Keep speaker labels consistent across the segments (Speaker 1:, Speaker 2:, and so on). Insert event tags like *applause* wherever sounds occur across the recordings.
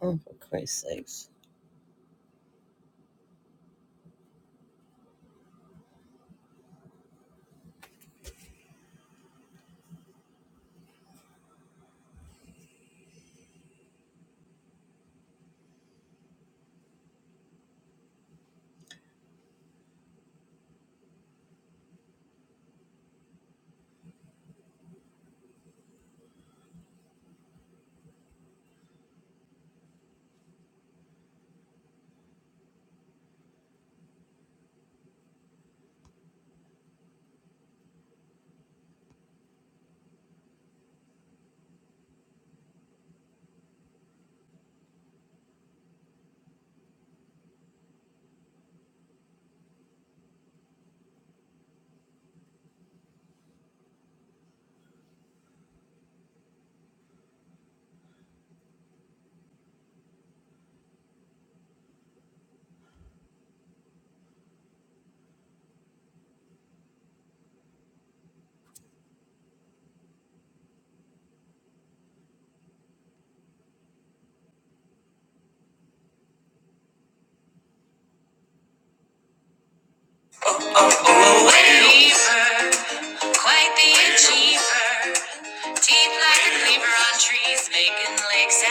Speaker 1: Oh, for Christ's sakes. *coughs* Believer, quite the achiever. Deep like a cleaver on trees, making lakes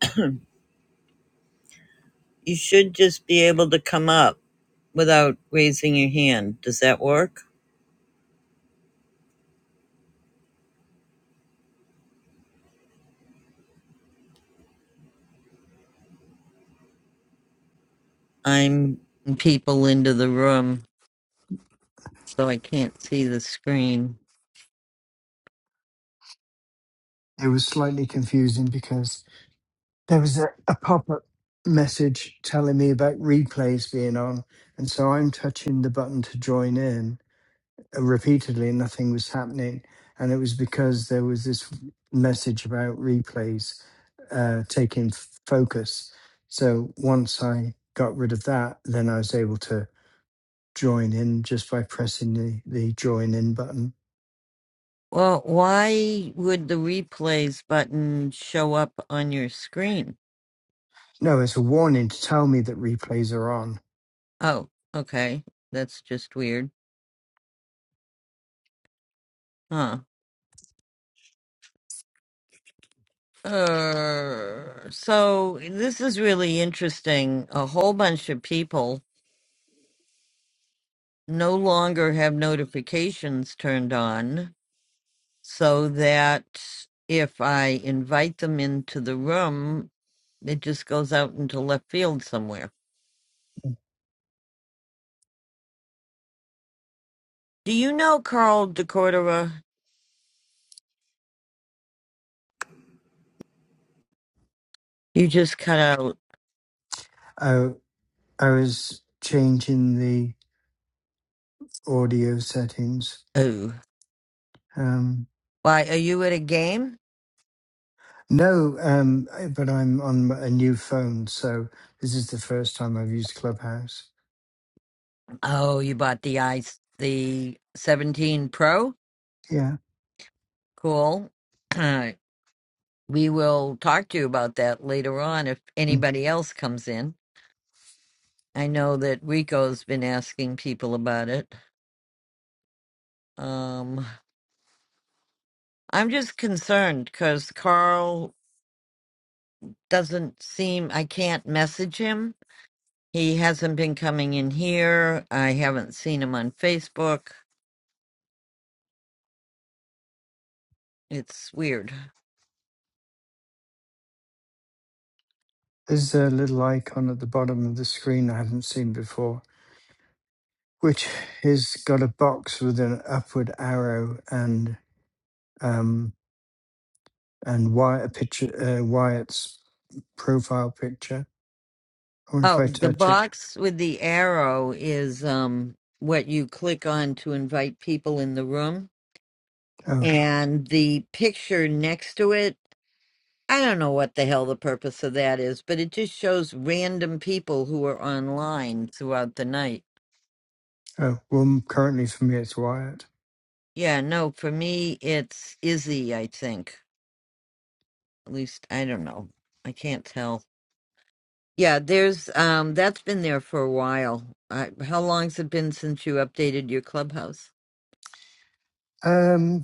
Speaker 1: *clears throat* you should just be able to come up without raising your hand. Does that work? I'm people into the room, so I can't see the screen.
Speaker 2: It was slightly confusing because there was a, a pop up message telling me about replays being on. And so I'm touching the button to join in uh, repeatedly, and nothing was happening. And it was because there was this message about replays uh, taking f- focus. So once I got rid of that, then I was able to join in just by pressing the, the join in button.
Speaker 1: Well, why would the replays button show up on your screen?
Speaker 2: No, it's a warning to tell me that replays are on.
Speaker 1: Oh, okay. That's just weird. huh? Uh, so this is really interesting. A whole bunch of people no longer have notifications turned on so that if I invite them into the room, it just goes out into left field somewhere. Do you know Carl DeCordova? You just cut out.
Speaker 2: Uh, I was changing the audio settings.
Speaker 1: Oh,
Speaker 2: Um,
Speaker 1: why are you at a game?
Speaker 2: no, um, I- but I'm on a new phone, so this is the first time I've used Clubhouse.
Speaker 1: Oh, you bought the ice, the 17 Pro.
Speaker 2: Yeah.
Speaker 1: Cool. *clears throat* we will talk to you about that later on if
Speaker 2: Mm.
Speaker 1: anybody else comes in. I know that Rico's been asking people about it. Um, I'm just concerned because Carl doesn't seem, I can't message him. He hasn't been coming in here. I haven't seen him on Facebook. It's weird.
Speaker 2: There's a little icon at the bottom of the screen I haven't seen before, which has got a box with an upward arrow and um, and Wyatt, a picture, uh, Wyatt's profile picture. I wonder if
Speaker 1: Oh,
Speaker 2: I
Speaker 1: the
Speaker 2: touch it.
Speaker 1: box with the arrow is um, what you click on to invite people in the room.
Speaker 2: Oh,
Speaker 1: And the picture next to it I don't know what the hell the purpose of that is, but it just shows random people who are online throughout the night.
Speaker 2: oh. Well, currently for me it's Wyatt.
Speaker 1: Yeah, no, for me, it's Izzy, I think. At least, I don't know. I can't tell. Yeah, there's, um, that's been there for a while. I, how long's it been since you updated your clubhouse?
Speaker 2: Um,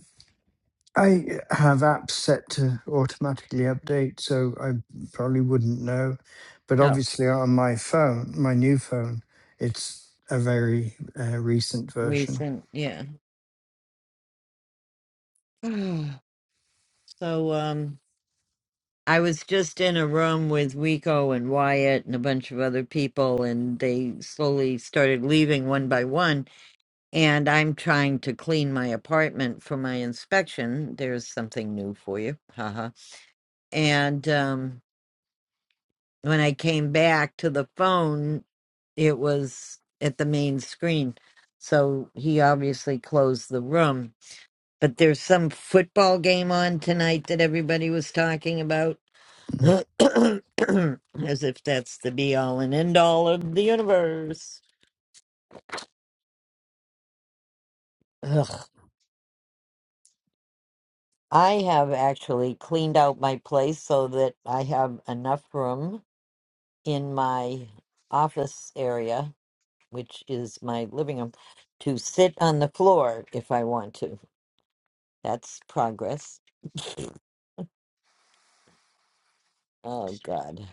Speaker 2: I have apps set to automatically update, so I probably wouldn't know. But
Speaker 1: Oh,
Speaker 2: obviously, on my phone, my new phone, it's a very uh, recent version.
Speaker 1: recent, yeah. *sighs* so, um, I was just in a room with Rico and Wyatt and a bunch of other people, and they slowly started leaving one by one And I'm trying to clean my apartment for my inspection. There's something new for you. Haha. And um, when I came back to the phone, it was at the main screen. So he obviously closed the room. But there's some football game on tonight that everybody was talking about. *clears throat*
Speaker 2: Mm.
Speaker 1: As if that's the be all and end all of the universe. Ugh. I have actually cleaned out my place so that I have enough room in my office area, which is my living room, to sit on the floor if I want to. That's progress. Oh, God.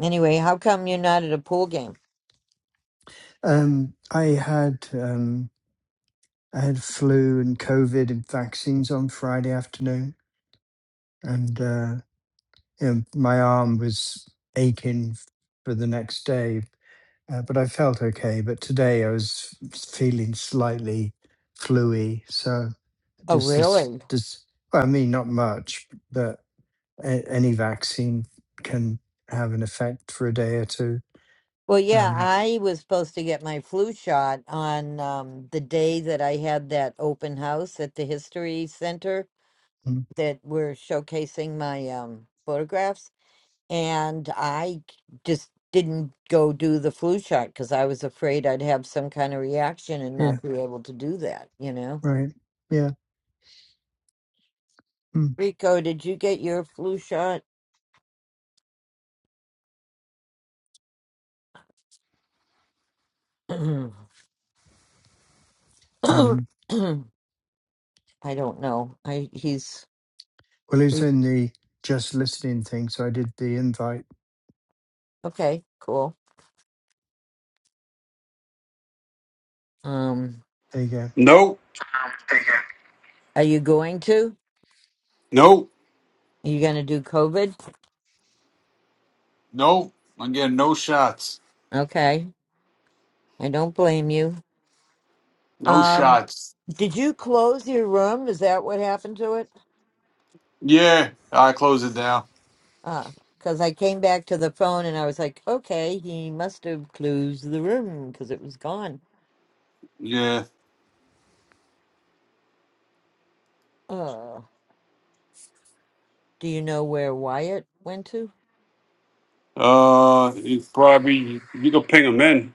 Speaker 1: Anyway, how come you're not at a pool game?
Speaker 2: Um, I had um, I had flu and COVID and vaccines on Friday afternoon, and uh, you know, my arm was aching f- for the next day. uh, but I felt okay. But today I was f- feeling slightly fluey, so
Speaker 1: Oh,
Speaker 2: just this,
Speaker 1: really?
Speaker 2: this. Well, I mean, not much, but a- any vaccine can have an effect for a day or two.
Speaker 1: Well, yeah,
Speaker 2: Um,
Speaker 1: I was supposed to get my flu shot on um, the day that I had that open house at the History Center
Speaker 2: mm,
Speaker 1: that we're showcasing my um, photographs And I just didn't go do the flu shot because I was afraid I'd have some kind of reaction and
Speaker 2: yeah,
Speaker 1: not be able to do that, you know?
Speaker 2: right. Yeah. mm.
Speaker 1: Rico, did you get your flu shot? *clears throat* I
Speaker 2: Um,
Speaker 1: don't know. I he's
Speaker 2: well, it was in the just listening thing, so I did the invite.
Speaker 1: okay, cool. Um
Speaker 2: There you go.
Speaker 3: Nope,
Speaker 1: are you going to?
Speaker 3: nope,
Speaker 1: Are you gonna do COVID?
Speaker 3: nope. Again, no shots,
Speaker 1: Okay. I don't blame you.
Speaker 3: no
Speaker 1: Um
Speaker 3: shots.
Speaker 1: did you close your room? Is that what happened to it?
Speaker 3: Yeah, I close it down.
Speaker 1: Ah, because I came back to the phone and I was like, okay, he must have closed the room because it was gone.
Speaker 3: Yeah,
Speaker 1: Uh, do you know where Wyatt went to?
Speaker 3: uh, you probably you can ping him in.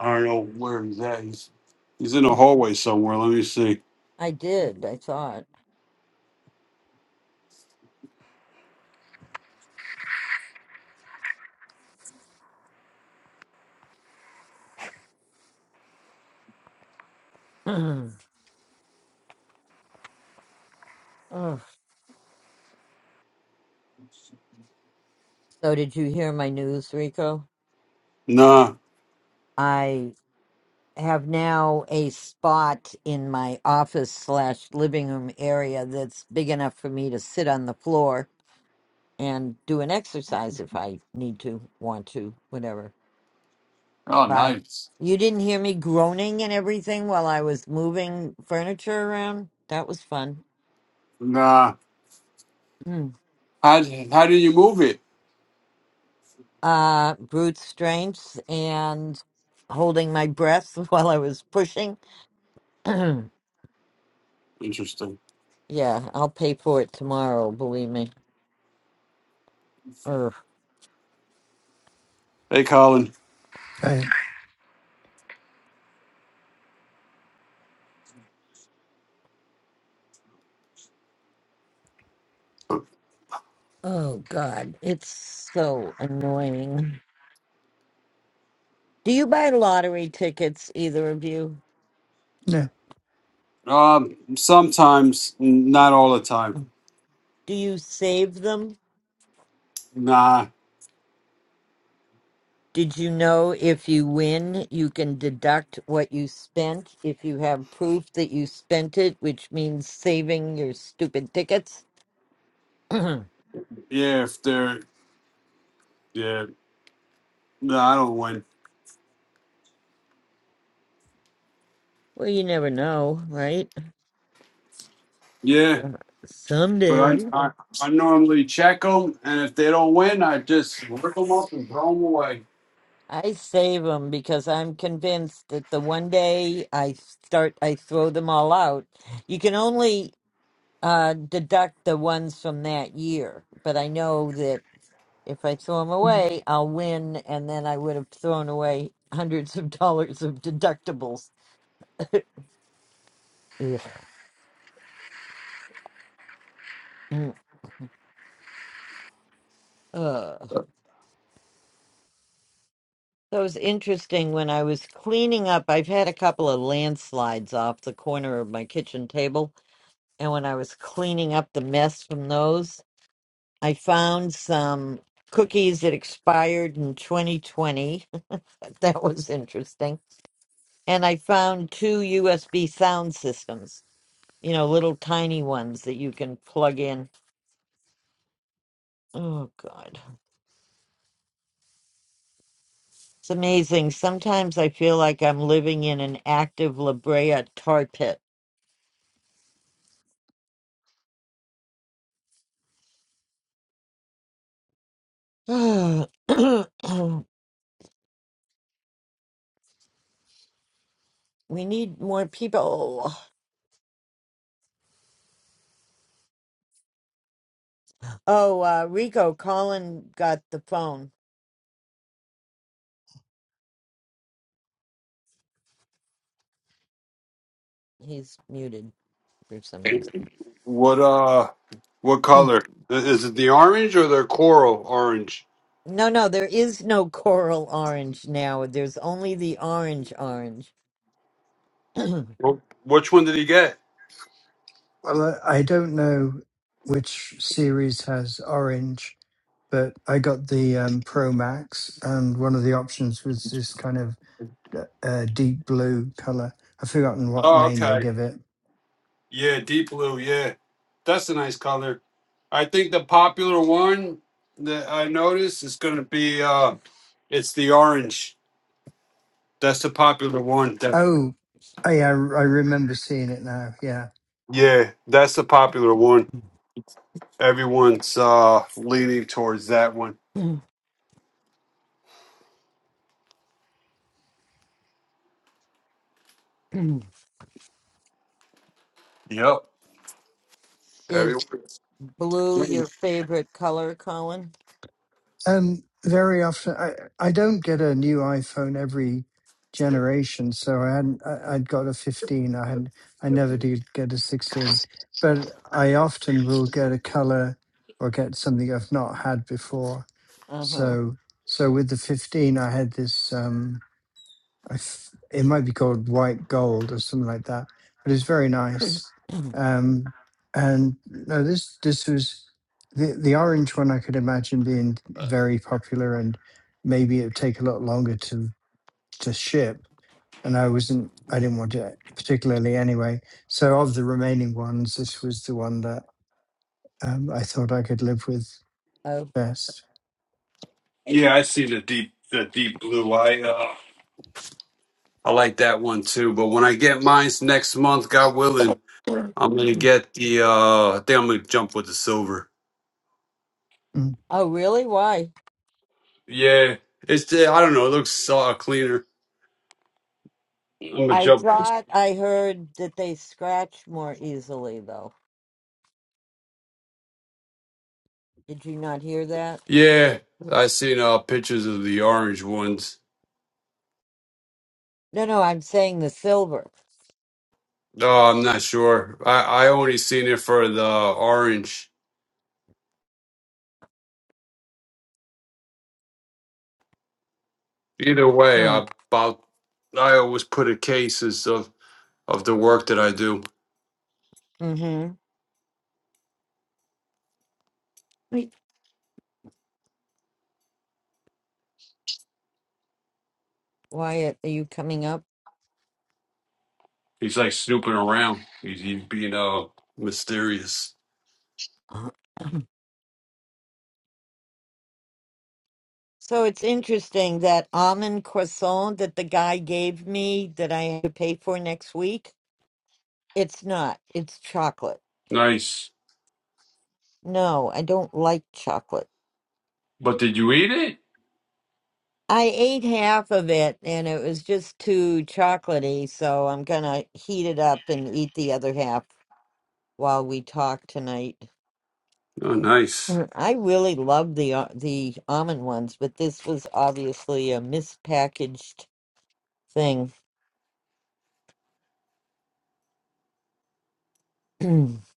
Speaker 3: I don't know where he's at. He's he's in
Speaker 1: I,
Speaker 3: the hallway somewhere. Let me see.
Speaker 1: I did, I thought. *clears throat* Ugh. So, did you hear my news, Rico?
Speaker 3: Nah.
Speaker 1: I have now a spot in my office slash living room area that's big enough for me to sit on the floor and do an exercise if I need to, want to, whatever
Speaker 3: Oh,
Speaker 1: But
Speaker 3: nice.
Speaker 1: you didn't hear me groaning and everything while I was moving furniture around. That was fun.
Speaker 3: Nah.
Speaker 1: Mm.
Speaker 3: How how did you move it?
Speaker 1: Uh, brute strength and holding my breath *laughs* while I was pushing. *clears throat* yeah,
Speaker 3: Interesting.
Speaker 1: I'll pay for it tomorrow. Believe me. Ugh.
Speaker 3: Hey, Colin.
Speaker 2: I,
Speaker 1: Oh God, it's so annoying. Do you buy lottery tickets, either of you?
Speaker 2: no.
Speaker 3: Um, sometimes, not all the time.
Speaker 1: Do you save them?
Speaker 3: Nah.
Speaker 1: Did you know if you win, you can deduct what you spent if you have proof that you spent it, which means saving your stupid tickets? *clears throat* well,
Speaker 3: Yeah, if they're yeah. Nah, I don't win.
Speaker 1: you never know, right?
Speaker 3: Yeah. But
Speaker 1: Someday.
Speaker 3: I, I, I normally check them, and if they don't win, I just rip them up and throw them away.
Speaker 1: I save them because I'm convinced that the one day I start, I throw them all out. You can only uh, deduct the ones from that year, but I know that If I throw them away, I'll win, and then I would have thrown away *laughs* hundreds of dollars of deductibles. Ugh. Mm. Ugh. That was interesting when I was cleaning up. I've had a couple of landslides off the corner of my kitchen table, and when I was cleaning up the mess from those, I found some cookies that expired in 2020. *laughs* that was interesting. And I found two USB sound systems, you know, little tiny ones that you can plug in Oh God. It's amazing. Sometimes I feel like I'm living in an active La Brea tar pit. *sighs* *clears throat* we need more people. Oh, uh Rico, Colin got the phone. He's muted for some reason.
Speaker 3: What uh, what
Speaker 1: Mm.
Speaker 3: color I- is it? The orange or the coral orange?
Speaker 1: No, no, there is no coral orange now. There's only the orange orange. *clears throat*
Speaker 3: Wh- Which one did he get?
Speaker 2: Well, I, I don't know which series has orange but I got the um, Pro Max, and one of the options was this kind of uh, deep blue color. I've forgotten what
Speaker 3: Oh,
Speaker 2: name they
Speaker 3: okay.
Speaker 2: give it.
Speaker 3: Yeah, deep blue. Yeah, that's a nice color. I think the popular one that I noticed is going to be uh, it's the orange. That's the popular one. That
Speaker 2: Oh, I I remember seeing it now. Yeah.
Speaker 3: Yeah, that's the popular one. Everyone's uh leaning towards that one. Yep.
Speaker 1: Is
Speaker 3: Everyone.
Speaker 1: blue your favorite color, Colin?
Speaker 2: Um, very often, I, I don't get a new iPhone every generation, so I hadn't. I, I'd got a 15. I had. I never did get a 16, but I often will get a color or get something I've not had before
Speaker 1: Uh-huh.
Speaker 2: So so with the 15, I had this. Um, I f it might be called white gold or something like that, but it's very nice. Um, and no, this this was the the orange one. I could imagine being very popular, and maybe it'd take a lot longer to to ship. And I wasn't. I didn't want it particularly anyway. So of the remaining ones, this was the one that um, I thought I could live with
Speaker 1: *clears throat*
Speaker 2: best.
Speaker 3: Yeah, I see the deep the deep blue. I uh I like that one too. But when I get mine's next month, God willing,
Speaker 1: Oh.
Speaker 3: I'm gonna get the uh I think I'm gonna jump with the silver.
Speaker 2: Mm.
Speaker 1: Oh, really? Why?
Speaker 3: Yeah. It's the, I don't know, it looks uh cleaner. I'm gonna
Speaker 1: I
Speaker 3: jump
Speaker 1: thought I heard that they scratch more easily, though. Did you not hear that?
Speaker 3: Yeah. I seen uh pictures of the orange ones.
Speaker 1: No, no, I'm saying the silver.
Speaker 3: Oh, I'm not sure. I, I only seen it for the orange. Either way,
Speaker 1: Huh.
Speaker 3: I about I always put a cases of of the work that I do.
Speaker 1: Mm-hmm. Wait, Wyatt, are you coming up?
Speaker 3: He's like snooping around. He's, he's being uh mysterious.
Speaker 1: Uh. So it's interesting that almond croissant that the guy gave me that I have to pay for next week, it's not. It's chocolate.
Speaker 3: Nice.
Speaker 1: No, I don't like chocolate.
Speaker 3: But did you eat it?
Speaker 1: I ate half of it and it was just too chocolatey, so I'm gonna heat it up and eat the other half while we talk tonight.
Speaker 3: Oh, nice.
Speaker 1: Mm, I really love the uh, the almond ones, but this was obviously a mispackaged thing. *clears throat* so,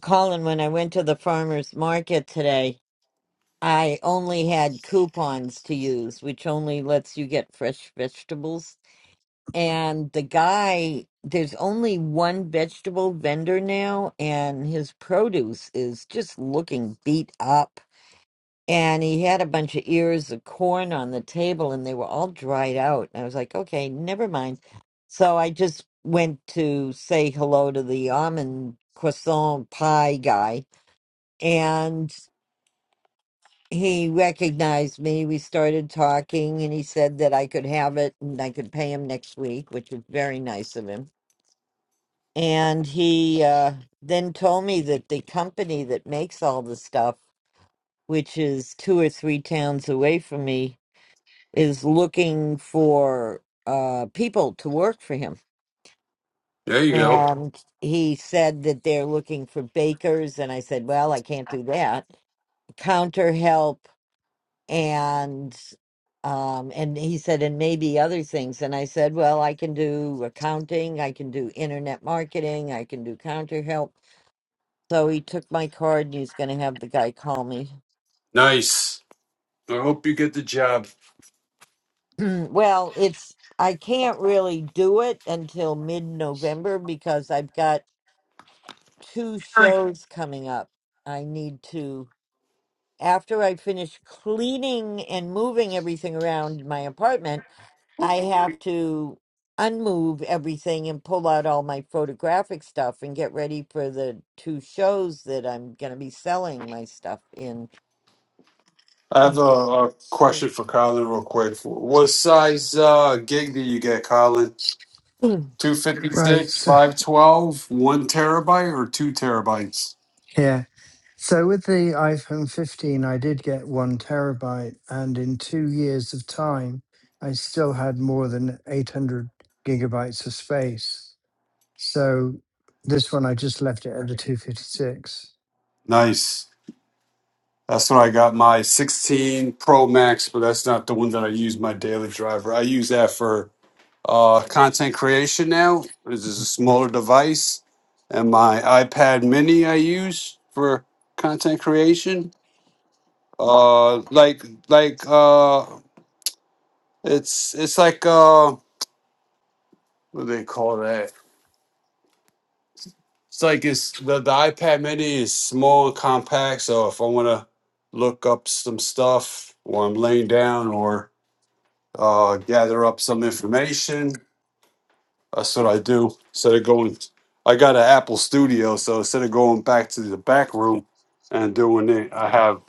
Speaker 1: Colin, when I went to the farmers market today, I only had coupons to use, which only lets you get fresh vegetables. and the guy there's only one vegetable vendor now and his produce is just looking beat up and he had a bunch of ears of corn on the table and they were all dried out and i was like okay never mind so i just went to say hello to the almond croissant pie guy and he recognized me we started talking and he said that i could have it and i could pay him next week which was very nice of him And he uh, then told me that the company that makes all the stuff, which is two or three towns away from me, is looking for uh, people to work for him.
Speaker 3: There you go.
Speaker 1: And he said that they're looking for bakers. And I said, well, I can't do that. Counter help. And um, and he said, and maybe other things. And I said, well, I can do accounting. I can do internet marketing. I can do counter help So he took my card and he's going to have the guy call me.
Speaker 3: Nice. I hope you get the job.
Speaker 1: *clears throat* well, it's I can't really do it until mid-November because I've got two shows coming up. I need to after I finish cleaning and moving everything around in my apartment, I have to unmove everything and pull out all my photographic stuff and get ready for the two shows that I'm going to be selling my stuff in.
Speaker 3: I have a, a question for Colin real quick. What size uh, gig do you get, Colin?
Speaker 2: Right.
Speaker 3: 256,
Speaker 2: So
Speaker 3: five twelve, one terabyte, or 2 terabytes?
Speaker 2: yeah. So with the iPhone 15, I did get one terabyte, and in two years of time, I still had more than 800 gigabytes of space. So this one, I just left it at the 256.
Speaker 3: Nice. That's when I got my 16 Pro Max, but that's not the one that I use my daily driver. I use that for uh, content creation now. This is a smaller device, and my iPad Mini I use for content creation. Uh, like like uh, it's it's like uh, what do they call that? It's like it's the, the iPad Mini is small and compact. So if I want to look up some stuff, or I'm laying down, or uh, gather up some information. That's what I do. Instead of going, I got an Apple Studio, so instead of going back to the back room and doing it, I have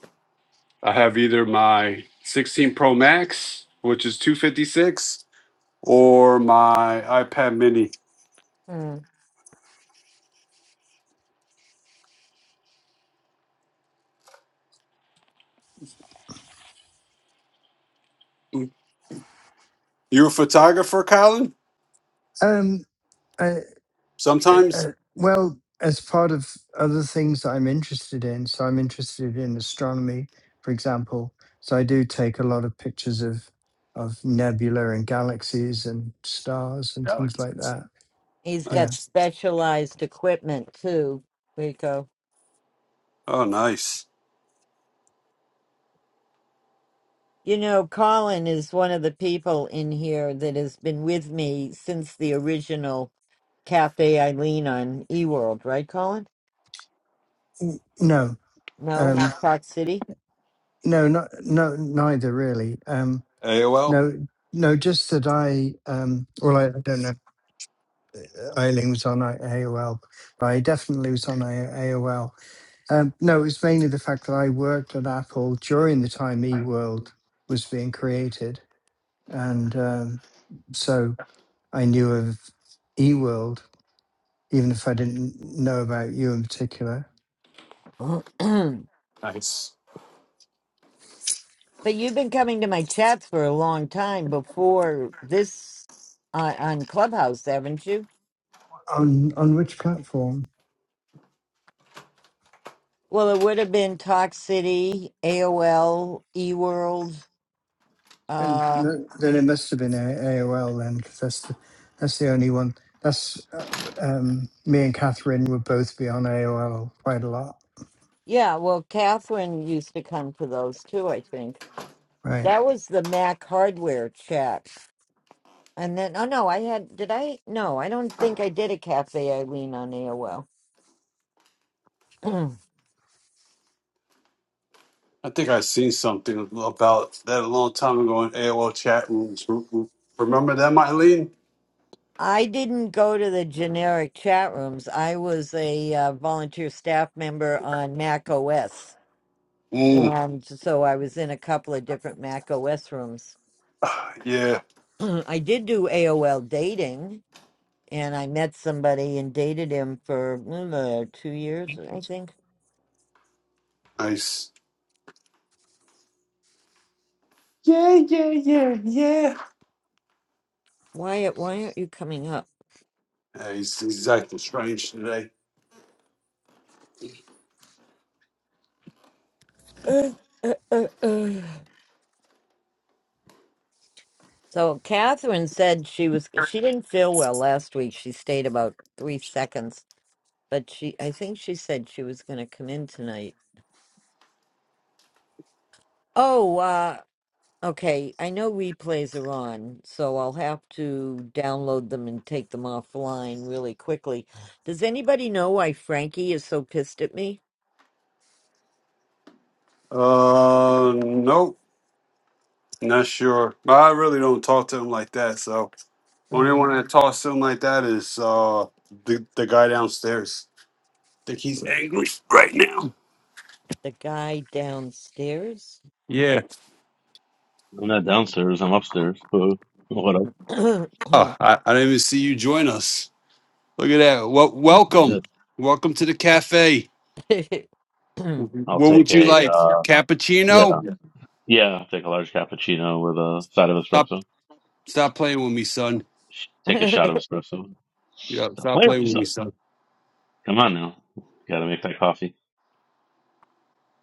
Speaker 3: I have either my 16 Pro Max, which is 256, or my iPad Mini.
Speaker 1: *clears throat* *clears throat*
Speaker 3: You a photographer, Colin?
Speaker 2: Um, uh, uh,
Speaker 3: Sometimes.
Speaker 2: uh, well, as part of other things that I'm interested in, so I'm interested in astronomy, for example. So I do take a lot of pictures of of nebula and galaxies and stars and
Speaker 3: Yeah.
Speaker 2: things like that.
Speaker 1: He's
Speaker 2: Yeah.
Speaker 1: got
Speaker 3: Nice.
Speaker 1: specialized equipment too, Rico.
Speaker 3: Oh, nice.
Speaker 1: You know, Colin is one of the people in here that has been with me since the original Cafe Eileen on eWorld, right, Colin?
Speaker 2: N- No,
Speaker 1: No,
Speaker 2: um,
Speaker 1: Park City.
Speaker 2: no, no, no, neither really. Um,
Speaker 3: AOL.
Speaker 2: no, no, just that I, um, well, I, I don't know. if Eileen was on AOL, but I definitely was on AOL. Um, no, it was mainly the fact that I worked at Apple during the time eWorld was being created, and um, so I knew of eWorld, even if I didn't know about you in particular.
Speaker 1: *clears throat* but
Speaker 3: Nice.
Speaker 1: you've been coming to my chats for a long time before this uh, on Clubhouse, haven't you?
Speaker 2: On on which platform?
Speaker 1: Well, it would have been Talk City, AOL, eWorld.
Speaker 2: And
Speaker 1: Uh,
Speaker 2: mu- then it must have been A- AOL then, 'cause that's the, that's the only one. That's uh, um, me and Catherine would both be on AOL quite a lot,
Speaker 1: Yeah, well, Catherine used to come to those too, I think.
Speaker 2: right?
Speaker 1: That was the Mac hardware chat. And then, oh no, I had, did I? No, I don't think I did a Cafe Eileen on AOL. *clears throat*
Speaker 3: I think I seen something about that a long time ago in AOL chat rooms. Remember that, Mylene?
Speaker 1: I didn't go to the generic chat rooms. I was a uh, volunteer staff member on Mac OS.
Speaker 3: Mm.
Speaker 1: And so I was in a couple of different Mac OS rooms.
Speaker 3: *sighs* ah, Yeah.
Speaker 1: *clears throat* I did do AOL dating, and I met somebody and dated him for mm, uh, two years, I think
Speaker 3: Nice. Yeah, yeah, yeah, yeah.
Speaker 1: Wyatt, why aren't you coming up?
Speaker 3: Yeah, he's, he's acting strange today.
Speaker 1: Uh, uh, uh, uh. So Catherine said she was she didn't feel well last week. She stayed about three seconds, but she I think she said she was going to come in tonight. Oh, uh, okay. I know replays are on, so I'll have to download them and take them offline really quickly. Does anybody know why Frankie is so pissed at me?
Speaker 3: Uh, nope. Not sure. But I really don't talk to him like that. So only
Speaker 1: Mm,
Speaker 3: one that talks to him like that is uh the the guy downstairs. think he's angry right now.
Speaker 1: the guy downstairs.
Speaker 3: Yeah.
Speaker 4: I'm not downstairs. I'm upstairs. *laughs* So what up?
Speaker 3: Oh, I, I didn't even see you join us. Look at that. Well,
Speaker 4: I
Speaker 3: welcome.
Speaker 4: did.
Speaker 3: Welcome to the cafe.
Speaker 1: *clears throat*
Speaker 4: I'll
Speaker 3: What
Speaker 4: take
Speaker 3: would you
Speaker 4: a
Speaker 3: like?
Speaker 4: uh, yeah,
Speaker 3: Cappuccino?
Speaker 4: yeah. I'll take a large cappuccino with a side of
Speaker 3: Stop
Speaker 4: espresso.
Speaker 3: stop playing with me, son.
Speaker 4: Take a
Speaker 1: *coughs* *coughs*
Speaker 4: shot of espresso.
Speaker 3: Yeah,
Speaker 4: Stop
Speaker 3: stop
Speaker 4: playing with me,
Speaker 3: playing with me,
Speaker 4: son.
Speaker 3: son.
Speaker 4: Come on now. Gotta make that coffee.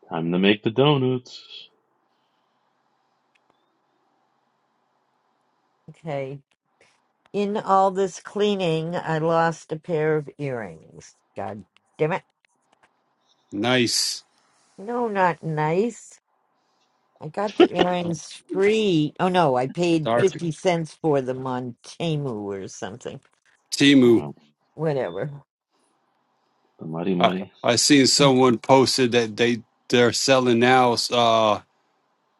Speaker 4: Time to make the donuts.
Speaker 1: Okay. In all this cleaning, I lost a pair of earrings. God damn it.
Speaker 3: Nice.
Speaker 1: No, not nice. I got the earrings free. Oh no, I paid
Speaker 3: Start.
Speaker 1: 50 cents for them on Temu or something.
Speaker 3: Timu.
Speaker 4: Oh,
Speaker 1: Whatever.
Speaker 4: the mighty
Speaker 3: I,
Speaker 4: mighty.
Speaker 3: I seen someone posted that they they're selling now uh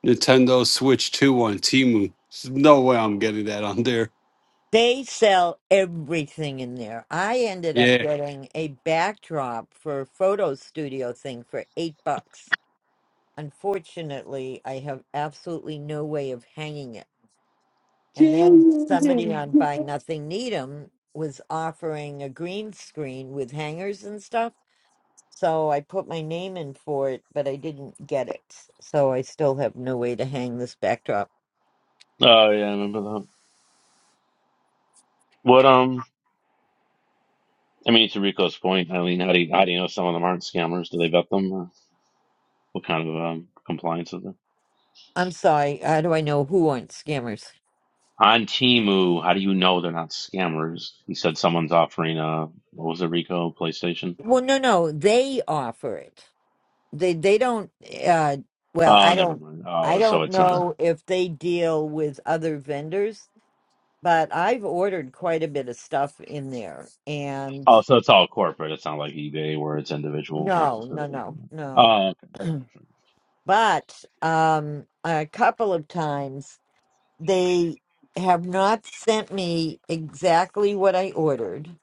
Speaker 3: Nintendo Switch 2 on Timu. There's no way I'm getting that on there.
Speaker 1: They sell everything in there. I ended up
Speaker 3: Yeah.
Speaker 1: getting a backdrop for a photo studio thing for eight bucks. Unfortunately, I have absolutely no way of hanging it And then somebody on Buy Nothing Needham was offering a green screen with hangers and stuff. So I put my name in for it, but I didn't get it. So I still have no way to hang this backdrop.
Speaker 4: Oh yeah, I remember that. What um? I mean, to Rico's point, I mean, how do you, how do you know some of them aren't scammers? Do they vet them? Or what kind of um compliance is there?
Speaker 1: I'm sorry. How do I know who aren't scammers?
Speaker 4: On Temu, how do you know they're not scammers? He said someone's offering a what was it, Rico PlayStation?
Speaker 1: Well, no, no, they offer it. They they don't. Uh, well,
Speaker 4: Oh,
Speaker 1: I
Speaker 4: never
Speaker 1: don't.
Speaker 4: mind.
Speaker 1: I
Speaker 4: Oh, so
Speaker 1: don't
Speaker 4: it's not.
Speaker 1: know if they deal with other vendors, but I've ordered quite a bit of stuff in there, and
Speaker 4: Oh, so it's all corporate. It's not like eBay where it's individuals
Speaker 1: No, no,
Speaker 4: necessarily.
Speaker 1: no, no.
Speaker 4: Oh, okay. All right.
Speaker 1: But um, a couple of times they have not sent me exactly what I ordered,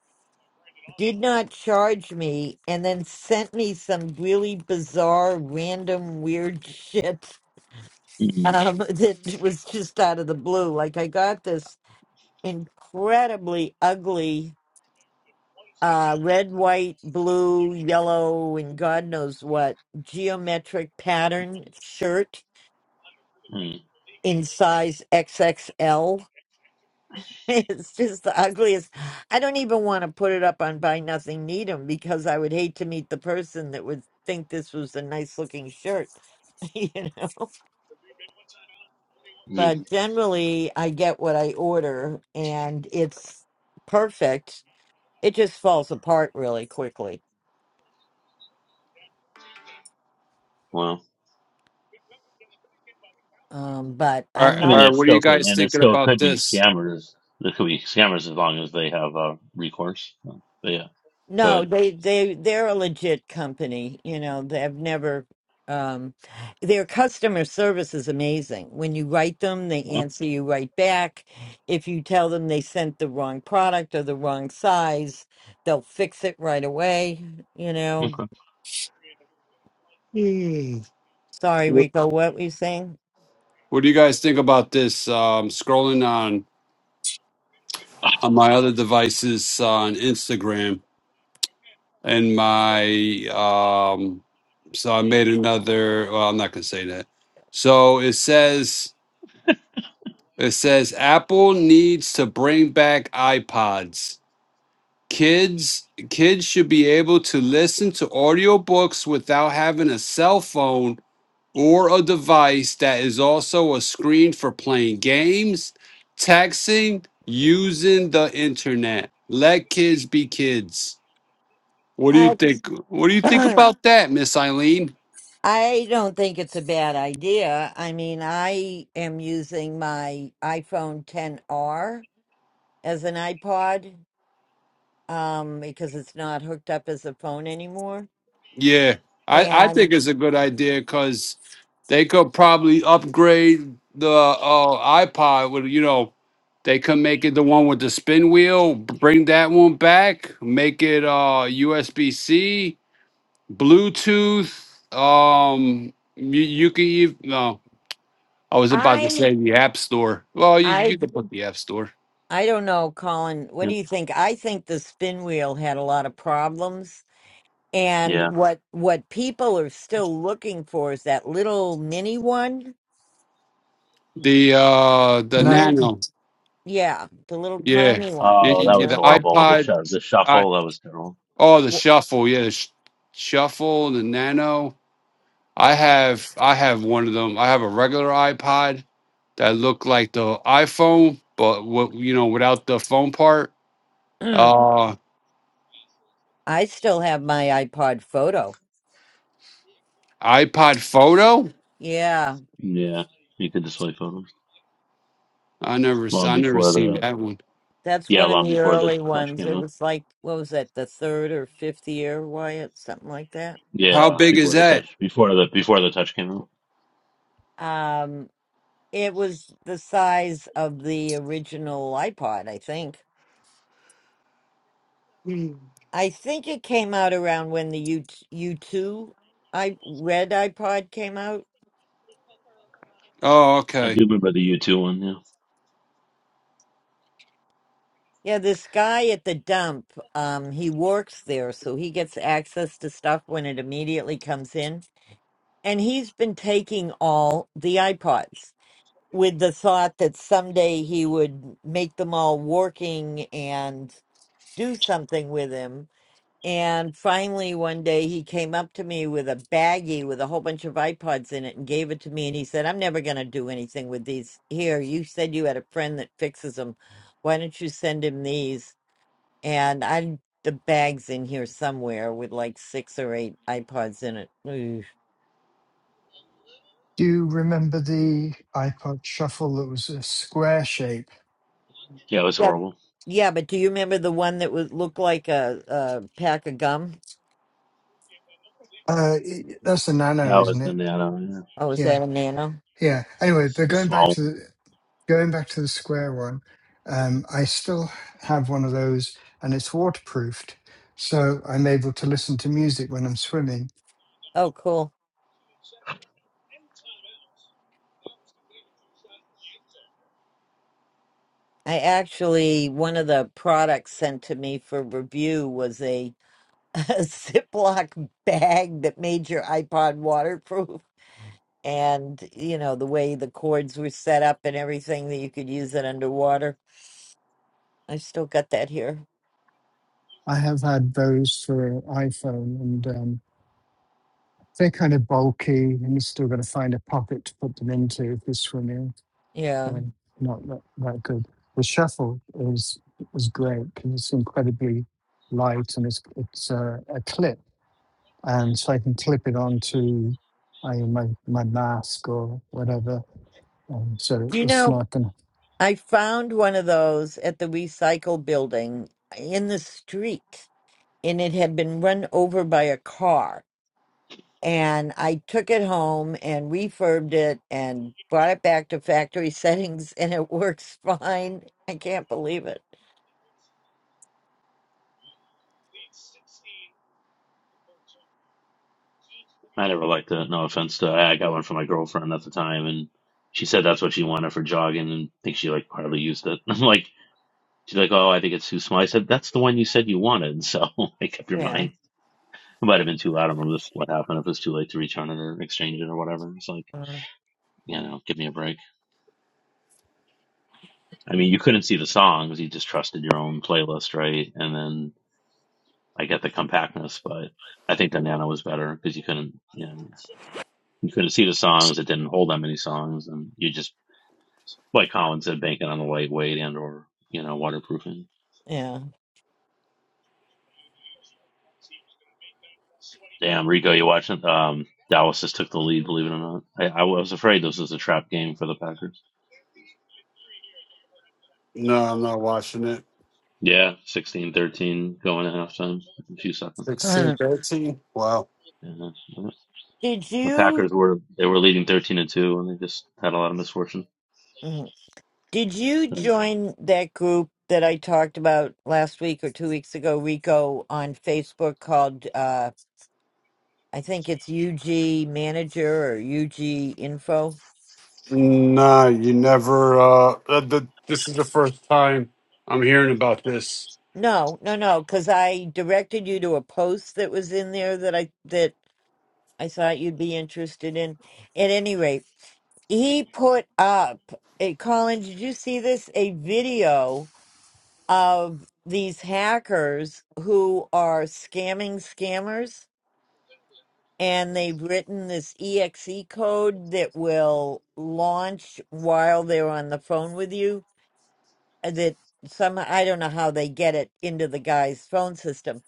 Speaker 1: did not charge me, and then sent me some really bizarre, random, weird shit
Speaker 4: Mhm.
Speaker 1: um, *laughs* that was just out of the blue. Like I got this incredibly ugly uh, red, white, blue, yellow, and God knows what geometric pattern shirt
Speaker 4: Mhm.
Speaker 1: in size XXL. *laughs* It's just the ugliest. I don't even want to put it up on Buy Nothing Needham because I would hate to meet the person that would think this was a nice looking shirt, *laughs* you know.
Speaker 4: Mhm.
Speaker 1: But generally, I get what I order and it's perfect. It just falls apart really quickly.
Speaker 4: Well,
Speaker 1: Um, but
Speaker 3: All
Speaker 1: I'm
Speaker 3: right,
Speaker 4: I
Speaker 1: not.
Speaker 4: mean,
Speaker 3: all
Speaker 4: there
Speaker 3: right. What are
Speaker 4: still
Speaker 3: you
Speaker 4: could,
Speaker 3: guys
Speaker 4: and there
Speaker 3: thinking
Speaker 4: still
Speaker 3: about
Speaker 4: could be
Speaker 3: this?
Speaker 4: scammers. There could be scammers as long as they have uh, recourse. So, yeah,
Speaker 1: No,
Speaker 4: good.
Speaker 1: they they they're a legit company. You know, they've never um their customer service is amazing. When you write them, they
Speaker 4: Well,
Speaker 1: answer you right back. If you tell them they sent the wrong product or the wrong size, they'll fix it right away, you know.
Speaker 4: okay.
Speaker 3: Hmm.
Speaker 1: Sorry,
Speaker 3: What
Speaker 1: Rico, what were you saying?
Speaker 3: what do you guys think about this? Um scrolling on
Speaker 4: *sighs*
Speaker 3: on my other devices uh, on Instagram and my um so I made another well I'm not gonna say that. So it says it says Apple needs to bring back iPods. Kids kids should be able to listen to audiobooks without having a cell phone or a device that is also a screen for playing games, texting, using the internet. Let kids be kids. What do you
Speaker 1: I
Speaker 3: think? What do you think
Speaker 1: *clears throat*
Speaker 3: about that, Miss Eileen?
Speaker 1: I don't think it's a bad idea. I mean, I am using my iPhone 10R as an iPod um, because it's not hooked up as a phone anymore.
Speaker 3: Yeah, I, I
Speaker 1: And
Speaker 3: think it's a good idea because they could probably upgrade the uh, iPod with you know they could make it the one with the spin wheel, b- bring that one back, make it uh USB C, Bluetooth. Um, you, you can even no, I was about to
Speaker 1: I,
Speaker 3: say the App Store. Well, you, you
Speaker 1: I,
Speaker 3: could put the App Store.
Speaker 1: I don't know, Colin. What
Speaker 4: Yeah.
Speaker 1: do you think? I think the spin wheel had a lot of problems, and
Speaker 4: Yeah.
Speaker 1: what what people are still looking for is that little mini one,
Speaker 3: The uh the
Speaker 1: the
Speaker 2: Now,
Speaker 1: little
Speaker 3: Nano.
Speaker 1: yeah, the little
Speaker 3: Yeah,
Speaker 1: tiny one.
Speaker 3: yeah,
Speaker 4: Oh,
Speaker 1: You
Speaker 3: y-
Speaker 4: that
Speaker 3: y-
Speaker 4: was
Speaker 3: the
Speaker 1: know,
Speaker 4: horrible. The
Speaker 3: iPod,
Speaker 4: shu- the
Speaker 3: I
Speaker 4: shuffle that was terrible.
Speaker 3: oh the Shuffle, yeah, the sh Shuffle, the Nano. I have I have one of them. I have a regular iPod that looked like the iPhone, but what you know without the phone part.
Speaker 1: W-
Speaker 3: Uh,
Speaker 1: *clears throat* I still have my iPod Photo.
Speaker 3: iPod Photo.
Speaker 1: Yeah.
Speaker 4: Yeah, you could display photos
Speaker 3: I never s-
Speaker 4: long
Speaker 3: I never
Speaker 4: before
Speaker 3: seen
Speaker 4: the
Speaker 3: that one.
Speaker 1: That's
Speaker 4: yeah,
Speaker 1: one of
Speaker 4: long
Speaker 1: the
Speaker 4: before the
Speaker 1: early
Speaker 4: touch
Speaker 1: ones.
Speaker 4: came
Speaker 1: It
Speaker 4: out.
Speaker 1: was like, what was that, the third or fifth year, Wyatt? Something like that.
Speaker 3: How
Speaker 4: Yeah,
Speaker 3: big is
Speaker 4: before the
Speaker 3: that?
Speaker 4: touch, before the before the touch came out.
Speaker 1: Um, it was the size of the original iPod, I think. I think it came out around when the U U two I red iPod came out.
Speaker 3: Oh,
Speaker 4: I
Speaker 3: okay.
Speaker 4: do remember the U two one. Yeah,
Speaker 1: Yeah, this guy at the dump, um, he works there, so he gets access to stuff when it immediately comes in. And he's been taking all the iPods with the thought that someday he would make them all working and do something with him And finally, one day he came up to me with a baggie with a whole bunch of iPods in it and gave it to me. And he said, I'm never going to do anything with these. Here, you said you had a friend that fixes them. Why don't you send him these? And I, the bag's in here somewhere with like six or eight iPods in it. Ooh.
Speaker 2: do you remember the iPod Shuffle that was a square shape?
Speaker 4: yeah, it was
Speaker 1: Yeah.
Speaker 4: horrible.
Speaker 1: Yeah. But do you remember the one that was looked like a, a pack of gum?
Speaker 2: Uh, it- that's the Nano,
Speaker 4: That was
Speaker 2: isn't
Speaker 4: the
Speaker 2: it?
Speaker 4: Nano. Yeah.
Speaker 1: Oh, is
Speaker 2: Yeah,
Speaker 1: that a nano?
Speaker 2: yeah. Anyway, but
Speaker 4: The
Speaker 2: going back
Speaker 4: small
Speaker 2: to
Speaker 4: one.
Speaker 2: the going back to the square one, um, I still have one of those, and it's waterproofed, so I'm able to listen to music when I'm swimming
Speaker 1: Oh, cool. I actually, one of the products sent to me for review was a *laughs* a Ziploc bag that made your iPod waterproof. And, you know, the way the cords were set up and everything that you could use it underwater. I still got that here.
Speaker 2: I have had those for iPhone, and um, they're kind of bulky, and you still got to find a pocket to put them into if you're swimming.
Speaker 1: Yeah.
Speaker 2: They're not that, that good. The shuffle is is great. The line is it's a, a clip, and I make or whatever. Um, so
Speaker 1: Do you know,
Speaker 2: I can-
Speaker 1: I found one of those at the recycle building in the street, and it had been run over by a car. And I took it home and refurbed it and brought it back to factory *laughs* settings, and it works fine. I can't believe it.
Speaker 4: I never liked it. No offense to. I I got one for my girlfriend at the time, and she said that's what she wanted for jogging, and I think she like hardly used it. *laughs* I'm like, she's like, oh, I think it's too small. I said that's the one you said you wanted, so *laughs* make up your mind.
Speaker 1: Yeah.
Speaker 4: It might have been too loud. I remember this what happened if it's too late to return it or exchange it or whatever. It's like,
Speaker 1: Mm.
Speaker 4: you know, give me a break. I mean, you couldn't see the songs. You just trusted your own playlist, right? And then I get the compactness, but I think the Nano was better because you couldn't, you know, you couldn't see the songs. It didn't hold that many songs, and you just, like Colin said, banking on the lightweight and or you know waterproofing.
Speaker 1: Yeah.
Speaker 4: Damn, Rico, you watching? Um, Dallas just took the lead. Believe it or not, I, I was afraid this was a trap game for the Packers.
Speaker 3: No, I'm not watching it.
Speaker 4: Yeah, sixteen, thirteen, going to halftime. in A few seconds.
Speaker 3: 16,
Speaker 1: Uh,
Speaker 3: 13? Wow.
Speaker 4: Yeah. yeah.
Speaker 1: Did
Speaker 4: The
Speaker 1: you
Speaker 4: Packers were they were leading 13 to 2 and they just had a lot of misfortune.
Speaker 1: mm, did you
Speaker 4: And
Speaker 1: join that group that I talked about last week or two weeks ago, Rico, on Facebook called uh I think it's UG Manager or UG Info?
Speaker 3: Nah, you never. Uh, uh, the, this is the first time I'm hearing about this.
Speaker 1: No, no, no, because I directed you to a post that was in there that I that I thought you'd be interested in. At any rate, he put up a Colin, did you see this? A video of these hackers who are scamming scammers and they've written this exe code that will launch while they're on the phone with you uh, that some I don't know how they get it into the guy's phone system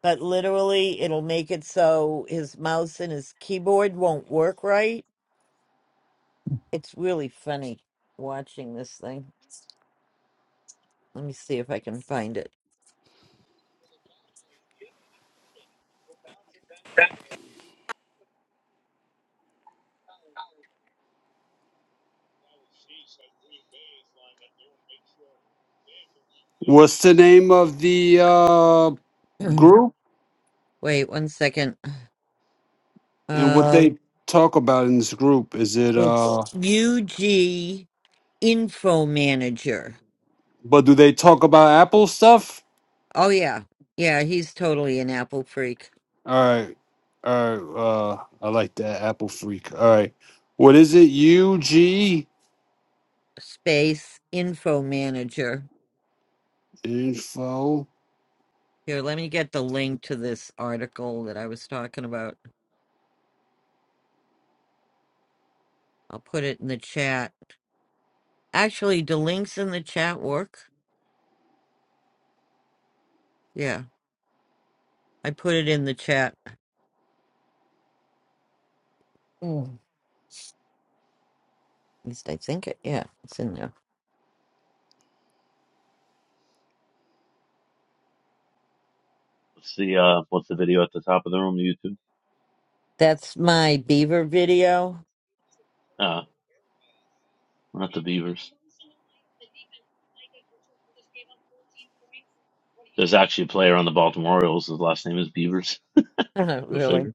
Speaker 1: but literally it'll make it so his mouse and his keyboard won't work right it's really funny watching this thing let me see if I can find it
Speaker 3: What's the name of the uh,
Speaker 1: Mm.
Speaker 3: group
Speaker 1: Wait one second.
Speaker 3: and what
Speaker 1: Uh,
Speaker 3: they talk about in this group? Is it?
Speaker 1: it's
Speaker 3: Uh,
Speaker 1: UG Info Manager.
Speaker 3: but do they talk about Apple stuff?
Speaker 1: Oh yeah, yeah, he's totally an Apple freak.
Speaker 3: All right, all right. Uh, I like that Apple freak. All right, what is it? UG
Speaker 1: Space Info Manager.
Speaker 3: info.
Speaker 1: Here, let me get the link to this article that I was talking about. I'll put it in the chat. Actually, do links in the chat work? Yeah, I put it in the chat. Mm, at least I think it. Yeah, it's in there.
Speaker 4: Let's see uh what's the video at the top of the room YouTube.
Speaker 1: That's my beaver video.
Speaker 4: Uh not the Beavers. There's actually a player on the Baltimore Orioles. His last name is Beavers.
Speaker 1: *laughs*
Speaker 4: Go
Speaker 1: really?
Speaker 4: figure.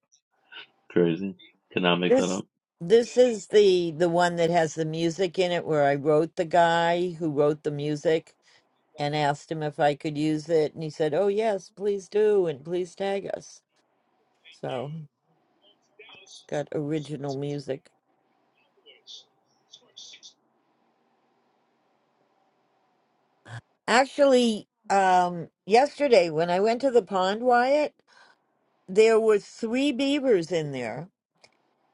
Speaker 4: Crazy. Could not make that
Speaker 1: This
Speaker 4: up.
Speaker 1: this is the the one that has the music in it where I wrote the guy who wrote the music and asked him if I could use it and he said, "Oh yes, please do and please tag us." So, it's got original music. Actually, um yesterday when I went to the pond, Wyatt, there were three beavers in there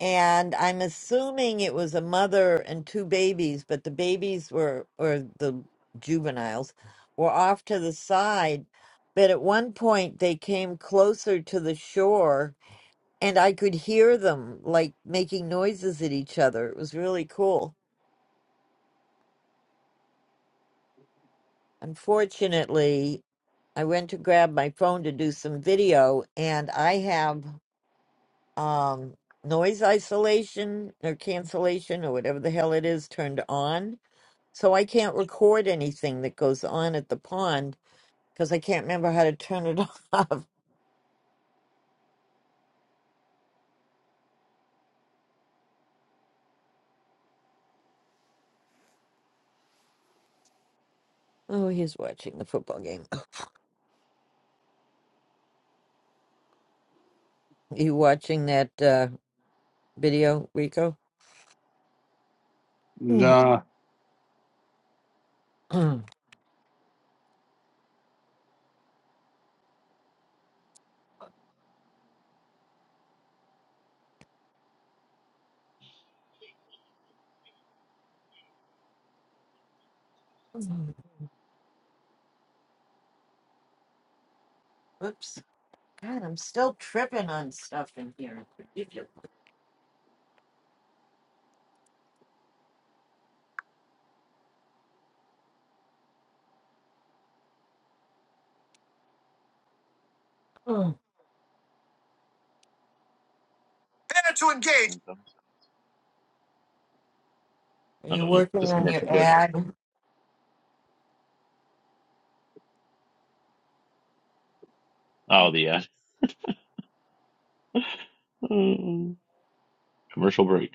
Speaker 1: and i'm assuming it was a mother and two babies but the babies were or the juveniles were off to the side but at one point they came closer to the shore and i could hear them like making noises at each other it was really cool unfortunately i went to grab my phone to do some video and i have um, noise isolation or cancellation or whatever the hell it is turned on. So I can't record anything that goes on at the pond because I can't remember how to turn it *laughs* off. Oh, he's watching the football game. *clears throat* *coughs* you watching that uh, video, Rico? *clears throat*
Speaker 3: Nah.
Speaker 1: Oops. God, I'm still tripping on stuff in here. It's ridiculous. Mm.
Speaker 4: Here it comes.
Speaker 1: Are
Speaker 4: I
Speaker 1: you
Speaker 4: don't know.
Speaker 1: working
Speaker 4: Just
Speaker 1: on
Speaker 4: commercial
Speaker 1: your
Speaker 4: break.
Speaker 1: ad?
Speaker 4: Oh, the ad. *laughs* Mm, commercial break.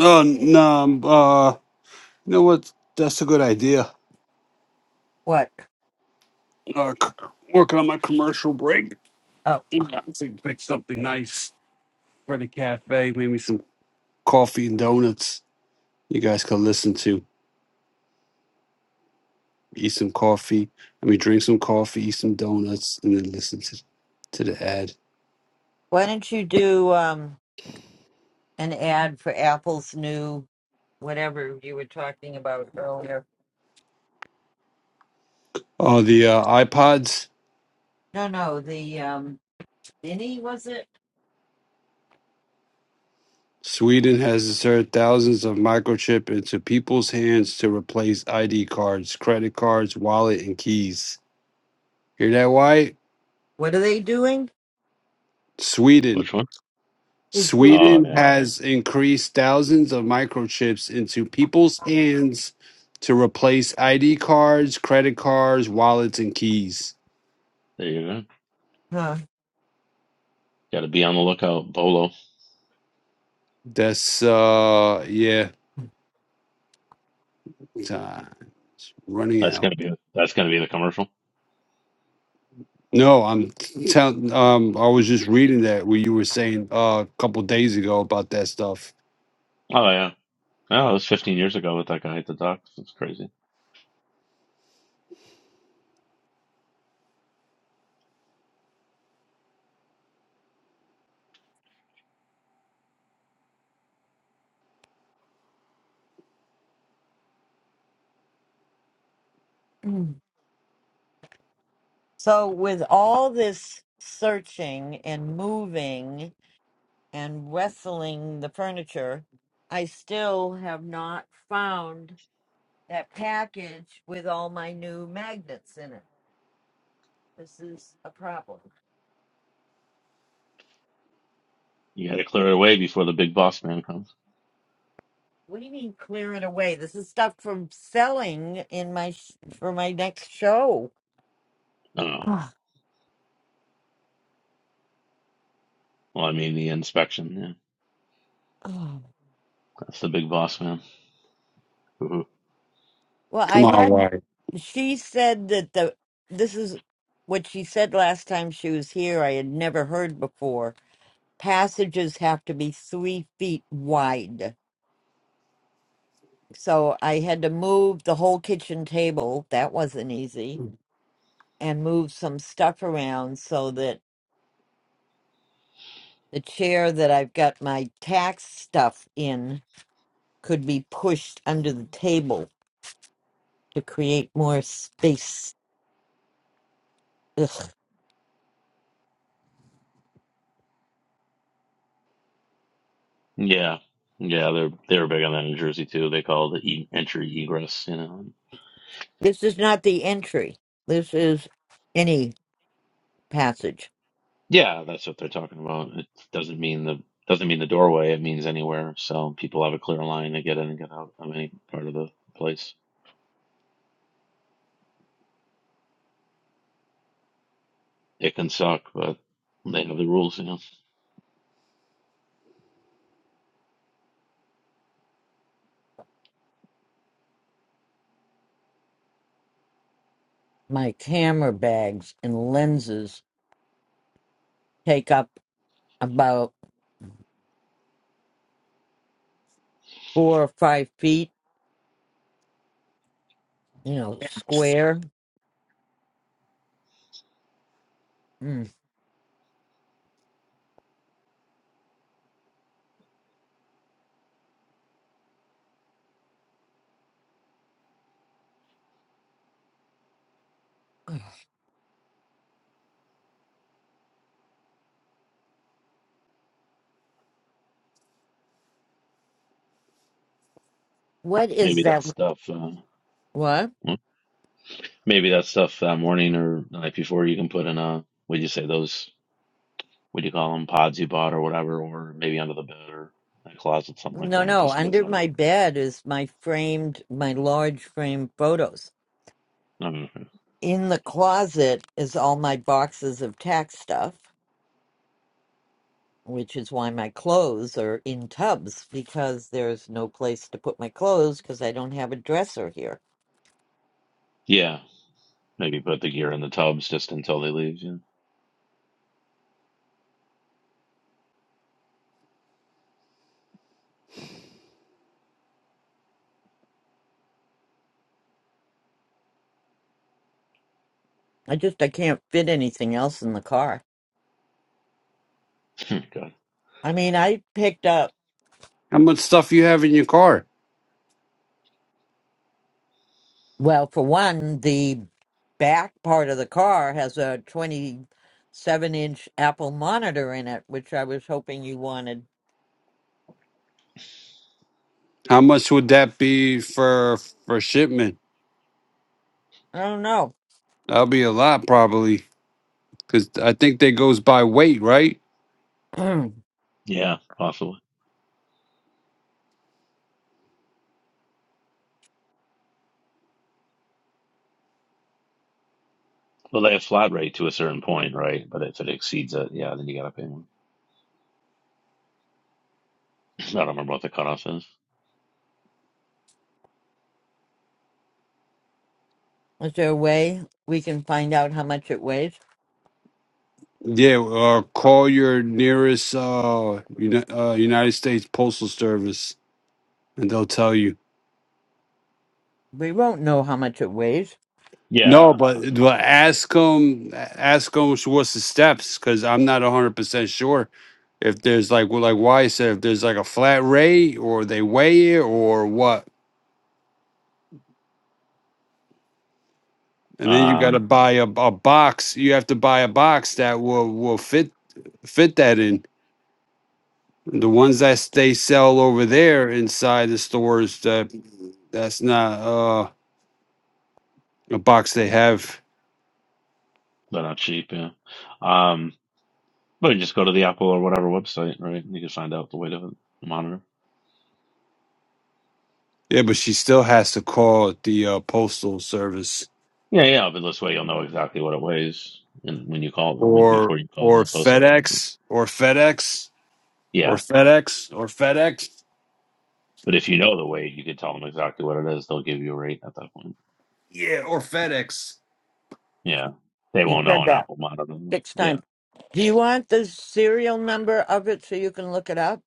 Speaker 3: Oh, nah. um, Uh, you know what? That's a good idea.
Speaker 1: What?
Speaker 3: Uh, c- working on my commercial break.
Speaker 1: Oh,
Speaker 3: I think pick something nice for the cafe, maybe some coffee and donuts. You guys can listen to, eat some coffee. I mean, drink some coffee, eat some donuts, and then listen to, to the ad.
Speaker 1: why don't you do um? an ad for Apple's new whatever you were talking about earlier.
Speaker 3: Oh, the uh, iPods.
Speaker 1: No, no, the um, Vinny was it?
Speaker 3: Sweden has inserted thousands of microchip into people's hands to replace ID cards, credit cards, wallet, and keys. Hear that, Wyatt?
Speaker 1: What are they doing?
Speaker 3: Sweden.
Speaker 4: Which one?
Speaker 1: Is doing.
Speaker 4: Oh, yeah.
Speaker 3: Sweden has increased thousands of microchips into people's hands to replace ID cards, credit cards, wallets, and keys.
Speaker 4: There you go.
Speaker 1: Huh.
Speaker 4: Got to be on the lookout, Bolo.
Speaker 3: That's uh yeah, time running
Speaker 4: That's
Speaker 3: out.
Speaker 4: gonna be that's gonna be the commercial.
Speaker 3: No, I'm telling. Um, I was just reading that what you were saying uh, a couple days ago about that stuff.
Speaker 4: Oh yeah. Oh, it was 15 years ago with that guy at the docks. It's crazy.
Speaker 1: Mm. So with all this searching and moving and wrestling the furniture, I still have not found that package with all my new magnets in it. This is a problem.
Speaker 4: You got to clear it away before the big boss man comes.
Speaker 1: What do you mean clear it away? This is stuff from selling in my sh- for my next show.
Speaker 4: Oh,
Speaker 1: Ah,
Speaker 4: well, I mean the inspection. Yeah,
Speaker 1: ah.
Speaker 4: that's the big boss man. Woo-hoo.
Speaker 1: Well,
Speaker 3: Come
Speaker 1: I
Speaker 3: on,
Speaker 1: had
Speaker 3: why?
Speaker 1: she said that the this is what she said last time she was here. I had never heard before. Passages have to be three feet wide. So I had to move the whole kitchen table. That wasn't easy. And move some stuff around so that the chair that I've got my tax stuff in could be pushed under the table to create more space. Ugh.
Speaker 4: Yeah, yeah, they're they're big on that in Jersey too. They call it the e- entry egress. You know.
Speaker 1: This is not the entry. This is any passage.
Speaker 4: Yeah, that's what they're talking about. It doesn't mean the doesn't mean the doorway. It means anywhere. So people have a clear line to get in and get out of any part of the place. It can suck, but they have the rules, you know.
Speaker 1: My camera bags and lenses take up about four or five feet, you know, square. Mm. What is
Speaker 4: Maybe that
Speaker 1: that?
Speaker 4: stuff. Uh,
Speaker 1: What?
Speaker 4: well, maybe that stuff that morning or the night before you can put in a. What do you say? Those. What do you call them? Pods you bought or whatever, or maybe under the bed or a closet, something like
Speaker 1: No,
Speaker 4: that,
Speaker 1: no.
Speaker 4: just to get
Speaker 1: Under
Speaker 4: them out of.
Speaker 1: my bed is my framed, my large framed photos.
Speaker 4: I don't know.
Speaker 1: In the closet is all my boxes of tax stuff which is why my clothes are in tubs because there's no place to put my clothes because I don't have a dresser here.
Speaker 4: Yeah, maybe put the gear in the tubs just until they leave. Yeah.
Speaker 1: I just I can't fit anything else in the car.
Speaker 4: *laughs* God.
Speaker 1: I mean, I picked up
Speaker 3: How much stuff you have in your car?
Speaker 1: well, for one, the back part of the car has a 27 inch Apple monitor in it, which I was hoping you wanted.
Speaker 3: How much would that be for for shipment?
Speaker 1: I don't know.
Speaker 3: That'll be a lot, probably. Because I think that goes by weight, right?
Speaker 1: *clears throat*
Speaker 4: Yeah, possibly. Well, they have flat rate to a certain point, right? But if it exceeds it, yeah, then you gotta pay more. *laughs* *clears throat* I don't remember what the cutoff is.
Speaker 1: Is there a way we can find out how much it weighs?
Speaker 3: Yeah, uh, call your nearest uh, uni- uh, United States Postal Service, and they'll tell you.
Speaker 1: We won't know how much it weighs.
Speaker 3: No,
Speaker 4: Yeah, I
Speaker 3: but
Speaker 4: think.
Speaker 3: but ask them, ask them what's the steps, because I'm not 100 percent sure if there's like well, like why said if there's like a flat rate or they weigh it or what, and then you got to
Speaker 4: Um,
Speaker 3: buy a, a box. You have to buy a box that will will fit fit that in. The ones that they sell over there inside the stores, that that's not uh, a box they have.
Speaker 4: They're not cheap, yeah. Um, but you just go to the Apple or whatever website, right? And you can find out the weight of it, the monitor.
Speaker 3: Yeah, but she still has to call the uh, postal service
Speaker 4: Yeah, yeah. But this way, you'll know exactly what it weighs, and when you call, when,
Speaker 3: or
Speaker 4: before you call
Speaker 3: or
Speaker 4: the post office.
Speaker 3: FedEx or FedEx or
Speaker 4: Yeah,
Speaker 3: FedEx or FedEx.
Speaker 4: but if you know the weight, you can tell them exactly what it is. They'll give you a rate at that point.
Speaker 3: Yeah, or FedEx.
Speaker 4: Yeah, they
Speaker 1: You
Speaker 4: won't know
Speaker 1: said
Speaker 4: an
Speaker 1: that
Speaker 4: Apple monitor.
Speaker 1: six
Speaker 4: Yeah,
Speaker 1: times. Do you want the serial number of it so you can look it up?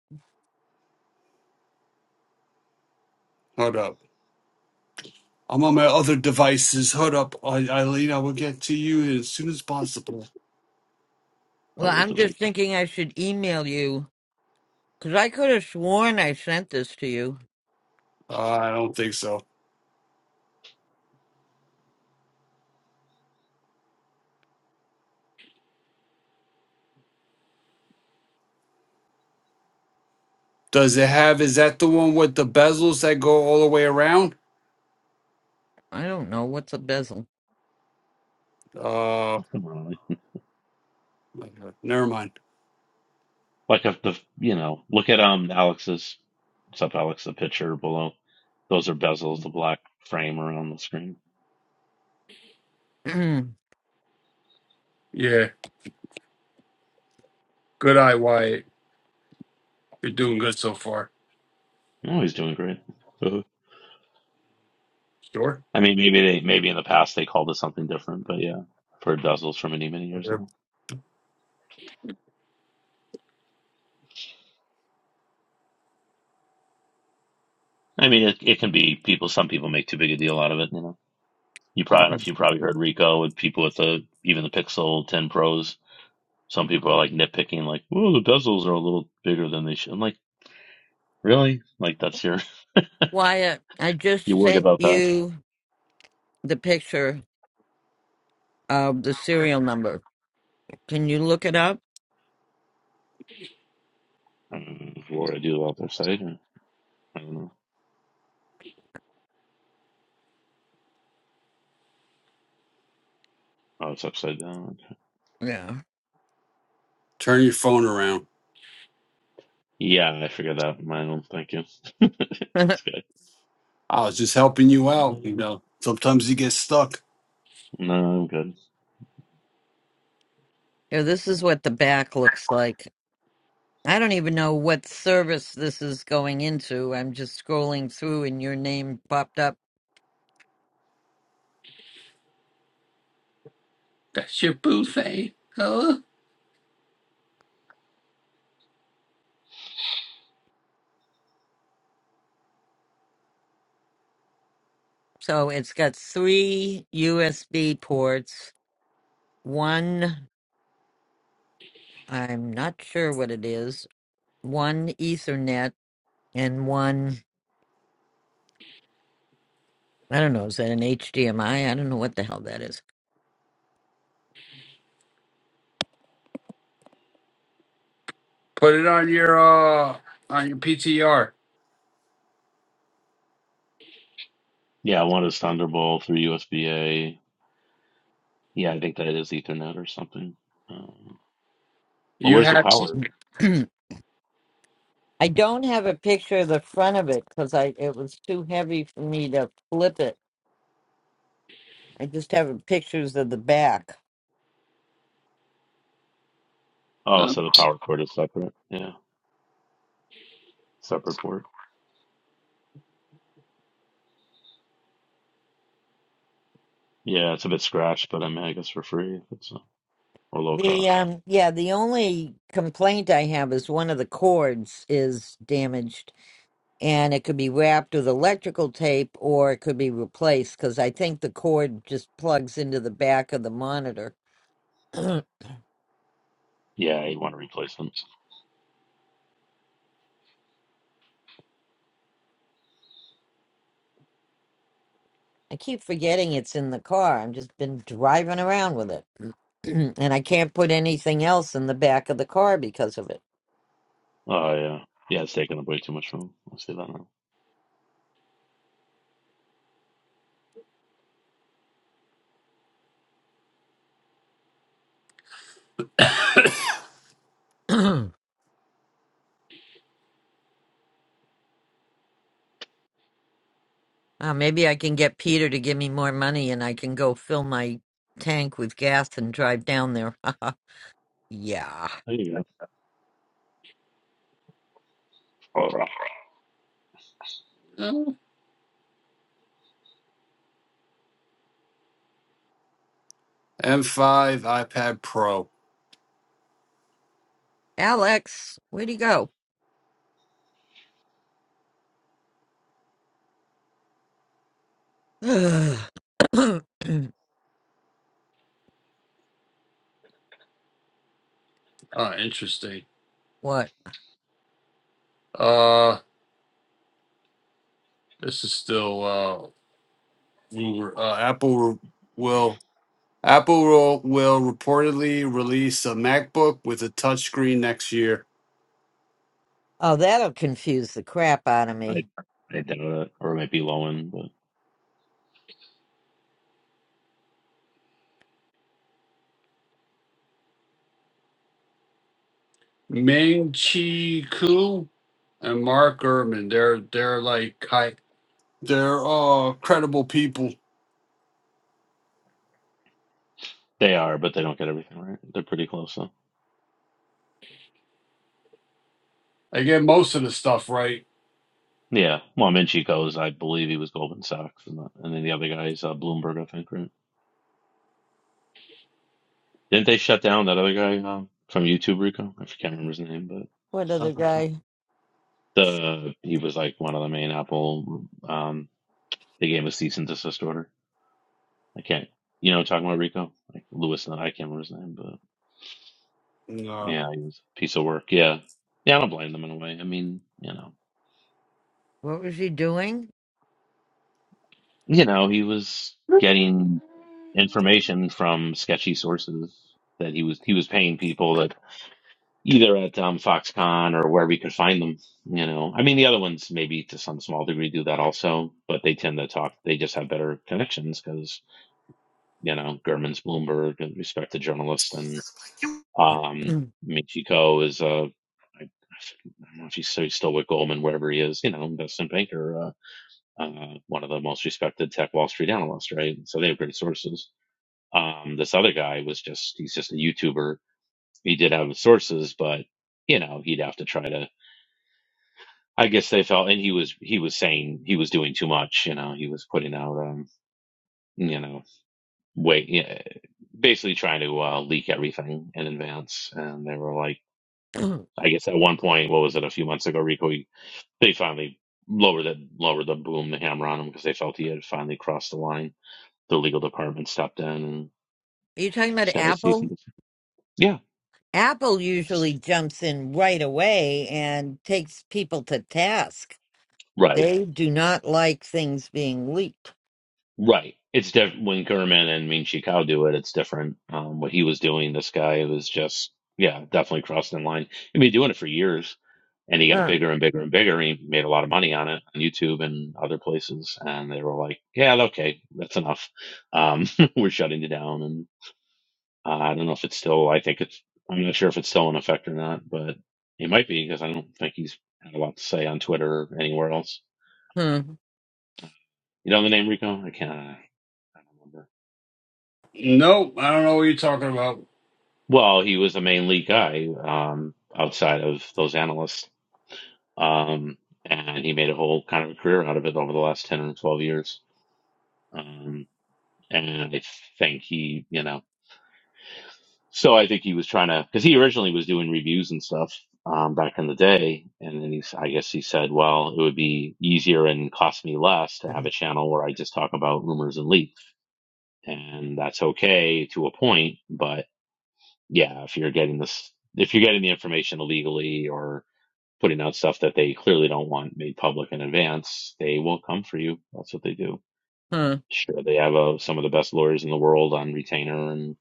Speaker 3: Hold up. I'm on my other devices. Hold up, I- Eileen. I will get to you as soon as possible.
Speaker 1: Well,
Speaker 4: other
Speaker 1: I'm just
Speaker 4: device.
Speaker 1: thinking I should email you because I could have sworn I sent this to you.
Speaker 3: Uh, I don't think so. Does it have? Is that the one with the bezels that go all the way around?
Speaker 1: I don't know what's a bezel.
Speaker 3: Uh.
Speaker 4: Come on, like
Speaker 3: Never mind.
Speaker 4: like if the you know, look at um Alex's, what's up, Alex? The picture below. Those are bezels, the black frame around the screen.
Speaker 1: *clears throat*
Speaker 3: Yeah. Good eye, Wyatt. You're doing good so far.
Speaker 4: Oh, he's doing great. *laughs*
Speaker 3: Sure.
Speaker 4: I mean, maybe they maybe in the past they called it something different, but yeah, I've heard bezels for many many years
Speaker 3: Okay.
Speaker 4: now. I mean, it it can be people. Some people make too big a deal out of it. You know, you probably I don't know if you probably heard Rico with people with the even the Pixel 10 Pros. Some people are like nitpicking, like, "Oh, the bezels are a little bigger than they should." I'm like, really? Like that's your
Speaker 1: Wyatt, I
Speaker 4: *laughs* you
Speaker 1: just
Speaker 4: worried
Speaker 1: sent
Speaker 4: about that?
Speaker 1: you the picture of the serial number. Can you look it up?
Speaker 4: Um, what would I do about their side? Or, I don't know. Oh, it's upside down. Okay.
Speaker 1: Yeah.
Speaker 3: Turn your phone around.
Speaker 4: Yeah, I figured that. Mine, thank you. *laughs*
Speaker 1: *laughs* yeah.
Speaker 4: That's good.
Speaker 3: I was just helping you out. You know, sometimes you get stuck.
Speaker 4: No, I'm good.
Speaker 1: This is what the back looks like. I don't even know what service this is going into. I'm just scrolling through and your name popped up.
Speaker 3: That's your boo thing. Huh?
Speaker 1: So it's got three USB ports, one, I'm not sure what it is, one Ethernet, and one, I don't know, is that an HDMI? I I don't know what the hell that is.
Speaker 3: Put it on your uh on your PTR.
Speaker 4: Yeah, one is Thunderbolt through USB A. Yeah, I think that is Ethernet or something. Um, well,
Speaker 3: You
Speaker 4: where's the
Speaker 3: have
Speaker 4: power?
Speaker 1: *clears throat* I don't have a picture of the front of it because I it was too heavy for me to flip it I just have pictures of the back.
Speaker 4: Oh,
Speaker 3: uh,
Speaker 4: so the power cord is separate. Yeah, separate port. Yeah, it's a bit scratched, but I mean, I guess for free if it's uh, or low
Speaker 1: The
Speaker 4: cost.
Speaker 1: um yeah, the only complaint I have is one of the cords is damaged and it could be wrapped with electrical tape or it could be replaced cuz I think the cord just plugs into the back of the monitor. *clears throat* I
Speaker 4: Yeah, you want to replace them.
Speaker 1: keep forgetting it's in the car. I've just been driving around with it. *clears throat* and I can't put anything else in the back of the car because of
Speaker 4: Oh yeah, yeah, it's taking up way too much room. Let's see that now.
Speaker 1: it. *clears throat* Uh, maybe I can get Peter to give me more money and I can go fill my tank with gas and drive down there. *laughs* yeah.
Speaker 4: There you go. Oh, well,
Speaker 3: uh. M5 iPad Pro.
Speaker 1: Alex, where'd he go? *clears throat*
Speaker 3: Uh, interesting.
Speaker 1: what?
Speaker 3: Uh, this is still uh, rumor. Uh, Apple will. Apple will, will reportedly release a MacBook with a touchscreen next year.
Speaker 1: Oh, that'll confuse the crap out of
Speaker 4: I
Speaker 1: me.
Speaker 4: I doubt it, or it might be low end, but
Speaker 3: Ming Chi Ku and Mark Gurman, they're they're like hi, they're uh credible people.
Speaker 4: they are, but they don't get everything right. They're pretty close though.
Speaker 3: They get most of the stuff right.
Speaker 4: Yeah, well, Minchie goes. I believe he was Goldman Sachs, and, the- and then the other guy is uh, Bloomberg, I think, right? Didn't they shut down that other guy um, from YouTube, Rico? I can't remember his name,
Speaker 1: What
Speaker 3: Uh,
Speaker 1: other guy?
Speaker 4: but the he was like one of the main Apple. Um, they gave him a cease and desist order. I can't, you know, talking about Rico, like Lewis, and I can't remember his name, but
Speaker 3: no.
Speaker 4: yeah, he was a piece of work. Yeah, yeah, I don't blame them in a way. I mean, you know,
Speaker 1: What was he doing?
Speaker 4: you know, he was getting information from sketchy sources that he was he was paying people that either at um, Foxconn or wherever you can find them. You know, I mean, the other ones maybe to some small degree do that also, but they tend to talk. They just have better connections because you know Gurman's Bloomberg, a respected journalist, and
Speaker 1: *clears throat*
Speaker 4: um,
Speaker 1: Are
Speaker 4: Michiko is Uh, don't know if he's so he's still with Goldman, wherever he is, you know, investment banker, uh, uh, one of the most respected tech Wall Street analysts, right? So they have great sources. Um, this other guy was just, he's just a YouTuber. He did have sources, but, you know, he'd have to try to I guess they felt, and he was he was saying he was doing too much. You know, he was putting out, um, you know, wait, yeah, basically trying to uh, leak everything in advance. And they were like, I guess at one point, what was it, a few months ago, Rico? He, they finally lowered it, lowered the boom, the hammer on him because they felt he had finally crossed the line. The legal department stepped in and
Speaker 1: you talking about
Speaker 4: sent a cease and
Speaker 1: Apple?
Speaker 4: desist. Yeah,
Speaker 1: Apple usually jumps in right away and takes people to task.
Speaker 4: right.
Speaker 1: They do not like things being leaked.
Speaker 4: Right. It's different when Gurman and Ming Chi Kao do it. It's different. Um, what he was doing, this guy was just, yeah, definitely crossing the line. He'd been doing it for years, and he got
Speaker 1: Huh.
Speaker 4: bigger and bigger and bigger. He made a lot of money on it on YouTube and other places, and they were like, "Yeah, okay, that's enough. Um, *laughs* we're shutting you down." And uh, I don't know if it's still. I think it's. I'm not sure if it's still in effect or not, but it might be because I don't think he's had a lot to say on Twitter or anywhere else.
Speaker 1: Hmm.
Speaker 4: You know the name Rico? I can't. I don't remember.
Speaker 3: Nope, I don't know what you're talking about.
Speaker 4: Well, he was the main lead guy um, outside of those analysts, um, and he made a whole kind of a career out of it over the last ten or twelve years. Um, and I think he, you know, so I think he was trying to because he originally was doing reviews and stuff um, back in the day, and then he's, I guess he said, well, it would be easier and cost me less to have a channel where I just talk about rumors and leaks, and that's okay to a point, but yeah, if you're getting this, if you're getting the information illegally or putting out stuff that they clearly don't want made public in advance, they will come for you. That's what they do.
Speaker 1: Hmm.
Speaker 4: Sure, they have uh, some of the best lawyers in the world on retainer and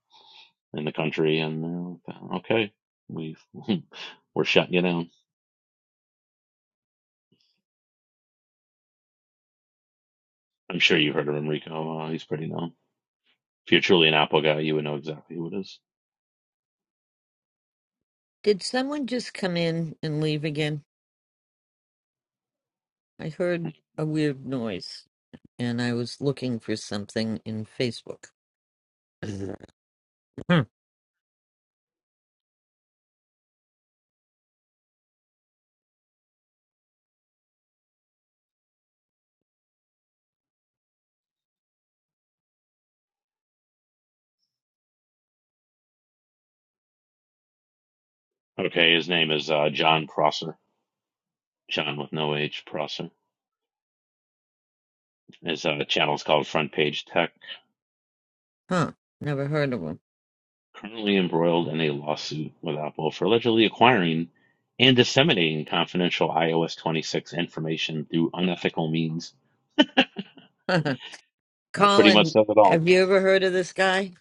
Speaker 4: in the country, and uh, okay, we *laughs* we're shutting you down. I'm sure you heard of Enrico. Uh, he's pretty known. If you're truly an Apple guy, you would know exactly who it is.
Speaker 1: Did someone just come in and leave again? I heard a weird noise and I was looking for something in Facebook. Hmm,
Speaker 4: Okay, his name is uh, John Prosser. John with no H, Prosser. His uh, channel is called Front Page Tech
Speaker 1: huh. Never heard of
Speaker 4: currently embroiled in a lawsuit with Apple for allegedly acquiring and disseminating confidential iOS 26 information through unethical means.
Speaker 1: him. *laughs*
Speaker 4: That pretty much
Speaker 1: Colin,
Speaker 4: says it all.
Speaker 1: have you ever heard of this guy?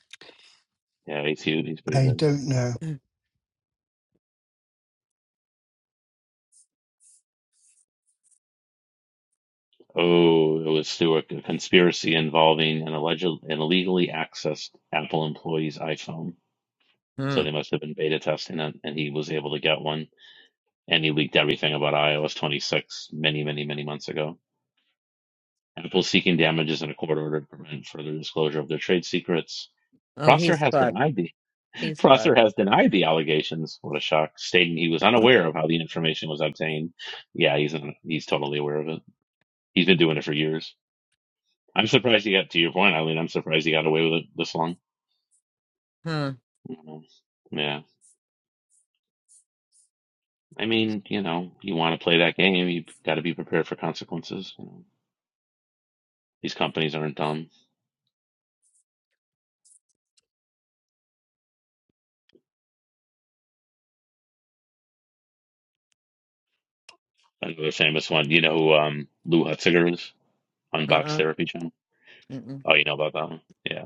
Speaker 4: Yeah, he's huge. He's pretty
Speaker 2: I
Speaker 4: good.
Speaker 2: don't know.
Speaker 4: Oh, it was through a a conspiracy involving an alleged an illegally accessed Apple employee's iPhone. So
Speaker 1: Hmm.
Speaker 4: they must have been beta testing it, and he was able to get one. And he leaked everything about iOS 26 many, many, many months ago. Apple seeking damages in a court order to prevent further disclosure of their trade secrets.
Speaker 1: Oh,
Speaker 4: Prosser
Speaker 1: he's
Speaker 4: has
Speaker 1: fucked.
Speaker 4: denied the *laughs*
Speaker 1: He's
Speaker 4: Prosser
Speaker 1: fucked.
Speaker 4: has denied the allegations. What a shock! Stating he was unaware of how the information was obtained. Yeah, he's un, he's totally aware of it. He's been doing it for years. I'm surprised he got to your point, Eileen. I'm surprised he got away with it this long.
Speaker 1: Huh.
Speaker 4: Mhm. Yeah, I mean, you know, you want to play that game, you got to be prepared for consequences. You know, these companies aren't dumb. Another famous one, you know, who um, Lou Hutziger is Unbox
Speaker 1: Uh
Speaker 4: Box
Speaker 1: uh.
Speaker 4: Therapy
Speaker 1: Mm-mm.
Speaker 4: Oh, you know about that one? Yeah.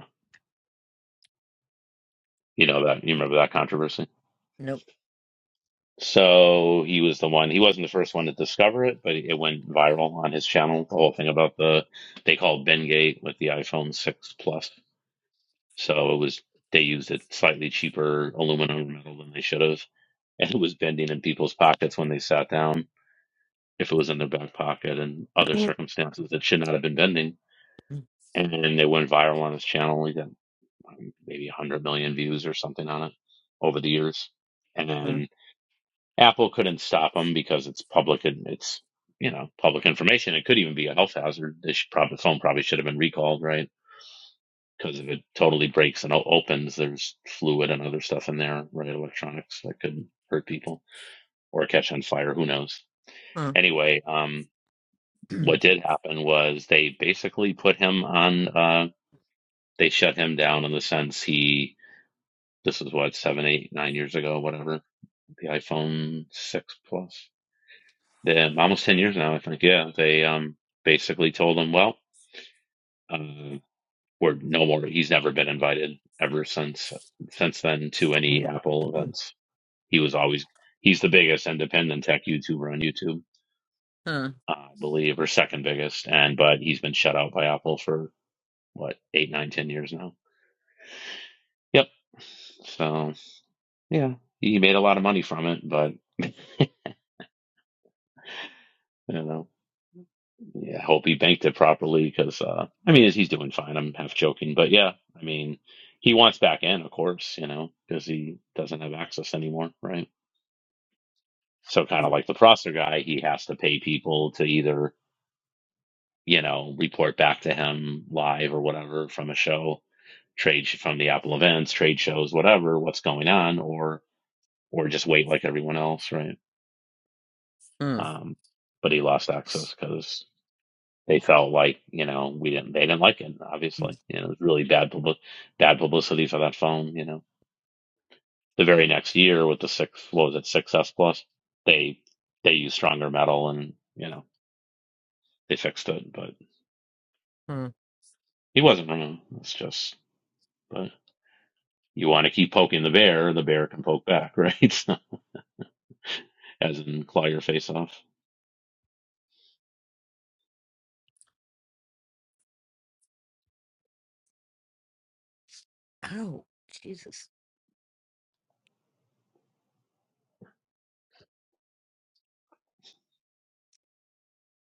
Speaker 4: You know that. You remember that controversy?
Speaker 1: Nope.
Speaker 4: So he was the one, he wasn't the first one to discover it, but it went viral on his channel. The whole thing about the, they call it Bengate with the iPhone 6 Plus. So it was, they used a slightly cheaper aluminum metal than they should have. And it was bending in people's pockets when they sat down, if it was in their back pocket and other
Speaker 1: *clears throat*
Speaker 4: circumstances that should not have been bending. And then they went viral on his channel. He got um, maybe 100 million views or something on it over the years. And then Apple couldn't stop them because it's public and it's, you know, public information. It could even be a health hazard. This probably, the phone probably should have been recalled, right? Because if it totally breaks and opens, there's fluid and other stuff in there, right? Electronics that could hurt people or catch on fire. Who knows?
Speaker 1: Uh,
Speaker 4: Anyway, um, what did happen was they basically put him on, uh, they shut him down in the sense he, this is what, seven, eight, nine years ago, whatever the iPhone 6 Plus. Then almost 10 years now, I think. Yeah, they um, basically told him, well, uh, we're no more. He's never been invited ever since since then to any Apple
Speaker 1: uh.
Speaker 4: events. He was always he's the biggest independent tech YouTuber on YouTube,
Speaker 1: Huh.
Speaker 4: I believe, or second biggest. And but he's been shut out by Apple for what eight, nine, ten years now. Yep. So yeah, he made a lot of money from it, but you know. Yeah, I hope he banked it properly because uh, I mean he's doing fine. I'm half joking, but yeah, I mean he wants back in, of course, you know, because he doesn't have access anymore, right? So kind of like the Prosser guy, he has to pay people to either you know report back to him live or whatever from a show, trade sh- from the Apple events, trade shows, whatever, what's going on, or or just wait like everyone else, right?
Speaker 1: Huh.
Speaker 4: Um, but he lost access because. they felt like you know we didn't they didn't like it obviously you know it was really bad public bad publicity for that phone you know the very next year with the six what was it six S plus they they used stronger metal and you know they fixed it but
Speaker 1: Huh.
Speaker 4: he wasn't wrong it's just but you want to keep poking the bear the bear can poke back *laughs* right so, as in claw your face off
Speaker 1: Oh, Jesus.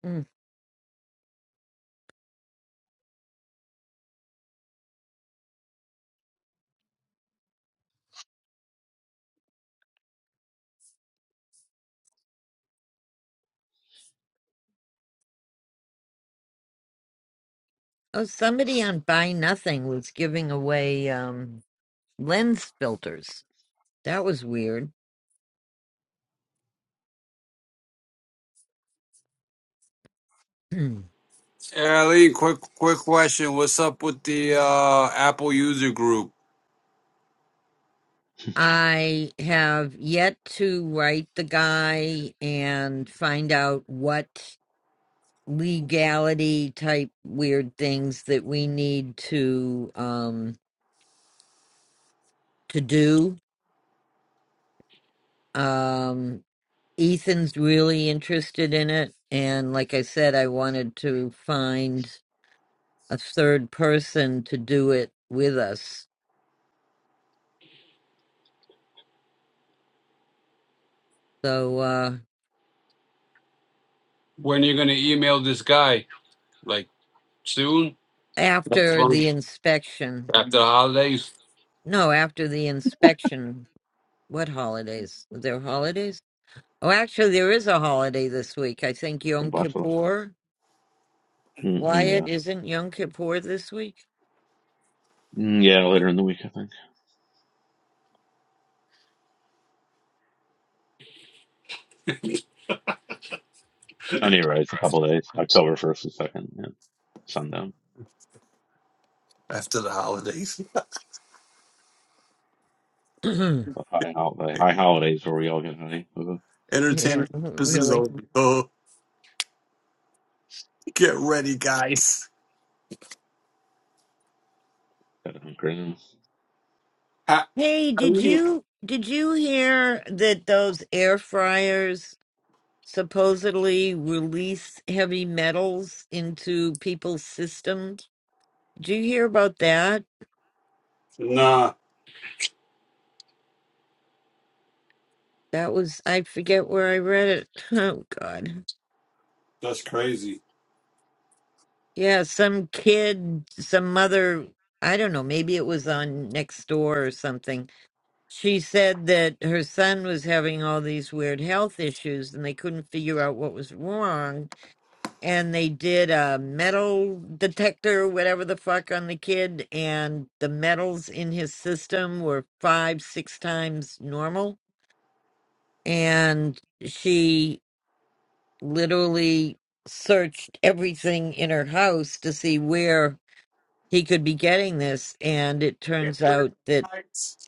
Speaker 1: Mm. Oh, somebody on Buy Nothing was giving away um, lens filters. That was weird. Mm.
Speaker 3: Ali, quick quick question. What's up with the uh, Apple user group?
Speaker 1: I have yet to write the guy and find out what legality type weird things that we need to um to do. Um Ethan's really interested in it. And like I said, I wanted to find a third person to do it with us. So uh,
Speaker 3: When you're gonna email this guy? Like soon? That's
Speaker 1: after
Speaker 3: fun.
Speaker 1: the inspection,
Speaker 3: After the holidays?
Speaker 1: no, after the inspection, what holidays? Were there holidays? Oh, actually, there is a holiday this week. I think
Speaker 4: the
Speaker 1: Yom
Speaker 4: butt
Speaker 1: Kippur.
Speaker 4: mm
Speaker 1: Wyatt,
Speaker 4: yeah
Speaker 1: isn't Yom Kippur this week?
Speaker 4: Mm, yeah later in the week I think anyway it's a couple of days October first and second yeah Sundown
Speaker 3: After the holidays.
Speaker 1: *clears throat* yeah,
Speaker 4: the high, hol- the high holidays where we all get high. Uh,
Speaker 1: *laughs*
Speaker 3: Entertainment purposes
Speaker 1: really.
Speaker 3: only. *laughs* Oh, get ready, guys.
Speaker 4: got hunker down.
Speaker 3: I,
Speaker 1: Hey,
Speaker 3: I
Speaker 1: did
Speaker 3: mean,
Speaker 1: you did you hear that those air fryers? supposedly release heavy metals into people's systems. Did you hear about that?
Speaker 3: nah,
Speaker 1: That was, I forget where I read it. *laughs* Oh, God.
Speaker 3: that's crazy.
Speaker 1: Yeah, some kid, some mother, I don't know, maybe it was on next door or something. She said that her son was having all these weird health issues and they couldn't figure out what was wrong and they did a metal detector, whatever the fuck, on the kid, and the metals in his system were five, six times normal. And she literally searched everything in her house to see where he could be getting this, and it
Speaker 3: Get
Speaker 1: turns
Speaker 3: ready,
Speaker 1: out that
Speaker 3: guys.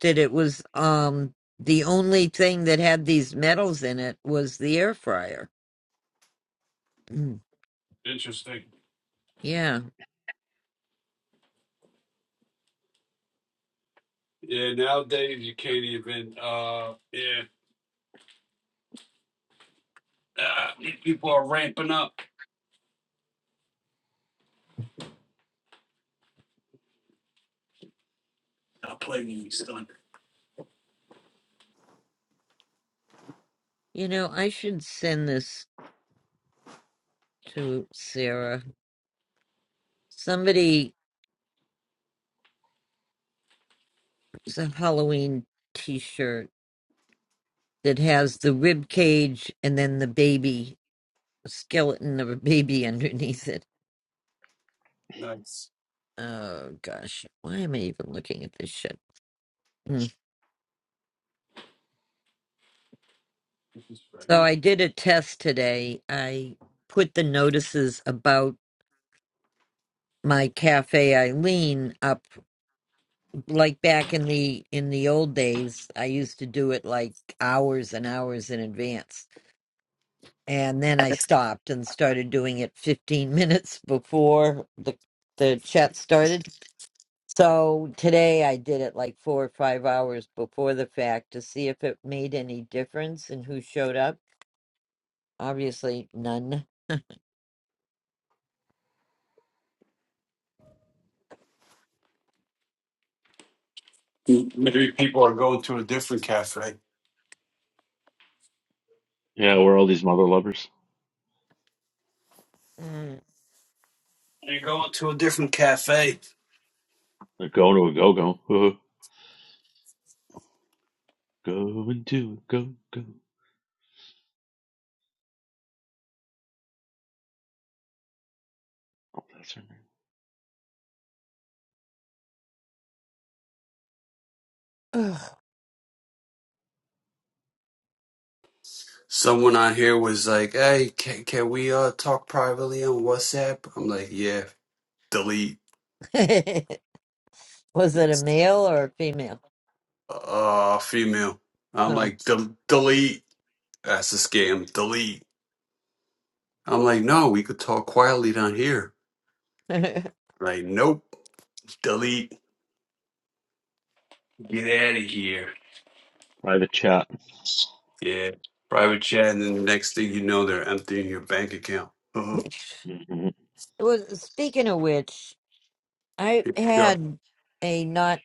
Speaker 1: that it was um the only thing that had these metals in it was the air fryer. Mm.
Speaker 3: Interesting.
Speaker 1: Yeah.
Speaker 3: Yeah, nowadays you can't even. uh Yeah, uh, people are ramping up. I'll play me stunned.
Speaker 1: You know, I should send this to Sarah. Somebody, it's a Halloween T-shirt that has the rib cage and then the baby a skeleton of a baby *laughs* underneath it.
Speaker 3: Nice.
Speaker 1: Oh gosh, why am I even looking at this shit? Mm. So I did a test today. I put the notices about my cafe Eileen up like back in the in the old days. I used to do it like hours and hours in advance and then I stopped and started doing it 15 *laughs* minutes before the the chat started. So today I did it like four or five hours before the fact to see if it made any difference and who showed up. Obviously, none.
Speaker 3: Maybe people are going to a different cafe.
Speaker 4: Yeah, we're all these mother lovers.
Speaker 1: Mm.
Speaker 3: They're going to a different cafe.
Speaker 4: They're going to a go go. Uh, going to a go go. Oh, that's her name.
Speaker 1: Ugh.
Speaker 3: Someone on here was like, "Hey, can, can we uh talk privately on WhatsApp?" I'm like, "Yeah, delete."
Speaker 1: *laughs* was it a male or a female?
Speaker 3: uh female. I'm
Speaker 1: Huh.
Speaker 3: like, "Del- delete. That's a scam. Delete. I'm like, no, we could talk quietly down here.
Speaker 1: *laughs* it
Speaker 3: Like, nope. Delete. Get out of here.
Speaker 4: Private chat.
Speaker 3: Yeah. Private chat, and then the next thing you know, they're emptying your bank account. Uh-huh.
Speaker 4: hmm
Speaker 1: was. Speaking of which, I
Speaker 3: Here we go.
Speaker 1: had a not.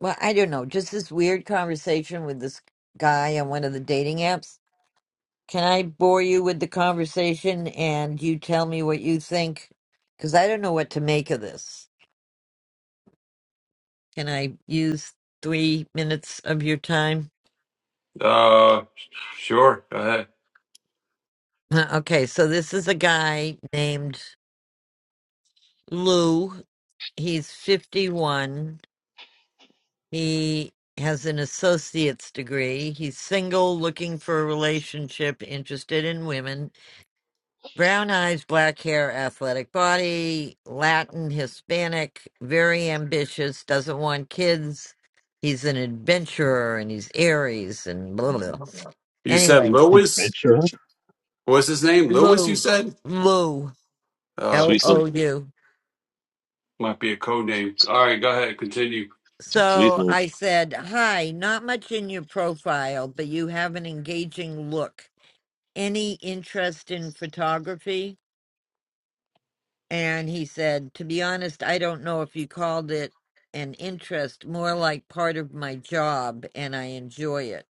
Speaker 1: Well, I don't know. Just this weird conversation with this guy on one of the dating apps. Can I bore you with the conversation and you tell me what you think? Because I don't know what to make of this. Can I use three minutes of your time?
Speaker 3: Uh, sure. Go ahead.
Speaker 1: Uh, Okay, so this is a guy named Lou. He's 51. He has an associate's degree. He's single, looking for a relationship, interested in women. Brown eyes, black hair, athletic body, Latin, Hispanic, very ambitious, doesn't want kids. He's an adventurer and he's Aries and blah, blah, blah.
Speaker 3: You said
Speaker 1: Anyway,
Speaker 3: Lewis.
Speaker 4: Adventure.
Speaker 3: What's his name? Lewis. You
Speaker 1: Lou,
Speaker 3: said.
Speaker 1: Lou,
Speaker 3: Uh,
Speaker 1: L
Speaker 4: Sweet little,
Speaker 1: O
Speaker 3: might
Speaker 1: U.
Speaker 3: might be a code name. All right. Go ahead. Continue.
Speaker 4: sweet
Speaker 1: So
Speaker 4: little.
Speaker 1: I said, Hi, not much in your profile, but you have an engaging look. Any interest in photography? And he said, To be honest, I don't know if you called it an interest, more like part of my job, and I enjoy it.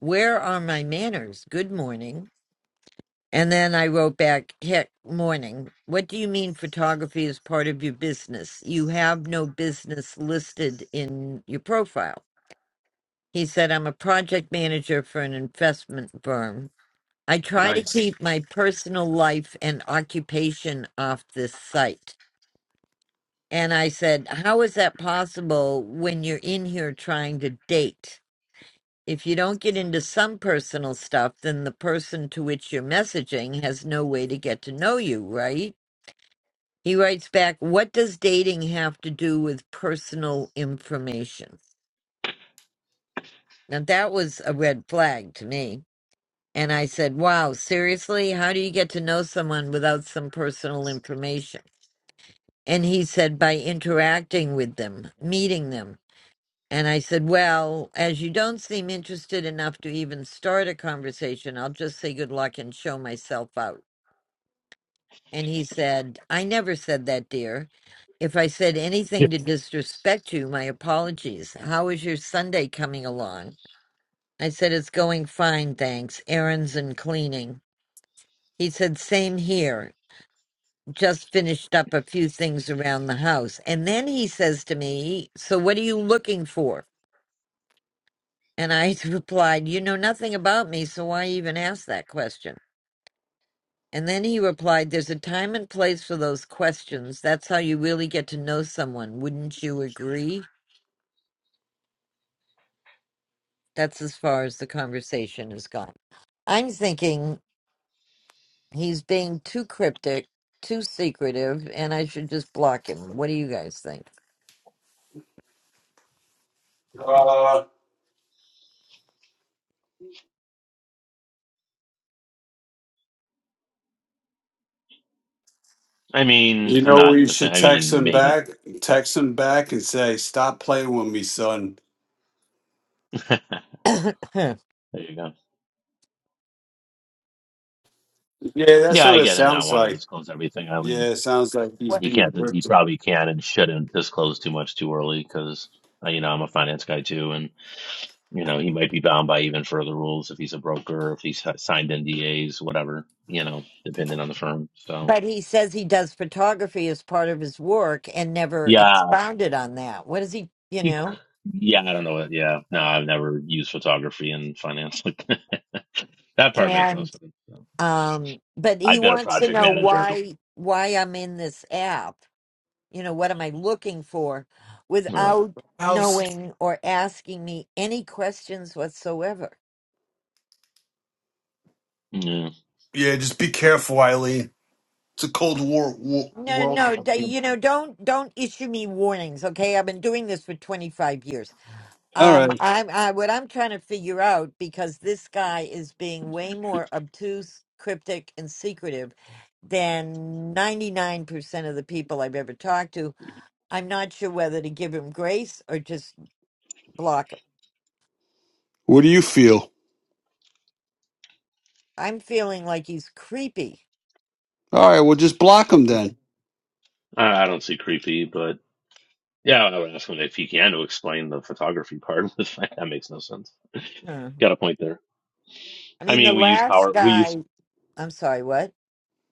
Speaker 1: Where are my manners? Good morning. And then I wrote back, Heck, morning. What do you mean photography is part of your business? You have no business listed in your profile. He said, I'm a project manager for an investment firm. I try to
Speaker 3: Nice.
Speaker 1: keep my personal life and occupation off this site. And I said, How is that possible when you're in here trying to date? If you don't get into some personal stuff, then the person to which you're messaging has no way to get to know you, right? He writes back, What does dating have to do with personal information? Now, that was a red flag to me. And I said, Wow, seriously? How do you get to know someone without some personal information? And he said, By interacting with them, meeting them And I said, Well, as you don't seem interested enough to even start a conversation, I'll just say good luck and show myself out. And he said, I never said that, dear. If I said
Speaker 4: Yeah.
Speaker 1: anything to disrespect you, my apologies. How is your Sunday coming along? I said, It's going fine, thanks. Errands and cleaning. He said, Same here. Just finished up a few things around the house. And then he says to me, So what are you looking for? And I *laughs* replied, You know nothing about me, so why even ask that question? And then he replied, There's a time and place for those questions. That's how you really get to know someone. Wouldn't you agree? That's as far as the conversation has gone. I'm thinking he's being too cryptic, too secretive, and I should just block him. What do you guys think?
Speaker 3: Uh,
Speaker 4: I
Speaker 3: You
Speaker 4: mean, I'm
Speaker 3: know,
Speaker 4: not
Speaker 3: we
Speaker 4: defend.
Speaker 3: should
Speaker 4: I
Speaker 3: text
Speaker 4: mean,
Speaker 3: him
Speaker 4: maybe.
Speaker 3: back, text him back and say, stop playing with me, son.
Speaker 4: *laughs* there
Speaker 1: *coughs*
Speaker 4: you go.
Speaker 3: Yeah, that's
Speaker 4: Yeah, I
Speaker 3: what it
Speaker 4: get him not
Speaker 3: sounds
Speaker 4: wanting to
Speaker 3: like.
Speaker 4: disclose everything. I mean,
Speaker 3: Yeah, it sounds like he's
Speaker 1: What-
Speaker 4: he
Speaker 3: being
Speaker 4: can't. He
Speaker 3: ripped.
Speaker 4: probably can and shouldn't disclose too much too early because you know I'm a finance guy too, and. You know, he might be bound by even further rules if he's a broker, if he's signed NDAs, whatever, you know, depending on the firm. So,
Speaker 1: but he says he does photography as part of his work and never
Speaker 4: yeah,
Speaker 1: expounded on that. What is he, you
Speaker 4: he,
Speaker 1: know?
Speaker 4: yeah, I don't know. What, yeah, no, I've never used photography in finance. *laughs* that part makes no
Speaker 1: and.
Speaker 4: sense. So.
Speaker 1: um but he
Speaker 4: I've been a
Speaker 1: wants to
Speaker 4: project
Speaker 1: know
Speaker 4: manager.
Speaker 1: why why i'm in this app you know what am i looking for
Speaker 4: Yeah,
Speaker 1: without
Speaker 3: House.
Speaker 1: knowing or asking me any questions whatsoever
Speaker 4: yeah.
Speaker 3: Yeah, just be careful, Eileen. It's a cold war, war
Speaker 1: no no
Speaker 3: world.
Speaker 1: d- you know don't don't issue me warnings okay i've been doing this for 25 years
Speaker 3: All
Speaker 1: um
Speaker 3: right.
Speaker 1: i'm I, what i'm trying to figure out because this guy is being way more obtuse cryptic and secretive than 99% of the people i've ever talked to I'm not sure whether to give him grace or just block him.
Speaker 3: What do you feel?
Speaker 1: I'm feeling like he's creepy.
Speaker 3: All right, well, just block him then.
Speaker 4: I, I don't see creepy, but yeah, I would ask him if he can to explain the photography part. *laughs* that makes no sense.
Speaker 1: Hmm.
Speaker 4: Got a point there.
Speaker 1: I
Speaker 4: I
Speaker 1: mean, the
Speaker 4: mean, we use
Speaker 1: last
Speaker 4: power. We use
Speaker 1: guy, I'm sorry, what?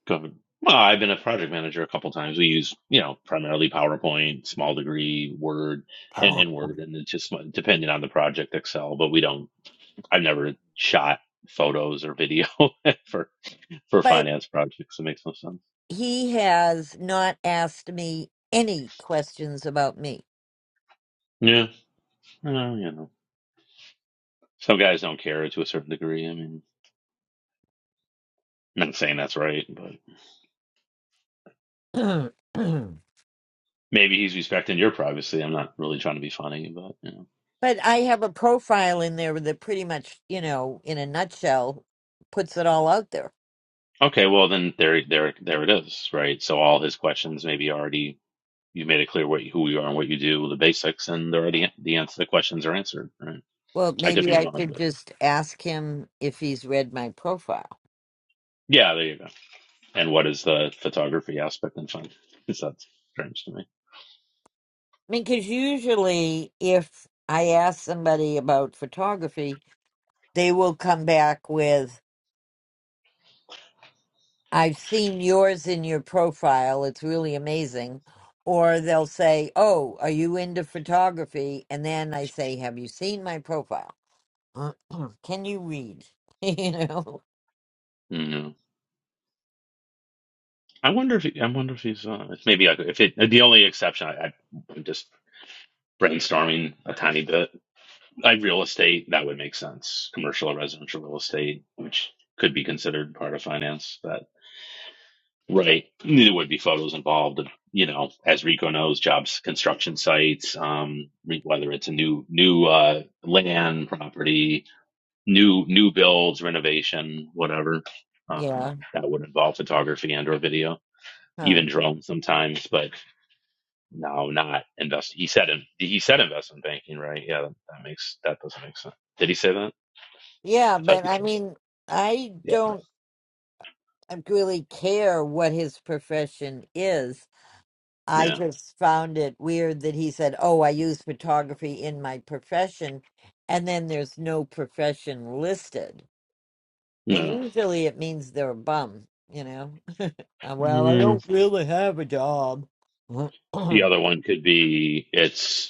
Speaker 4: Covered. Well, I've been a project manager a couple times. We use, you know, primarily PowerPoint, small degree, Word,
Speaker 3: I
Speaker 4: and, and Word, and it's just like, depending on the project, Excel. But we don't. I've never shot photos or video *laughs* for for
Speaker 1: But
Speaker 4: finance projects. It makes no sense.
Speaker 1: he has not asked me any questions about me.
Speaker 4: Yeah, well, you know, some guys don't care to a certain degree. I mean, I'm not saying that's right, but
Speaker 1: *clears throat* but
Speaker 4: maybe he's respecting your privacy. I'm not really trying to be funny, but you know.
Speaker 1: I have a profile in there that pretty much, you know, in a nutshell, puts it all out there.
Speaker 4: Okay, well then there, there, there it is, right? So all his questions maybe already you made it clear what who you are and what you do, the basics, and the already the answer the questions are answered. Right?
Speaker 1: Well,
Speaker 4: I could
Speaker 1: maybe
Speaker 4: be
Speaker 1: I
Speaker 4: wrong,
Speaker 1: could
Speaker 4: but
Speaker 1: just ask him if he's read my profile.
Speaker 4: yeah, there you go. And what is the photography aspect and fun? Because that's strange to me.
Speaker 1: I mean, because usually if I ask somebody about photography, they will come back with, I've seen yours in your profile. It's really amazing. Or they'll say, Oh, are you into photography? And then I say, Have you seen my profile? *clears throat* Can you read? *laughs* you know?
Speaker 4: No. I wonder if he, I wonder if he's uh, if maybe I, could- if it the only exception I, I I'm just brainstorming a tiny bit. I real estate that would make sense. Commercial or residential real estate, which could be considered part of finance. That Right. There would be photos involved of, you know, as Rico knows, jobs, construction sites, um, re- whether it's a new new uh, land property, new new builds, renovation, whatever. Um,
Speaker 1: Yeah.
Speaker 4: that would involve photography and or video,
Speaker 1: Huh.
Speaker 4: even drones sometimes, but no, not invest. He said in, he said investment banking, right? Yeah, that, that makes that doesn't make sense. Did he say that?
Speaker 1: Yeah,
Speaker 4: I thought
Speaker 1: but
Speaker 4: you
Speaker 1: I
Speaker 4: said that.
Speaker 1: mean, I
Speaker 4: Yeah.
Speaker 1: don't really care what his profession is I
Speaker 4: Yeah.
Speaker 1: just found it weird that he said, "Oh, I use photography in my profession," and then there's no profession listed. And
Speaker 4: No.
Speaker 1: usually it means they're a bum, you know. *laughs* Uh, well, I
Speaker 4: Mm.
Speaker 1: don't really have a job. *clears throat* but
Speaker 4: The other one could be it's.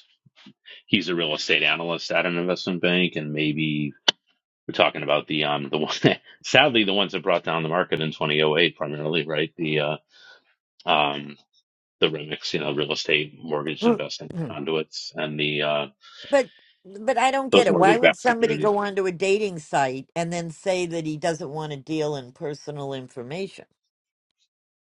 Speaker 4: he's a real estate analyst at an investment bank, and maybe we're talking about the um the one *laughs* sadly the ones that brought down the market in 2008 primarily, right? The uh, um the remix, you know, real estate mortgage
Speaker 1: but
Speaker 4: investing conduits and the uh
Speaker 1: I don't get
Speaker 4: those
Speaker 1: it. Why
Speaker 4: mortgage
Speaker 1: would
Speaker 4: backed
Speaker 1: somebody
Speaker 4: securities.
Speaker 1: go onto a dating site and then say that he doesn't want to deal in personal information?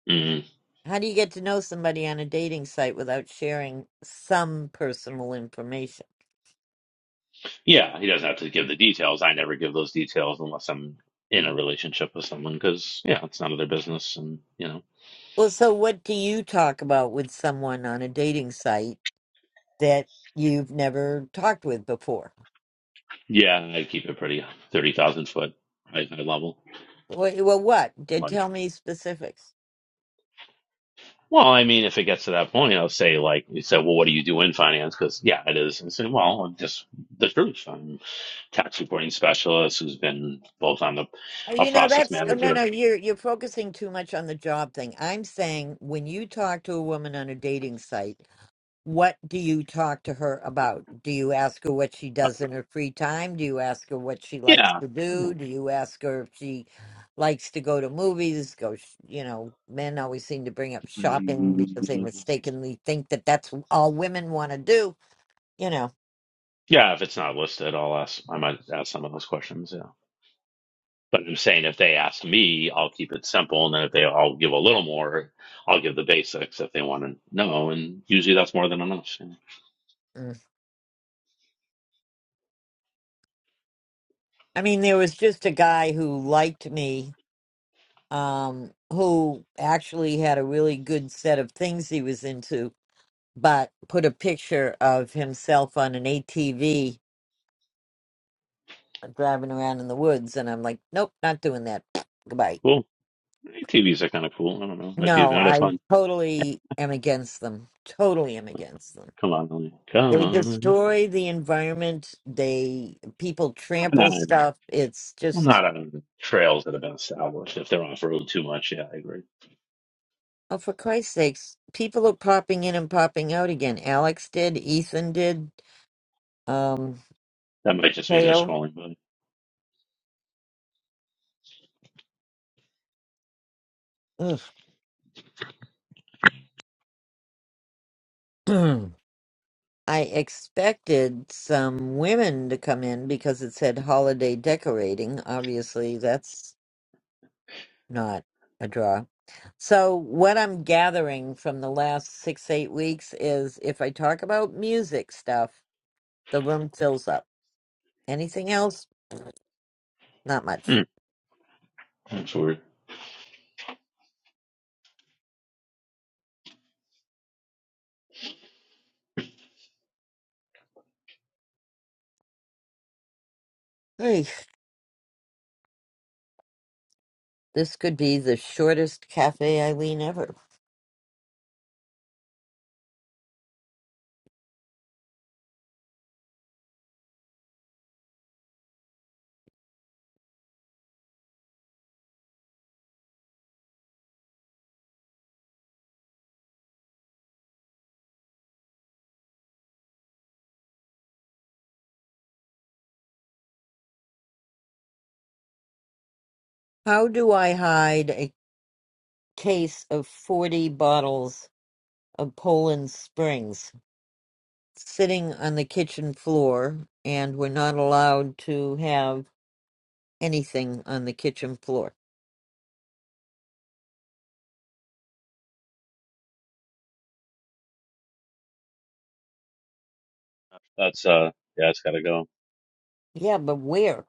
Speaker 4: Mm.
Speaker 1: How do you get to know somebody on a dating site without sharing some personal information?
Speaker 4: Yeah, he doesn't have to give the details. I never give those details unless I'm in a relationship with someone because yeah, it's none of their business, and you know,
Speaker 1: Well, so what do you talk about with someone on a dating site that you've never talked with before?
Speaker 4: yeah, I keep it pretty thirty thousand foot high, high level
Speaker 1: Wh- Well, what? Did tell me specifics.
Speaker 4: Well, I mean, if it gets to that point, I'll say like you said. Well, what do you do in finance? Because yeah, it is. And say, well, I'm just the truth. I'm a tax reporting specialist who's been both on the
Speaker 1: Uh,
Speaker 4: a
Speaker 1: You know,
Speaker 4: process
Speaker 1: that's oh, no, no.
Speaker 4: manager.
Speaker 1: You're you're focusing too much on the job thing. I'm saying when you talk to a woman on a dating site. What do you talk to her about? Do you ask her what she
Speaker 4: Uh,
Speaker 1: does in her free time? Do you ask her what she likes
Speaker 4: yeah,
Speaker 1: to
Speaker 4: yeah.
Speaker 1: do? Do you ask her if she likes to go to movies? Go, sh- you know, men always seem to bring up shopping because they mistakenly think that that's all women want to do, you know.
Speaker 4: If it's not listed, I'll ask. I might ask some of those questions. Yeah, but I'm saying if they ask me, I'll keep it simple, and then if they, I'll give a little more. I'll give the basics if they want to know, and usually that's more than enough. Yeah.
Speaker 1: Mm. I mean, there was just a guy who liked me um, who actually had a really good set of things he was into, but put a picture of himself on an ATV driving around in the woods. And I'm like, nope, not doing that. *tsk* Goodbye.
Speaker 4: Cool. TVs are kind of cool. I don't know. Might be
Speaker 1: No,
Speaker 4: another
Speaker 1: I
Speaker 4: fun.
Speaker 1: totally am against them. Totally am against them.
Speaker 4: Come on, Ellen. Come
Speaker 1: They
Speaker 4: on.
Speaker 1: destroy the environment. They people
Speaker 4: I'm
Speaker 1: trample
Speaker 4: not,
Speaker 1: stuff. It's
Speaker 4: I'm
Speaker 1: just
Speaker 4: not on the trails that have been established if they're off road too much. Yeah, I agree.
Speaker 1: oh, for Christ's sakes! People are popping in and popping out again. Alex did. Ethan did. Um,
Speaker 4: That might just mean they're
Speaker 1: Teo.
Speaker 4: scrolling, buddy.
Speaker 1: Ugh. *clears throat* I expected some women to come in because it said holiday decorating. Obviously, that's not a draw. So, what I'm gathering from the last six, eight weeks is if I talk about music stuff, the room fills up. Anything else? Not much.
Speaker 4: Hmm. That's weird.
Speaker 1: Hey, this could be the shortest cafe Eileen ever. How do I hide a case of 40 bottles of Poland Springs? sitting on the kitchen floor and we're not allowed to have anything on the kitchen floor.
Speaker 4: That's, uh, yeah, it's gotta go.
Speaker 1: Yeah, but where?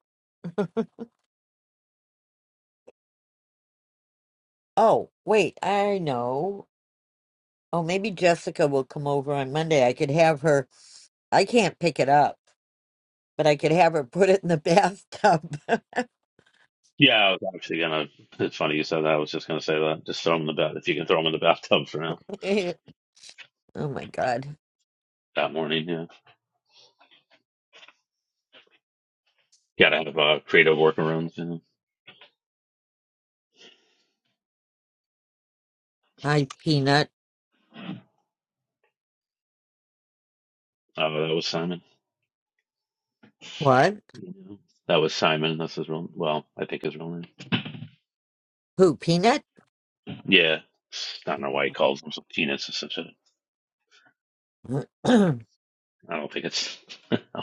Speaker 1: Oh, wait, I know. Oh, maybe Jessica will come over on Monday. I could have her, I can't pick it up, but I could have her *laughs* put it in the bathtub.
Speaker 4: Yeah, I was actually gonna, it's funny you said that. I was just gonna say that. Just throw them in the bath. If you can throw them in the *laughs* bathtub for now,
Speaker 1: *laughs* oh my God.
Speaker 4: that morning, yeah. Gotta have, uh, creative workarounds, you know.
Speaker 1: Hi, Peanut.
Speaker 4: Uh, that was Simon.
Speaker 1: What?
Speaker 4: You know, that was Simon. That's his real, well, I think his real name.
Speaker 1: Who, Peanut?
Speaker 4: Yeah. I don't know why he calls himself penis or such a,
Speaker 1: *clears throat*
Speaker 4: I don't know.
Speaker 1: Hi,
Speaker 4: I don't think it's.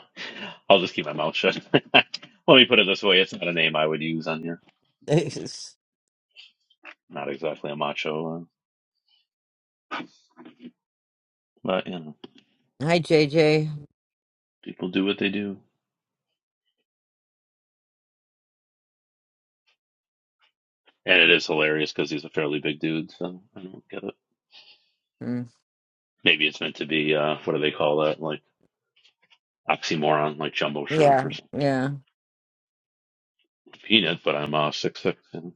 Speaker 4: *laughs* I'll just keep my mouth shut. *laughs* Let me put it this way: it's not a name I would use on here. Not exactly a macho, uh, but you know,
Speaker 1: JJ.
Speaker 4: people do what they do, and it is hilarious because he's a fairly big dude. So I don't get it.
Speaker 1: Mm,
Speaker 4: Maybe it's meant to be uh, what do they call that? Like oxymoron, like jumbo shrimp
Speaker 1: Yeah,
Speaker 4: or something.
Speaker 1: yeah.
Speaker 4: Peanut, but I'm uh, six six. You know?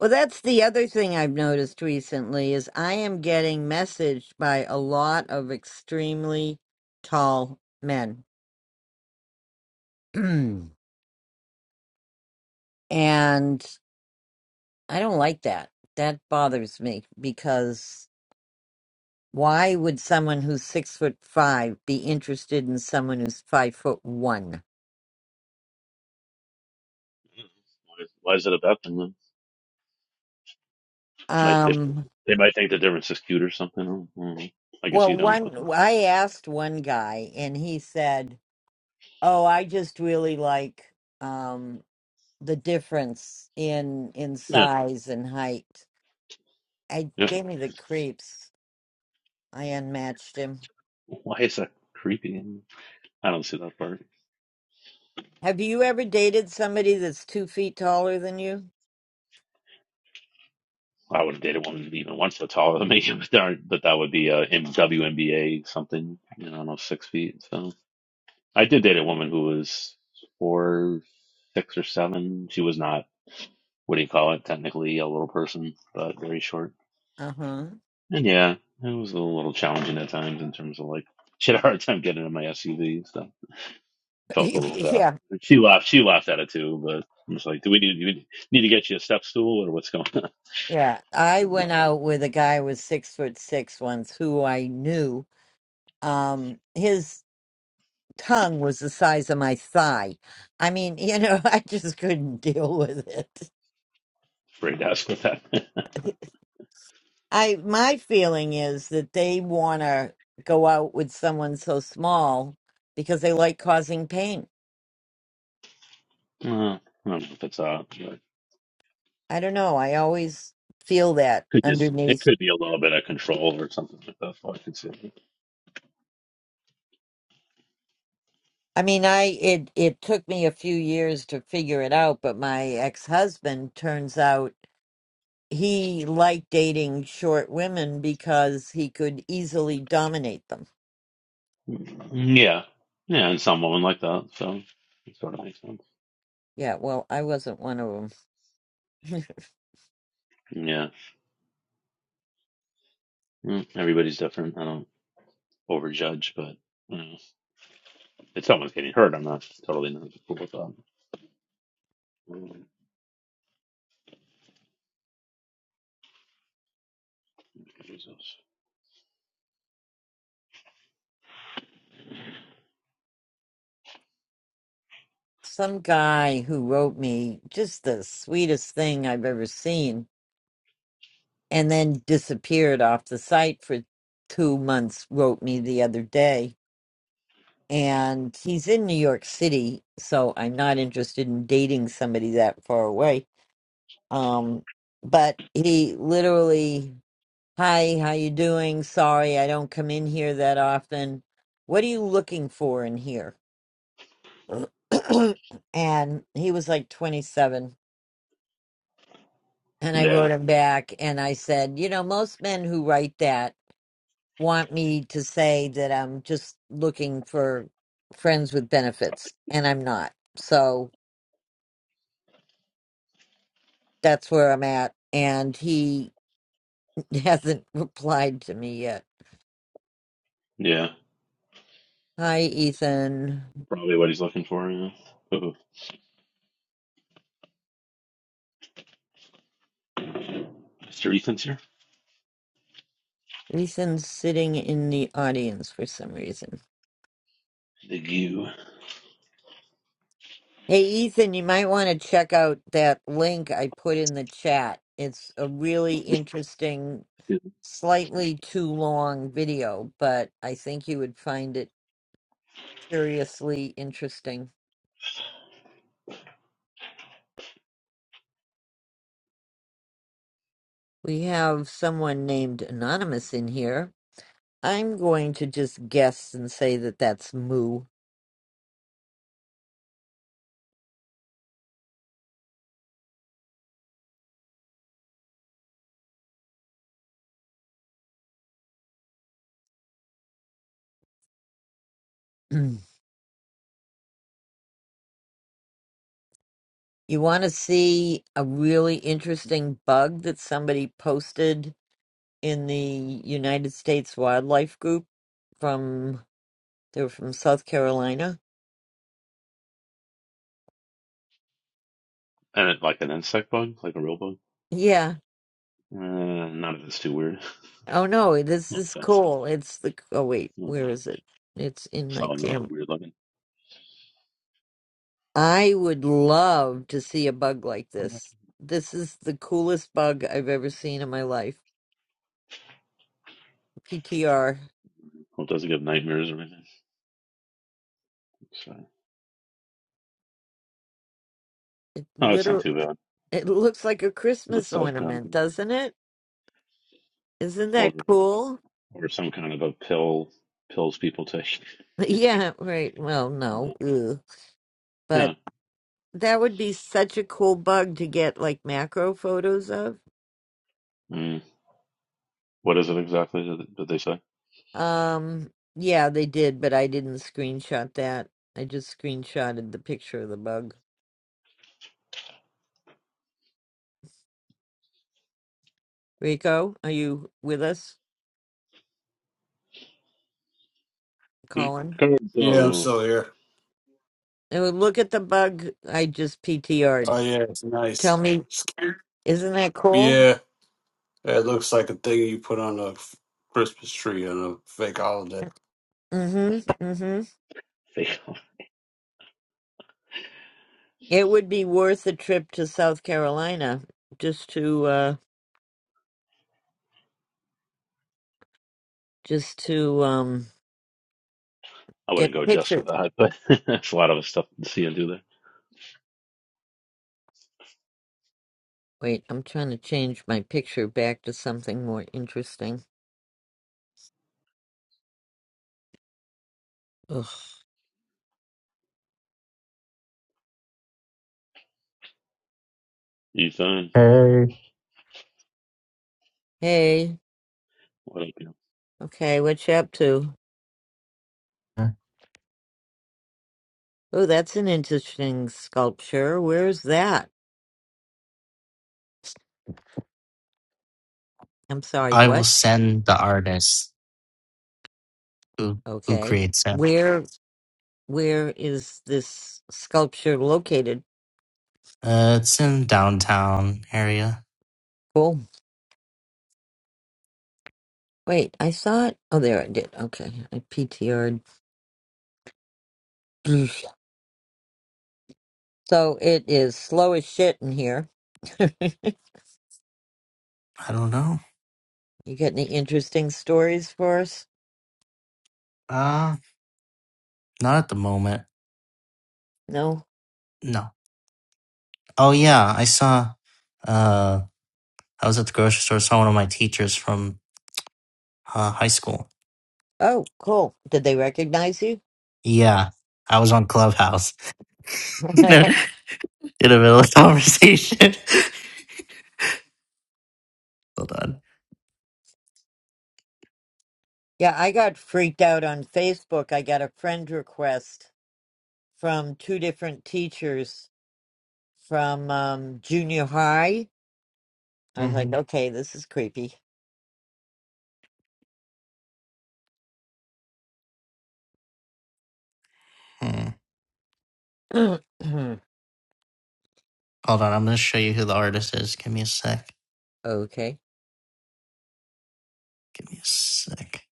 Speaker 1: Well, that's the other thing I've noticed recently is I am getting messaged by a lot of extremely tall men. *clears throat* and I don't like that. That bothers me because why would someone who's six foot five be interested in someone who's five foot one?
Speaker 4: why, is, why is it a baptism? Might they,
Speaker 1: Um,
Speaker 4: they might think the difference is cute or something. I, don't know. I guess
Speaker 1: well,
Speaker 4: you don't, but.
Speaker 1: one, I asked one guy and he said, Oh, I just really like, um, the difference in in
Speaker 4: Yeah.
Speaker 1: size and height. I
Speaker 4: yeah.
Speaker 1: gave me the creeps. I unmatched him.
Speaker 4: Why is that creepy? I don't see that part.
Speaker 1: Have you ever dated somebody that's two feet taller than you?
Speaker 4: I would have dated one even once that's taller than me, *laughs* but, there aren't- but that would be a M- WNBA something, you know, I don't know, six feet. So I did date a woman who was four, six or seven. She was not, what do you call it, technically a little person, but very short.
Speaker 1: Uh huh.
Speaker 4: And yeah, it was a little challenging at times in terms of like, *laughs* she had a hard time getting in my SUV.
Speaker 1: *laughs*
Speaker 4: felt a little bad.
Speaker 1: yeah,
Speaker 4: She laughed. She laughed at it too. But I'm just like, do we need do we need to get you a step stool or what's going on?
Speaker 1: yeah.
Speaker 4: *laughs*
Speaker 1: I
Speaker 4: I'm
Speaker 1: went out with a guy who was six foot six once, who I knew. Um, his tongue was the size of my thigh. I mean, you know, *laughs* I just couldn't deal with it.
Speaker 4: afraid to ask with that. *laughs*
Speaker 1: *laughs* I my feeling is that they want to go out with someone so small because they like causing pain.
Speaker 4: Uh, I don't know if it's uh, but
Speaker 1: I don't know. I always feel that
Speaker 4: could just it
Speaker 1: underneath.
Speaker 4: could be a little bit of control or something like that. So I could see.
Speaker 1: I mean, I it it took me a few years to figure it out, but my ex-husband turns out he liked dating short women because he could easily dominate them.
Speaker 4: Yeah, yeah, and some women like that. So it sort of makes sense.
Speaker 1: Yeah, well, I wasn't one of them.
Speaker 4: Yeah, Mm, everybody's different. I don't overjudge, but you know, if someone's getting hurt, I'm not totally not cool with that. Jesus.
Speaker 1: *laughs* Some guy who wrote me just the sweetest thing I've ever seen and then disappeared off the site for two months, wrote me the other day. And he's in New York City, so I'm not interested in dating somebody that far away. Um, but he literally, hi, how you doing? Sorry, I don't come in here that often. What are you looking for in here? *clears throat* and he was like 27. And I
Speaker 4: Yeah,
Speaker 1: wrote him back and I said, you know, most men who write that want me to say that I'm just looking for friends with benefits, and I'm not. So that's where I'm at. And he *laughs* hasn't replied to me yet.
Speaker 4: yeah.
Speaker 1: Hi, Ethan.
Speaker 4: Probably what he's looking for. Yeah. Oh, Mr. Ethan's here.
Speaker 1: Ethan's sitting in the audience for some reason.
Speaker 4: The goo.
Speaker 1: Hey, Ethan, you might want to check out that link I put in the chat. It's a really interesting,
Speaker 4: Yeah.
Speaker 1: slightly too long video, but I think you would find it curiously interesting. We have someone named Anonymous in here. I'm going to just guess and say that that's Moo. *clears throat* you want to see a really interesting bug that somebody posted in the United States Wildlife Group from, they were from South Carolina?
Speaker 4: And it, like an insect bug, like a real bug.
Speaker 1: Yeah.
Speaker 4: Uh, none of it's too weird. *laughs*
Speaker 1: Oh no, this
Speaker 4: No
Speaker 1: is
Speaker 4: offense.
Speaker 1: cool. It's the, oh wait,
Speaker 4: Mm,
Speaker 1: where is it? It's in my
Speaker 4: Some of them are
Speaker 1: camera.
Speaker 4: weird looking.
Speaker 1: I would love to see a bug like
Speaker 4: Oh, no.
Speaker 1: this. This is the coolest bug I've ever seen in my life. PTR.
Speaker 4: Well, it doesn't give nightmares or anything. So,
Speaker 1: It
Speaker 4: oh, it's not
Speaker 1: literally
Speaker 4: too bad.
Speaker 1: it looks like a Christmas
Speaker 4: Looks like
Speaker 1: ornament,
Speaker 4: um,
Speaker 1: doesn't it? Isn't
Speaker 4: or
Speaker 1: that cool? *laughs*
Speaker 4: or some kind of a pill pills people take.
Speaker 1: Yeah, right. Well,
Speaker 4: *laughs*
Speaker 1: no.
Speaker 4: Like,
Speaker 1: Ugh. But
Speaker 4: Yeah.
Speaker 1: that would be such a cool bug to get like macro photos of.
Speaker 4: Mm. What is it exactly? Did did they say?
Speaker 1: Um yeah, they did, but I didn't screenshot that. I just screenshotted the picture of the bug. Rico, are you with us? Colin?
Speaker 3: Yeah, I'm
Speaker 4: Ricardo.
Speaker 3: still here.
Speaker 1: Oh, look at the bug I just PTR'd.
Speaker 3: Oh, yeah, it's
Speaker 1: Tell
Speaker 3: nice.
Speaker 1: me,
Speaker 3: Scared?
Speaker 1: isn't that cool?
Speaker 3: Yeah, it looks like a thing you put on a f- Christmas tree on a fake holiday.
Speaker 1: Mm hmm. Mm hmm.
Speaker 4: Fake.
Speaker 1: It would be worth a trip to South Carolina just to, uh, just to, um,
Speaker 4: I
Speaker 1: get
Speaker 4: wouldn't go just for
Speaker 1: pictures.
Speaker 4: that, but *laughs* there's a lot of stuff to see and do there.
Speaker 1: Wait, I'm trying to change my picture back to something more interesting. Ugh.
Speaker 4: Ethan,
Speaker 5: Hey.
Speaker 1: Hey,
Speaker 4: what up? You?
Speaker 1: okay, what you up to? Oh, that's an interesting sculpture. Where's that? I'm sorry,
Speaker 5: I will
Speaker 1: what?
Speaker 5: send the artist who who
Speaker 1: Okay.
Speaker 5: creates it.
Speaker 1: Where, where is this sculpture located?
Speaker 5: Uh, it's in downtown area.
Speaker 1: Cool. Wait, I saw it. Oh, there it did. Okay, I PTR'd. *sniffs* So it is slow as shit in here. *laughs* you
Speaker 5: I don't know.
Speaker 1: got any interesting stories for us?
Speaker 5: Uh not at the moment.
Speaker 1: No?
Speaker 5: No. Oh yeah, I saw. Uh, I was at the grocery store. Saw one of my teachers from uh, high school.
Speaker 1: Oh, cool. Did they recognize you?
Speaker 5: Yeah, I was on Clubhouse *laughs* in
Speaker 1: *laughs*
Speaker 5: a in the middle of the conversation. *laughs* Hold on.
Speaker 1: yeah, I got freaked out on Facebook. I got a friend request from two different teachers from um, junior high. I was like,
Speaker 5: hmm
Speaker 1: okay, this is creepy.
Speaker 5: Hmm.
Speaker 1: *clears throat*
Speaker 5: Hold on, I'm going to show you who the artist is. Give me a sec.
Speaker 1: okay.
Speaker 5: Give me a sec.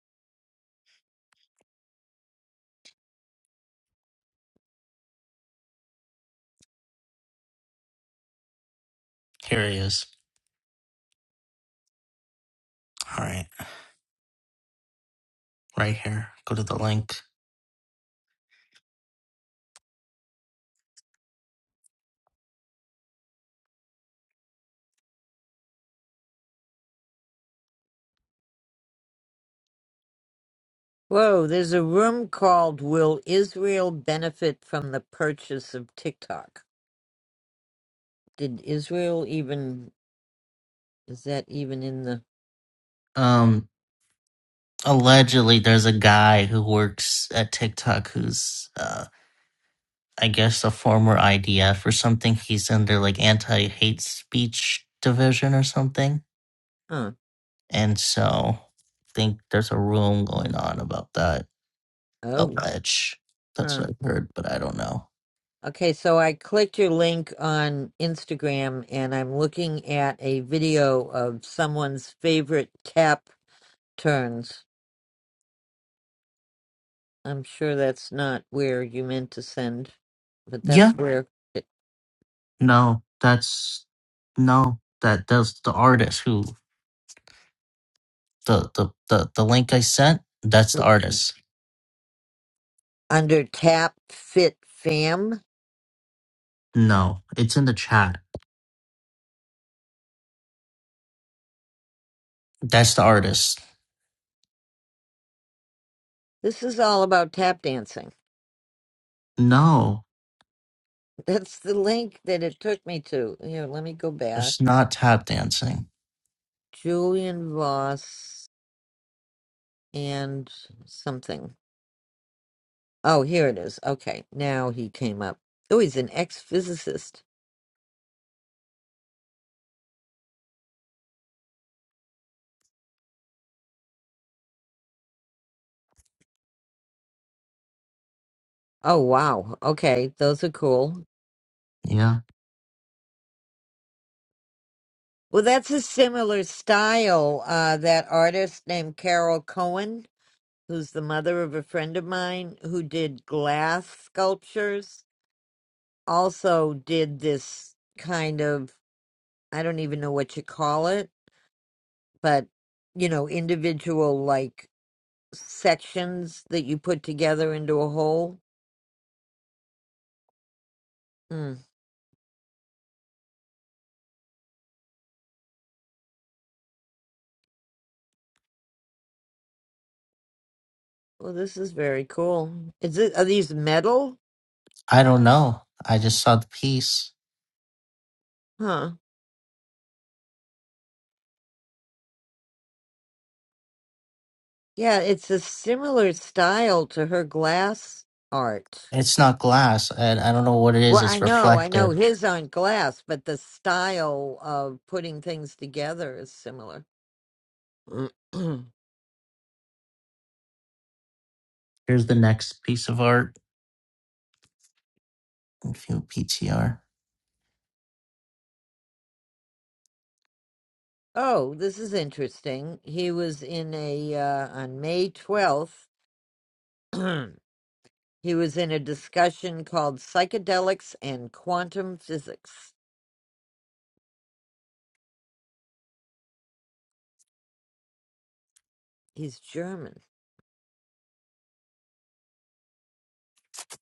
Speaker 5: Here he is. All right, right here. Go to the link.
Speaker 1: Whoa, there's a room called Will Israel Benefit from the Purchase of TikTok? Did Israel even, is that even in the,
Speaker 5: Um, allegedly, there's a guy who works at TikTok who's uh. I guess, a former IDF or something. He's under like anti hate speech division or something.
Speaker 1: huh?
Speaker 5: And so I think there's a room going on about that.
Speaker 1: Oh,
Speaker 5: Allege. That's
Speaker 1: huh.
Speaker 5: what I've heard, but I don't know.
Speaker 1: Okay, so I clicked your link on Instagram and I'm looking at a video of someone's favorite tap turns. I'm sure that's not where you meant to send, but
Speaker 5: Yeah.
Speaker 1: that's where it,
Speaker 5: No, that's no. That that's the artist who the the the, the link I sent, that's the artist.
Speaker 1: under Tap Fit Fam.
Speaker 5: No, it's in the chat. That's the artist.
Speaker 1: This is all about tap dancing.
Speaker 5: No,
Speaker 1: That's the link that it took me to. Here, let me go back.
Speaker 5: it's not tap dancing.
Speaker 1: Julian Voss and something. Oh, here it is. Okay, now he came up. Oh, he's an ex-physicist. Oh, wow. Okay, those are cool.
Speaker 5: Yeah.
Speaker 1: Well, that's a similar style. Uh, that artist named Carol Cohen, who's the mother of a friend of mine who did glass sculptures, also did this kind of, I don't even know what you call it but you know, individual like sections that you put together into a whole. Mm. Well, this is very cool. Is it are these metal?
Speaker 5: I don't know. I just saw the piece.
Speaker 1: Huh. Yeah, it's a similar style to her glass art.
Speaker 5: It's not glass. I, I don't know what it is.
Speaker 1: Well, I
Speaker 5: It's
Speaker 1: know, I know
Speaker 5: reflective.
Speaker 1: his aren't glass, but the style of putting things together is similar. *clears throat*
Speaker 5: Here's the next piece of art. If you PTR.
Speaker 1: oh, this is interesting. He was in a uh, on May twelfth. *clears throat* He was in a discussion called Psychedelics and Quantum Physics. He's German.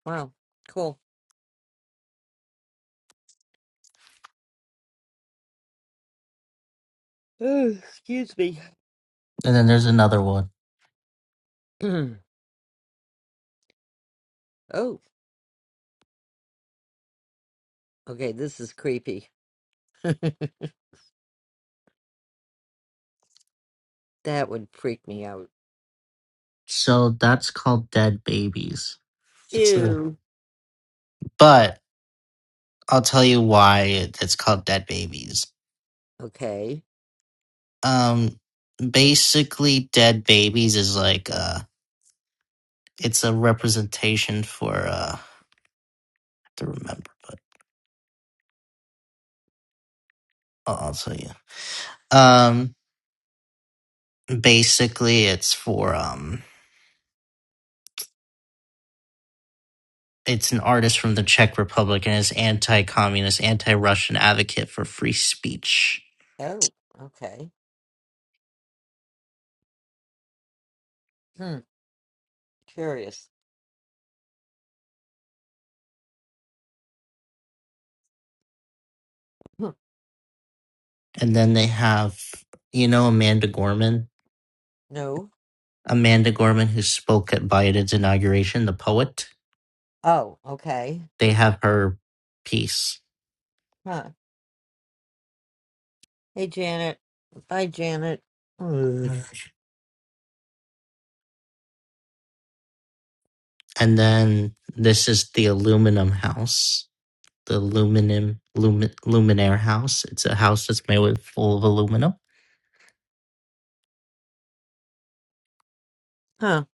Speaker 1: Wow, cool. Oh, excuse me.
Speaker 5: And then there's another one.
Speaker 1: *clears throat* oh, okay, this is creepy. *laughs* that would freak me out.
Speaker 5: So that's called Dead Babies. That's true.
Speaker 1: Ew.
Speaker 5: But I'll tell you why it- it's called Dead Babies.
Speaker 1: Okay.
Speaker 5: um basically dead babies is like uh it's a representation for uh I have to remember but I'll, I'll tell you um basically it's for um it's an artist from the Czech Republic and is anti-communist anti-Russian advocate for free speech
Speaker 1: Oh, okay. Hmm, curious. Hmm,
Speaker 5: and then they have you know Amanda Gorman
Speaker 1: No.
Speaker 5: Amanda Gorman who spoke at Biden's inauguration the poet
Speaker 1: Oh, okay.
Speaker 5: they have her piece
Speaker 1: Huh. Hey, Janet. Bye, Janet. Ugh.
Speaker 5: And then this is the aluminum house, the aluminum lumin, luminaire house. It's a house that's made with full of aluminum.
Speaker 1: Huh.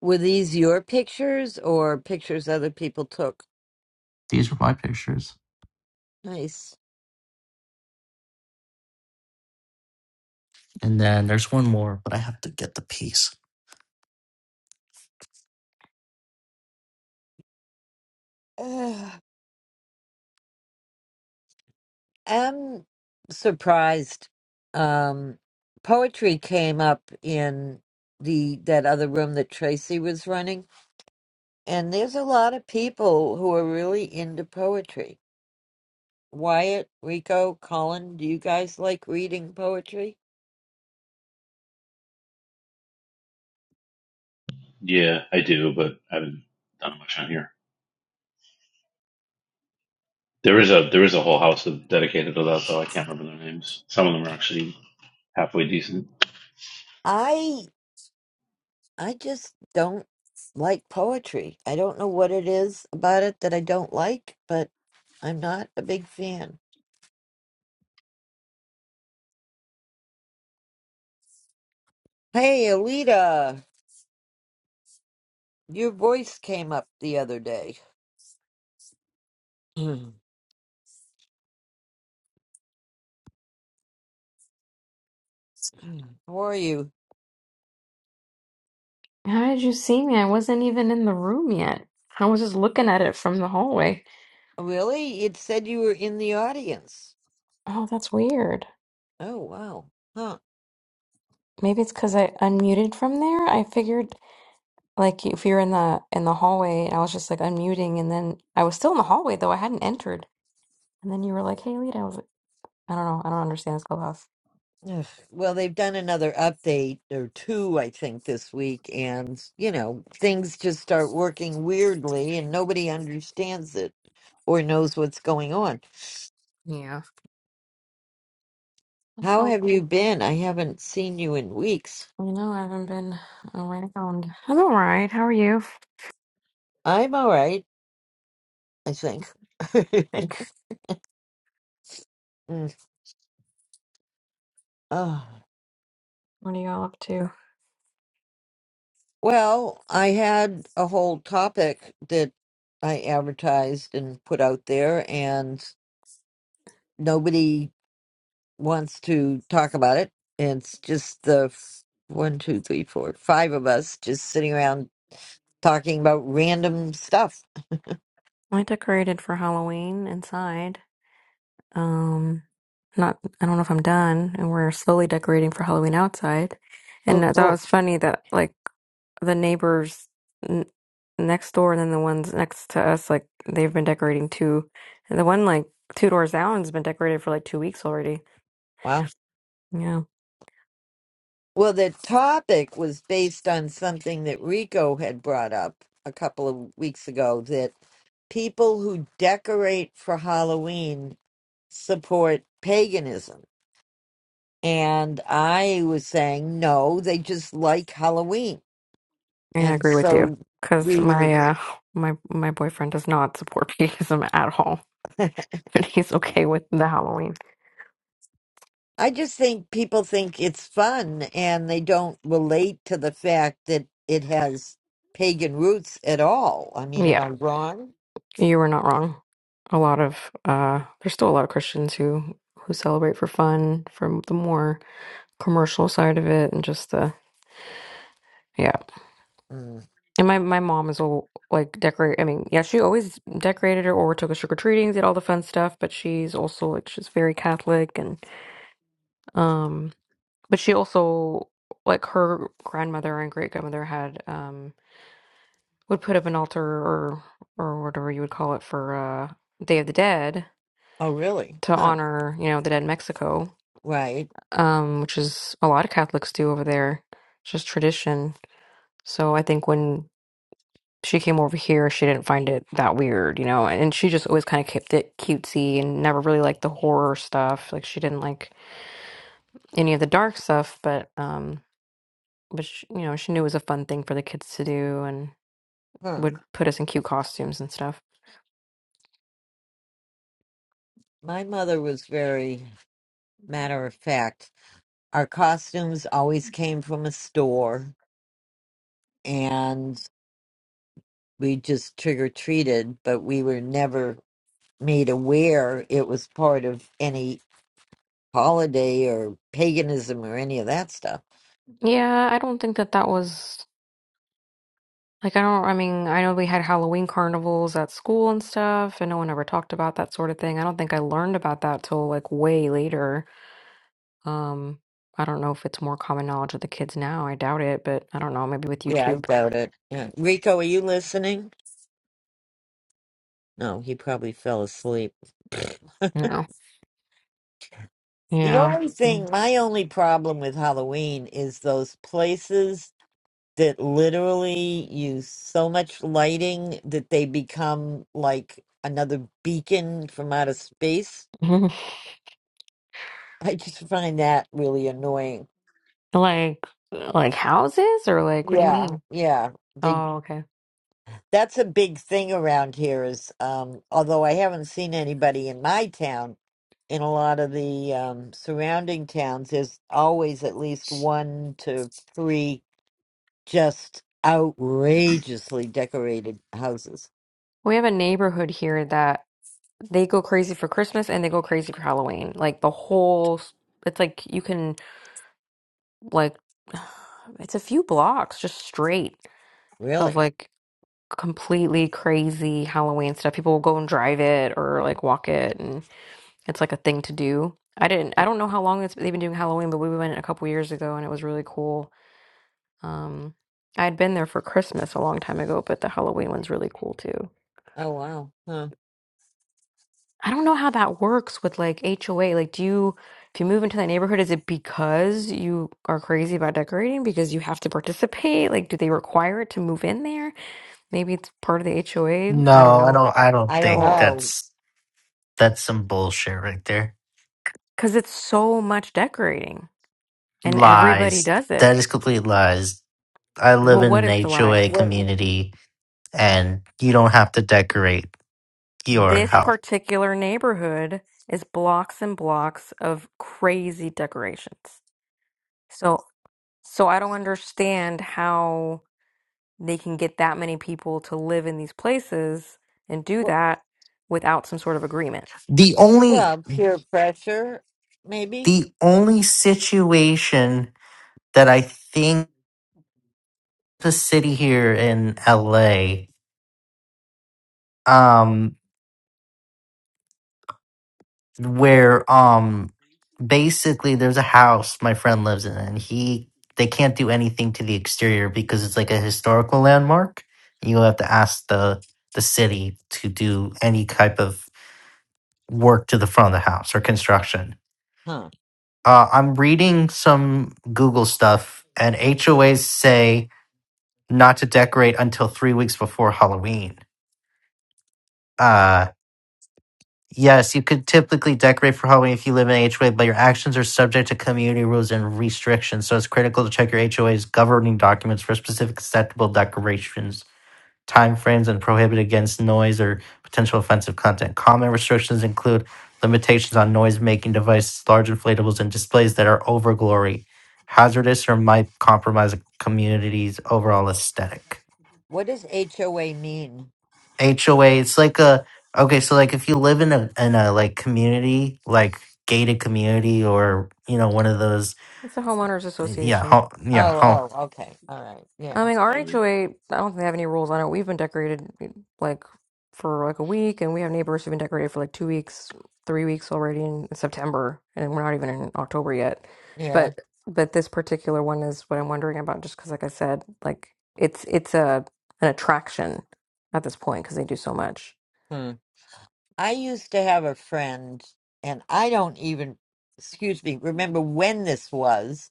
Speaker 1: Were these your pictures or pictures other people took?
Speaker 5: These are my pictures.
Speaker 1: Nice.
Speaker 5: And then there's one more, but I have to get the piece.
Speaker 1: Ugh. am surprised. Um, poetry came up in the that other room that Tracy was running, and there's a lot of people who are really into poetry. Wyatt, Rico, Colin, do you guys like reading poetry?
Speaker 4: Yeah, I do, but I haven't done much on here. There is a there is a whole house of- dedicated to that, though. I can't remember their names. Some of them are actually halfway decent.
Speaker 1: I I just don't like poetry. I don't know what it is about it that I don't like, but I'm not a big fan. Hey, Alita, your voice came up the other day. *clears throat* *clears throat* How are you?
Speaker 6: How did you see me? I wasn't even in the room yet. I was just looking at it from the hallway.
Speaker 1: Really? It said you were in the audience.
Speaker 6: Oh, that's weird.
Speaker 1: Oh, wow. Huh.
Speaker 6: Maybe it's because I unmuted from there. I figured like if you're in the in the hallway, I was just like unmuting, and then I was still in the hallway though. I hadn't entered, and then you were like, "Hey, Lita." I was like, "I don't know. I don't understand this clubhouse."
Speaker 1: Ugh. Well, they've done another update or two, I think, this week, and, you know, things just start working weirdly and nobody understands it or knows what's going on.
Speaker 6: Yeah. That's
Speaker 1: How
Speaker 6: so
Speaker 1: have you
Speaker 6: you
Speaker 1: been? I haven't seen you in weeks.
Speaker 6: know, I haven't been around. I'm all right. How are you?
Speaker 1: I'm all right, I think. *laughs*
Speaker 6: Thanks.
Speaker 1: Mm. Oh.
Speaker 6: What are y'all up to?
Speaker 1: Well, I had a whole topic that I advertised and put out there, and nobody wants to talk about it. It's just the f- one, two, three, four, five of us just sitting around talking about random stuff.
Speaker 6: I decorated for Halloween inside. Um, not I don't know if I'm done, and we're slowly decorating for Halloween outside.
Speaker 1: Oh,
Speaker 6: And I thought it
Speaker 1: cool.
Speaker 6: was funny that like the neighbors n next door and then the ones next to us, like they've been decorating too. And the one like two doors down's been decorated for like two weeks already.
Speaker 1: Wow.
Speaker 6: Yeah,
Speaker 1: Well, the topic was based on something that Rico had brought up a couple of weeks ago that people who decorate for Halloween support paganism And I was saying, no, they just like Halloween.
Speaker 6: yeah, I
Speaker 1: And
Speaker 6: agree with you
Speaker 1: so
Speaker 6: because
Speaker 1: we were,
Speaker 6: my uh my my boyfriend does not support *laughs* paganism at all,
Speaker 1: *laughs*
Speaker 6: but he's okay with the Halloween.
Speaker 1: I just think people think it's fun and they don't relate to the fact that it has pagan roots at all. I mean,
Speaker 6: Yeah.
Speaker 1: am I wrong?
Speaker 6: You were not wrong. A lot of uh, there's still a lot of Christians who who celebrate for fun, from the more commercial side of it, and just the yeah.
Speaker 1: Mm.
Speaker 6: And my my mom is all like decorate. I mean, yeah, she always decorated her or took us trick or treating, did all the fun stuff. But she's also like she's very Catholic, and um, but she also like her grandmother and great grandmother had um would put up an altar or or whatever you would call it for uh Day of the Dead
Speaker 1: Oh, really?
Speaker 6: to
Speaker 1: Huh.
Speaker 6: honor you know the dead in Mexico
Speaker 1: Right.
Speaker 6: um, which is a lot of Catholics do over there. It's just tradition. So I think when she came over here, she didn't find it that weird, you know. And she just always kind of kept it cutesy and never really liked the horror stuff. Like she didn't like any of the dark stuff, but um, but she, you know, she knew it was a fun thing for the kids to do and
Speaker 1: Huh.
Speaker 6: would put us in cute costumes and stuff.
Speaker 1: My mother was very matter of fact. Our costumes always came from a store and we just trick or treated, but we were never made aware it was part of any holiday or paganism or any of that stuff.
Speaker 6: Yeah, I don't think that that was. Like, I don't, I mean, I know we had Halloween carnivals at school and stuff, and no one ever talked about that sort of thing. I don't think I learned about that till like way later. Um, I don't know if it's more common knowledge of the kids now. I doubt it, but I don't know, maybe with
Speaker 1: Yeah, I
Speaker 6: YouTube.
Speaker 1: doubt it. Yeah. Rico, are you listening? No, he probably fell asleep. *laughs*
Speaker 6: Yeah.
Speaker 1: The
Speaker 6: Yeah.
Speaker 1: only
Speaker 6: Mm.
Speaker 1: thing, my only problem with Halloween is those places that literally use so much lighting that they become like another beacon from outer space.
Speaker 6: *laughs*
Speaker 1: *laughs* I just find that really annoying.
Speaker 6: Like, like houses or like, what do you
Speaker 1: Yeah,
Speaker 6: mean?
Speaker 1: yeah. They
Speaker 6: Oh, okay.
Speaker 1: that's a big thing around here is um although I haven't seen anybody in my town, in a lot of the um surrounding towns there's always at least one to three just outrageously decorated houses.
Speaker 6: We have a neighborhood here that they go crazy for Christmas and they go crazy for Halloween. Like the whole, s- it's like you can. like *sighs* it's a few blocks just straight of
Speaker 1: Really?
Speaker 6: like completely crazy Halloween stuff. People will go and drive it or like walk it, and it's like a thing to do. I didn't. I don't know how long it's they've been doing Halloween, but we went a couple years ago, and it was really cool. Um, I had been there for Christmas a long time ago, but the Halloween one's really cool too.
Speaker 1: Oh wow. Huh.
Speaker 6: I don't know how that works with like HOA. Like, do you if you move into that neighborhood, is it because you are crazy about decorating because you have to participate? Like, do they require it to move in there? Maybe it's part of the HOA. I don't
Speaker 5: No, I
Speaker 6: know.
Speaker 5: don't. I don't
Speaker 1: I don't
Speaker 5: think
Speaker 6: Or
Speaker 1: know.
Speaker 5: that's that's some bullshit right there.
Speaker 6: because it's so much decorating and everybody
Speaker 5: Lies.
Speaker 6: does it.
Speaker 5: That is complete lies. I live
Speaker 6: Well,
Speaker 1: W-
Speaker 6: what
Speaker 5: in
Speaker 6: is
Speaker 5: an
Speaker 6: the lies?
Speaker 5: HOA
Speaker 1: w-
Speaker 5: community and you don't have to decorate your
Speaker 6: This
Speaker 5: house.
Speaker 6: particular neighborhood is blocks and blocks of crazy decorations. So, so I don't understand how. they can get that many people to live in these places and do
Speaker 1: w-
Speaker 6: that without some sort of agreement.
Speaker 5: The only
Speaker 1: Well, peer pressure, maybe?
Speaker 5: the only situation that I think the city here in LA um. where um basically there's a house my friend lives in and he they can't do anything to the exterior because it's like a historical landmark you have to ask the the city to do any type of work to the front of the house or construction
Speaker 1: Huh.
Speaker 5: uh, i'm reading some google stuff and hoas say not to decorate until three weeks before halloween Uh, Yes, you could typically decorate for Halloween if you live in an HOA, but your actions are subject to community rules and restrictions. So it's critical to check your HOA's governing documents for specific acceptable decorations, timeframes, and prohibit against noise or potential offensive content. Common restrictions include limitations on noise-making devices, large inflatables, and displays that are overglory, hazardous, or might compromise a community's overall aesthetic.
Speaker 1: What does HOA mean?
Speaker 5: HOA. It's like a okay, so like if you live in a in a like community, like gated community, or you know one of those
Speaker 6: It's a homeowners
Speaker 5: yeah
Speaker 6: association.
Speaker 5: ho- yeah
Speaker 1: Oh,
Speaker 5: ho-
Speaker 1: oh, okay. All right.
Speaker 6: I
Speaker 1: Yeah.
Speaker 6: mean, our
Speaker 4: Oh, man.
Speaker 6: HOA, I don't think they have any rules on it. We've been decorated eh, like for like a week, and we have neighbors who've been decorated for like two weeks, three weeks already in September, and we're not even in October yet.
Speaker 1: Yeah.
Speaker 6: But but this particular one is what I'm wondering about, just because, like I said, like it's it's a an attraction at this point because they do so much.
Speaker 1: Hmm. I used to have a friend, and I don't even, excuse me, remember when this was.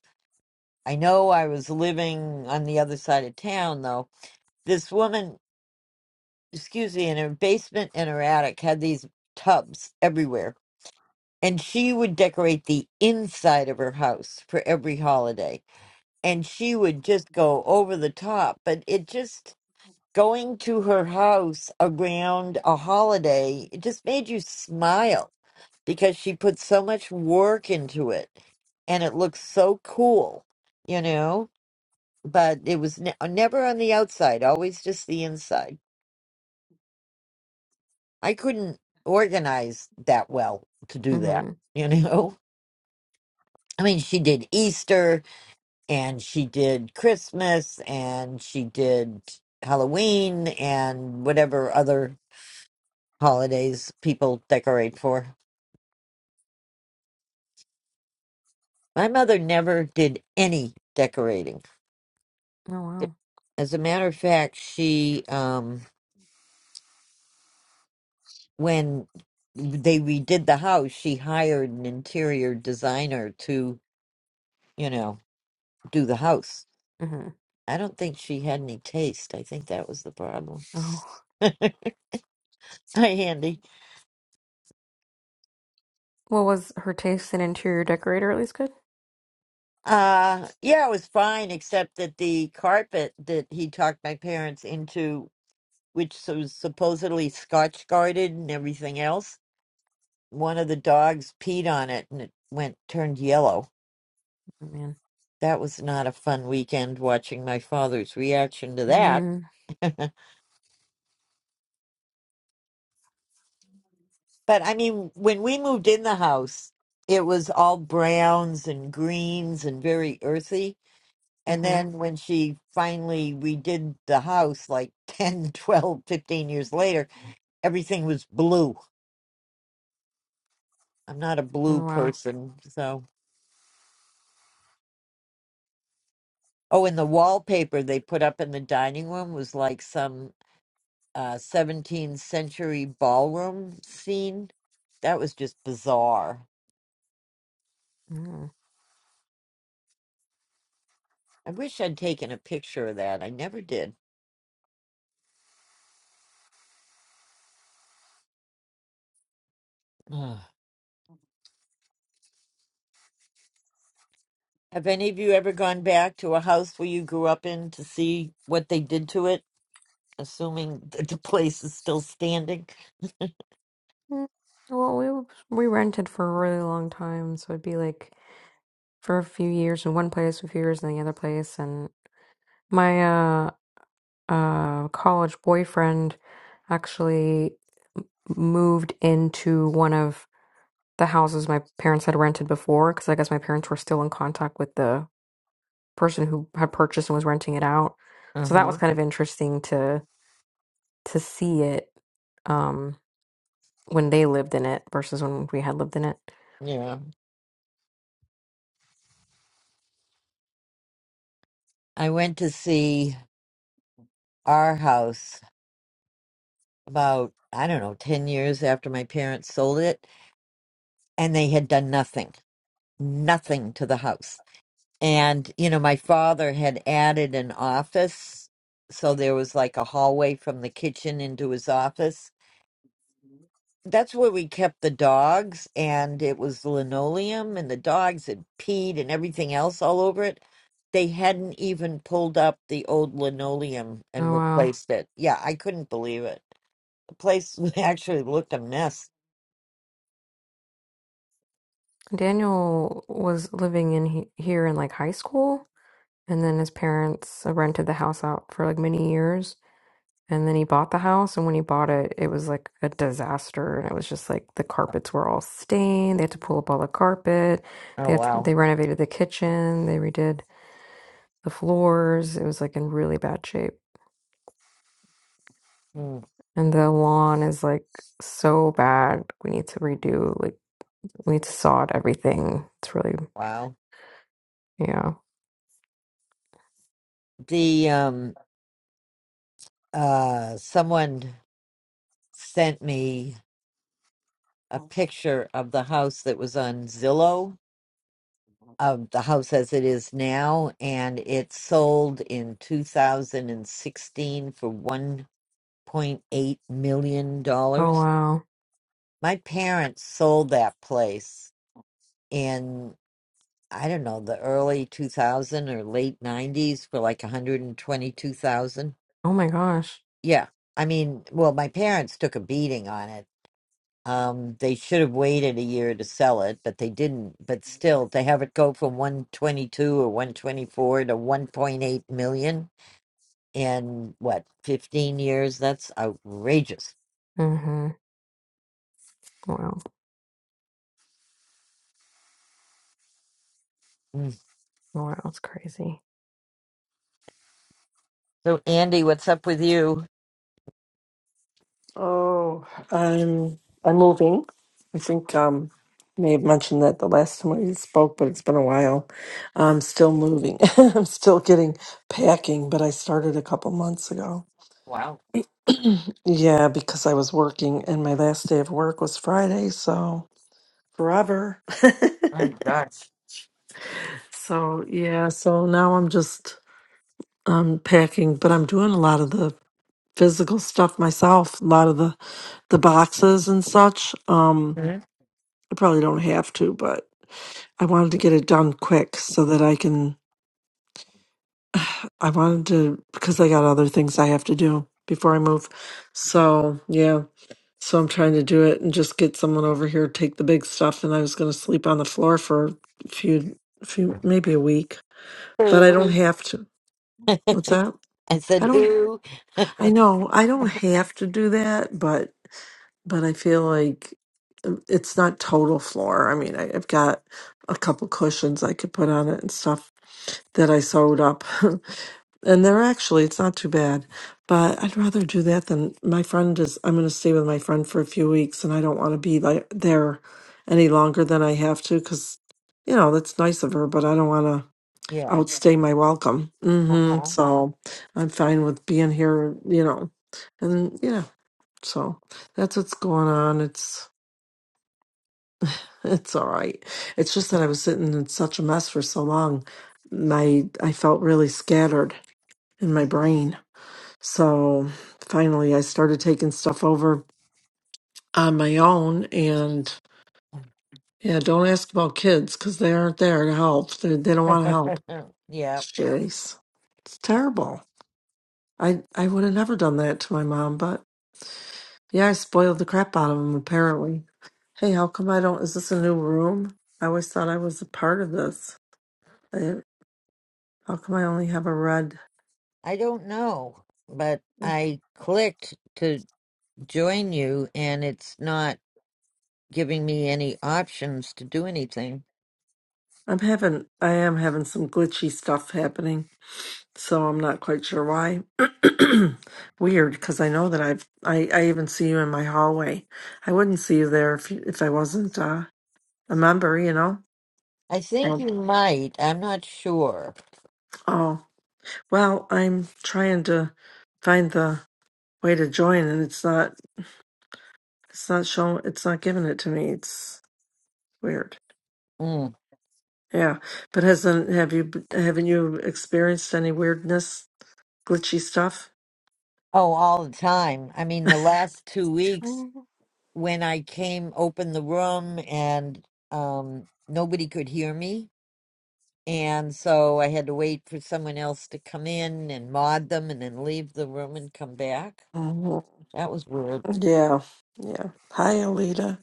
Speaker 1: I know I was living on the other side of town, though. This woman, excuse me, in her basement and her attic had these tubs everywhere and she would decorate the inside of her house for every holiday and she would just go over the top but it just going to her house around a holiday it just made you smile because she put so much work into it and it looked so cool you know but it was ne- never on the outside always just the inside i couldn't organize that well to do that
Speaker 6: Mm-hmm.
Speaker 1: you know *laughs* i mean she did easter and she did Christmas and she did Halloween and whatever other holidays people decorate for. My mother never did any decorating.
Speaker 6: Oh wow.
Speaker 1: As a matter of fact, she um when they redid the house, she hired an interior designer to, you know, do the house.
Speaker 6: Mm-hmm.
Speaker 1: I don't think she had any taste. I think that was the problem.
Speaker 6: Oh,
Speaker 1: *laughs* Hi, Andy.
Speaker 6: *laughs* well, was her taste in interior decorator at least good?
Speaker 1: Uh, yeah, it was fine, except that the carpet that he talked my parents into, which was supposedly scotch guarded and everything else, one of the dogs peed on it and it went turned yellow.
Speaker 6: Oh man.
Speaker 1: That was not a fun weekend watching my father's reaction to that.
Speaker 6: Mm-hmm.
Speaker 1: *laughs* but I mean, when we moved in the house, it was all browns and greens and very earthy And
Speaker 6: Mm-hmm.
Speaker 1: then when she finally redid the house like *laughs* 10, 12, 15 years later, everything was blue. I'm not a blue
Speaker 6: Oh wow.
Speaker 1: person. So, oh, and the wallpaper they put up in the dining room was like some uh, 17th century ballroom scene. That was just bizarre.
Speaker 6: Mm-hmm.
Speaker 1: I wish I'd taken a picture of that. I never did. Ugh. Have any of you ever gone back to a house where you grew up in to see what they did to it? assuming *laughs* that the place is still standing.
Speaker 6: Mm, Well, we w- we rented for a really long time, so it'd be like for a few years in one place, a few years in the other place, and my uh, uh, college boyfriend actually moved into one of the houses my parents had rented before because I guess my parents were still in contact with the person who had purchased and was renting it out. So that was
Speaker 1: Uh-huh.
Speaker 6: kind of interesting to to see it um, when they lived in it versus when we had lived in it.
Speaker 1: Yeah. I went to see our house about, I don't know, 10 years after my parents sold it, and they had done nothing, nothing to the house. And, you know, my father had added an office. So there was like a hallway from the kitchen into his office that's where we kept the dogs and it was linoleum and the dogs had peed and everything else all over it they hadn't even pulled up the old linoleum and
Speaker 6: Oh wow.
Speaker 1: replaced it yeah i couldn't believe it the place *laughs* actually looked a mess
Speaker 6: Daniel was living in he- here in like high school and then his parents rented the house out for like many years And then he bought the house, and when he bought it, it was like a disaster. And it was just like the carpets were all stained. They had to pull up all the carpet.
Speaker 1: oh
Speaker 6: They had to,
Speaker 1: wow
Speaker 6: they renovated the kitchen. They redid the floors. It was like in really bad shape.
Speaker 1: Mm,
Speaker 6: And the lawn is like so bad. We need to redo, like, we need to sod everything. It's really,
Speaker 1: wow
Speaker 6: yeah.
Speaker 1: the um uh someone sent me a picture of the house that was on zillow of the house as it is now, and it sold in 2016 for 1.8 million
Speaker 6: Oh,
Speaker 1: dollars.
Speaker 6: wow.
Speaker 1: My parents sold that place in I don't know the early 2000 or late 90s for like 122,000.
Speaker 6: Oh my gosh.
Speaker 1: Yeah, I mean, well, my parents took a beating on it Um, they should have waited a year to sell it, but they didn't. But still, to have it go from 122 or 124 to 1.8 million in what, 15 years? That's outrageous.
Speaker 6: Mm-hmm. Wow.
Speaker 1: Mm.
Speaker 6: Wow. It's crazy.
Speaker 1: So, Andy, what's up with you?
Speaker 7: Oh, I'm I'm moving. I think um may have mentioned that the last time we spoke, but it's been a while. I'm still moving. *laughs* I'm still getting packing, but I started a couple months ago.
Speaker 1: Wow.
Speaker 7: *clears throat* yeah, because I was working and my last day of work was Friday, so forever.
Speaker 1: Oh, my gosh.
Speaker 7: *laughs* so yeah, so now I'm just um packing, but I'm doing a lot of the physical stuff myself, a lot of the the boxes and such. Um
Speaker 1: Hmm?
Speaker 7: I probably don't have to, but I wanted to get it done quick so that I can. *sighs* I wanted to, because I got other things I have to do before I move. So, yeah. So I'm trying to do it and just get someone over here, to take the big stuff. And I was going to sleep on the floor for a few, few, maybe a week, but I don't
Speaker 1: Ooh.
Speaker 7: have to. What's that?
Speaker 1: I
Speaker 7: I
Speaker 1: said,
Speaker 7: don't.
Speaker 1: ooh.
Speaker 7: I know I don't have to do that, but but I feel like um, it's not total floor. I mean, I, I've got a couple cushions I could put on it and stuff that I sewed up, *laughs* and they're actually it's not too bad. But I'd rather do that than my friend is. I'm going to stay with my friend for a few weeks, and I don't want to be like there any longer than I have to because you know that's nice of her, but I don't want to
Speaker 1: Yeah.
Speaker 7: outstay my welcome. hmm
Speaker 1: Uh-huh.
Speaker 7: So I'm fine with being here, you know, and yeah, so that's what's going on. It's *laughs* it's all right. It's just that I was sitting in such a mess for so long. My I felt really scattered in my brain. So finally, I started taking stuff over on my own and. Yeah, don't ask about kids because they aren't there to help. They, they don't want to help.
Speaker 1: *laughs* yeah.
Speaker 7: Jeez, it's terrible. I I would have never done that to my mom, but yeah, I spoiled the crap out of him apparently. Hey, how come I don't? Is this a new room? I always thought I was a part of this. I, how come I only have a red?
Speaker 1: I don't know, but I clicked to join you and it's not. giving me any options to do anything.
Speaker 7: I'm having I am having some glitchy stuff happening, so I'm not quite sure why. *clears throat* Weird, because I know that I've I I even see you in my hallway. I wouldn't see you there if you, if I wasn't uh, a member, you know.
Speaker 1: I think
Speaker 7: Oh,
Speaker 1: you might. I'm not sure.
Speaker 7: oh. Well, I'm trying to find the way to join and it's not it's not showing it's not giving it to me. It's weird.
Speaker 1: Mm.
Speaker 7: Yeah. But hasn't have you haven't you experienced any weirdness, glitchy stuff?
Speaker 1: Oh, all the time. I mean, the last two weeks when I came, opened the room, and um, nobody could hear me. And so I had to wait for someone else to come in and mod them and then leave the room and come back.
Speaker 7: Mhm.
Speaker 1: That was weird.
Speaker 7: Yeah. Yeah. Hi Alita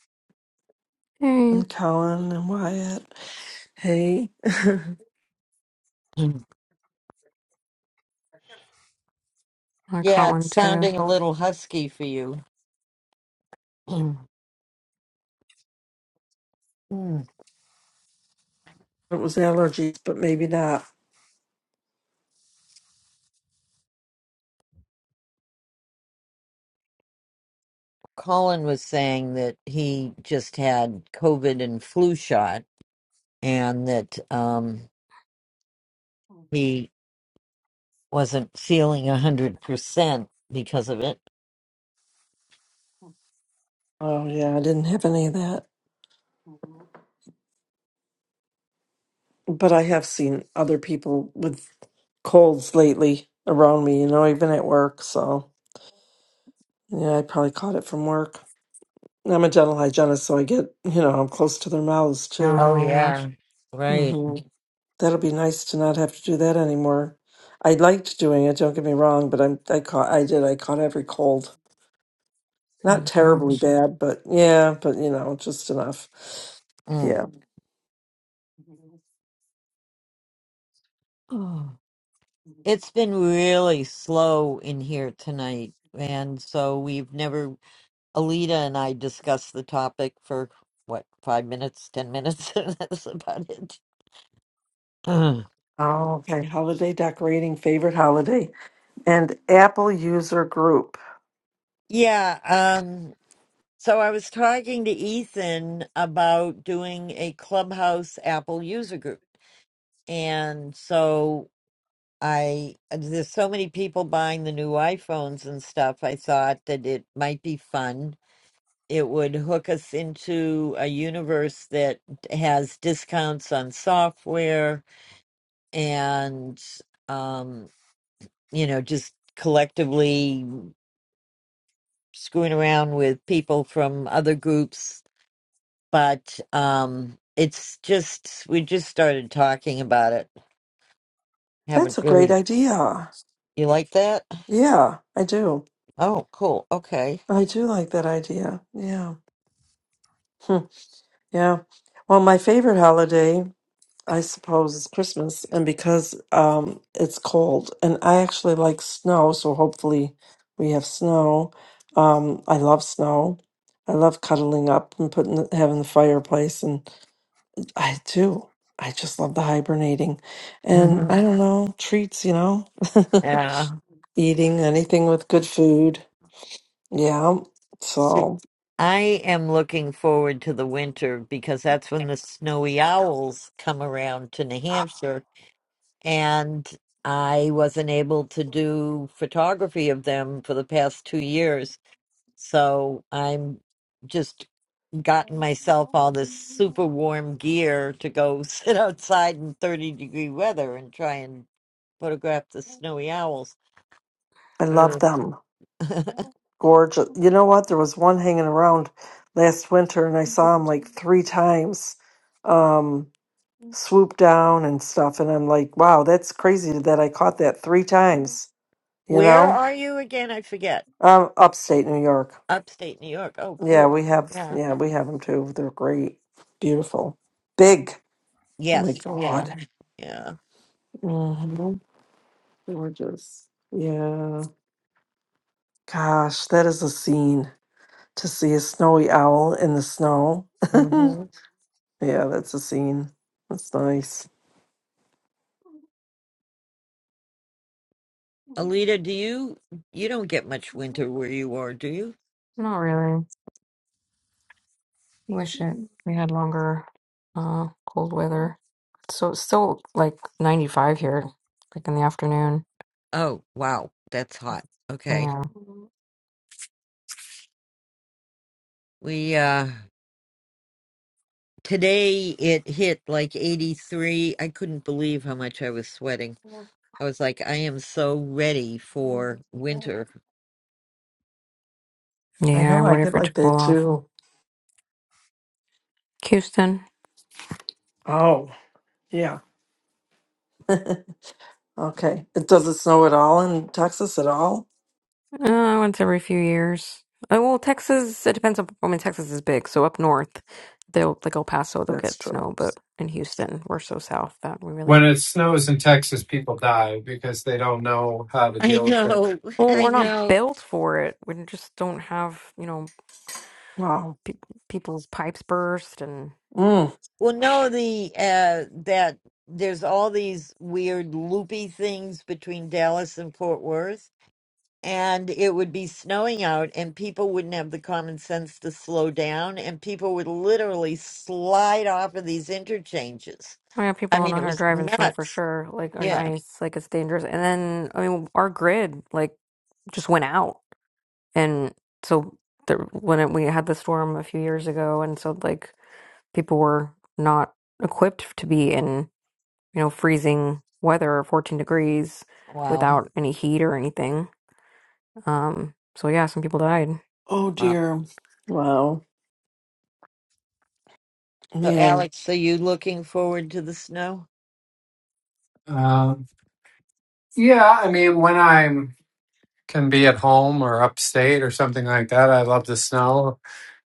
Speaker 6: Hey,
Speaker 7: and Colin and Wyatt. Hey. *laughs* it
Speaker 1: *clears throat*
Speaker 6: I caught
Speaker 1: yeah, it's
Speaker 6: one too.
Speaker 1: sounding a little husky for you. *clears throat* Mm.
Speaker 7: was allergies, but maybe not.
Speaker 1: Colin was saying that he just had COVID and flu shot and that um, he wasn't feeling 100% because of it.
Speaker 7: Oh yeah, I didn't have any of that. but I have seen other people with colds lately around me, you know, even at work. So, yeah, I probably caught it from work. And I'm a dental hygienist, so I get, you know, I'm close to their mouths too.
Speaker 1: Oh,
Speaker 6: Oh gosh,
Speaker 1: yeah. Right.
Speaker 7: hmm That'll be nice to not have to do that anymore. I liked doing it, don't get me wrong, but I'm, I caught, I did, I caught every cold. Not
Speaker 6: oh,
Speaker 7: terribly
Speaker 6: gosh,
Speaker 7: bad, but yeah, but you know, just enough.
Speaker 1: Mm.
Speaker 7: Yeah.
Speaker 1: Oh. It's been really slow in here tonight. And so we've never, Alita and I discussed the topic for what, five minutes, 10 minutes? *laughs* and That's about it. *clears throat*
Speaker 7: Oh, okay. Holiday decorating, favorite holiday, and Apple user group.
Speaker 1: Yeah, um, so I was talking to Ethan about doing a Clubhouse Apple user group. And so I, there's so many people buying the new iPhones and stuff. I thought that it might be fun. It would hook us into a universe that has discounts on software and, um, you know, just collectively screwing around with people from other groups but um, it's just we just started talking about it.
Speaker 7: That's
Speaker 1: Haven't
Speaker 7: a great
Speaker 1: really.
Speaker 7: idea.
Speaker 1: You like that?
Speaker 7: Yeah, I do.
Speaker 1: Oh, cool. Okay.
Speaker 7: I do like that idea. Yeah. Hmm. Yeah. Well, my favorite holiday, I suppose, is Christmas. And because um, it's cold, and I actually like snow, so hopefully we have snow. Um, I love snow. I love cuddling up and putting having the fireplace, and I do. I just love the hibernating, and
Speaker 1: hmm
Speaker 7: I don't know treats, you know,
Speaker 1: Yeah.
Speaker 7: *laughs* eating anything with good food. Yeah.
Speaker 1: So
Speaker 7: So
Speaker 1: I am looking forward to the winter because that's when the snowy
Speaker 7: *sighs*
Speaker 1: owls come around to New
Speaker 7: I
Speaker 1: Hampshire, and I wasn't able to do photography of them for the past two years. So I'm just gotten myself all this super warm gear to go *laughs* sit outside in 30 degree weather and try and photograph the snowy owls.
Speaker 7: love
Speaker 1: Mm.
Speaker 7: them.
Speaker 1: *laughs*
Speaker 7: Gorgeous. You know what? There was one hanging around last winter and I saw him like three times um swoop down and stuff and I'm like, wow, that's crazy that I caught that three times, you
Speaker 1: Where
Speaker 7: know?
Speaker 1: are you again? I forget.
Speaker 7: Um upstate New York.
Speaker 1: Upstate New York. Oh,
Speaker 7: Yeah,
Speaker 1: cool.
Speaker 7: we have
Speaker 1: Yeah.
Speaker 7: yeah, we have them too. They're great. Beautiful. Big. Oh my
Speaker 1: Yes. Yeah.
Speaker 7: god.
Speaker 1: Yeah.
Speaker 7: hmm Gorgeous. Yeah. Gosh, that is a scene. to see a snowy owl in the snow. *laughs* yeah,
Speaker 1: hmm
Speaker 7: that's a scene. That's nice.
Speaker 1: Alita, do you you don't get much winter where you are, do you?
Speaker 6: not really. Wish it we had longer, uh, cold weather. So it's still like 95 here, like in the afternoon.
Speaker 1: Oh, wow. That's hot. Okay.
Speaker 6: Yeah,
Speaker 1: We uh today it hit like 83. I couldn't believe how much I was sweating. I was like, I am so ready for winter.
Speaker 7: I
Speaker 6: yeah,
Speaker 7: know,
Speaker 6: I'm
Speaker 7: I
Speaker 6: ready
Speaker 7: get
Speaker 6: for it to
Speaker 7: like
Speaker 6: cool
Speaker 7: that
Speaker 6: off.
Speaker 7: too.
Speaker 6: Houston.
Speaker 7: Oh, yeah. Okay. It doesn't snow at all in Texas at all?
Speaker 6: Uh, once every few years. Uh, well, Texas, it depends on, I mean, Texas is big, so up north, they'll, like El Paso, they'll
Speaker 7: That's
Speaker 6: get
Speaker 7: true.
Speaker 6: snow, but in Houston, we're so south that we
Speaker 8: When
Speaker 6: really,
Speaker 8: it snows in Texas, people die because they don't know how to
Speaker 1: I
Speaker 8: deal with it.
Speaker 1: know, *laughs*
Speaker 6: well,
Speaker 1: I
Speaker 6: we're not
Speaker 1: know.
Speaker 6: built for it. We just don't have, you know,
Speaker 7: Wow.
Speaker 6: pe people's pipes burst and,
Speaker 7: Mm.
Speaker 1: Well, no, the uh that there's all these weird loopy things between Dallas and Fort Worth, and it would be snowing out, and people wouldn't have the common sense to slow down, and people would literally slide off of these interchanges.
Speaker 6: I mean,
Speaker 1: I
Speaker 6: people don't
Speaker 1: mean,
Speaker 6: know
Speaker 1: it
Speaker 6: how to
Speaker 1: was
Speaker 6: drive in snow for
Speaker 1: nuts.
Speaker 6: sure, like, or
Speaker 1: Yeah.
Speaker 6: ice, like, it's dangerous. And then, I mean, our grid, like, just went out. And so, the, when it, we had the storm a few years ago, and so, like, people were not equipped to be in you know freezing weather or 14 degrees
Speaker 1: Wow.
Speaker 6: without any heat or anything um so yeah some people died
Speaker 7: Oh,
Speaker 1: Wow.
Speaker 7: dear. Wow.
Speaker 1: So,
Speaker 7: Man,
Speaker 1: Alex, are you looking forward to the snow?
Speaker 8: Um, yeah, I mean, when I am can be at home or upstate or something like that, I love the snow.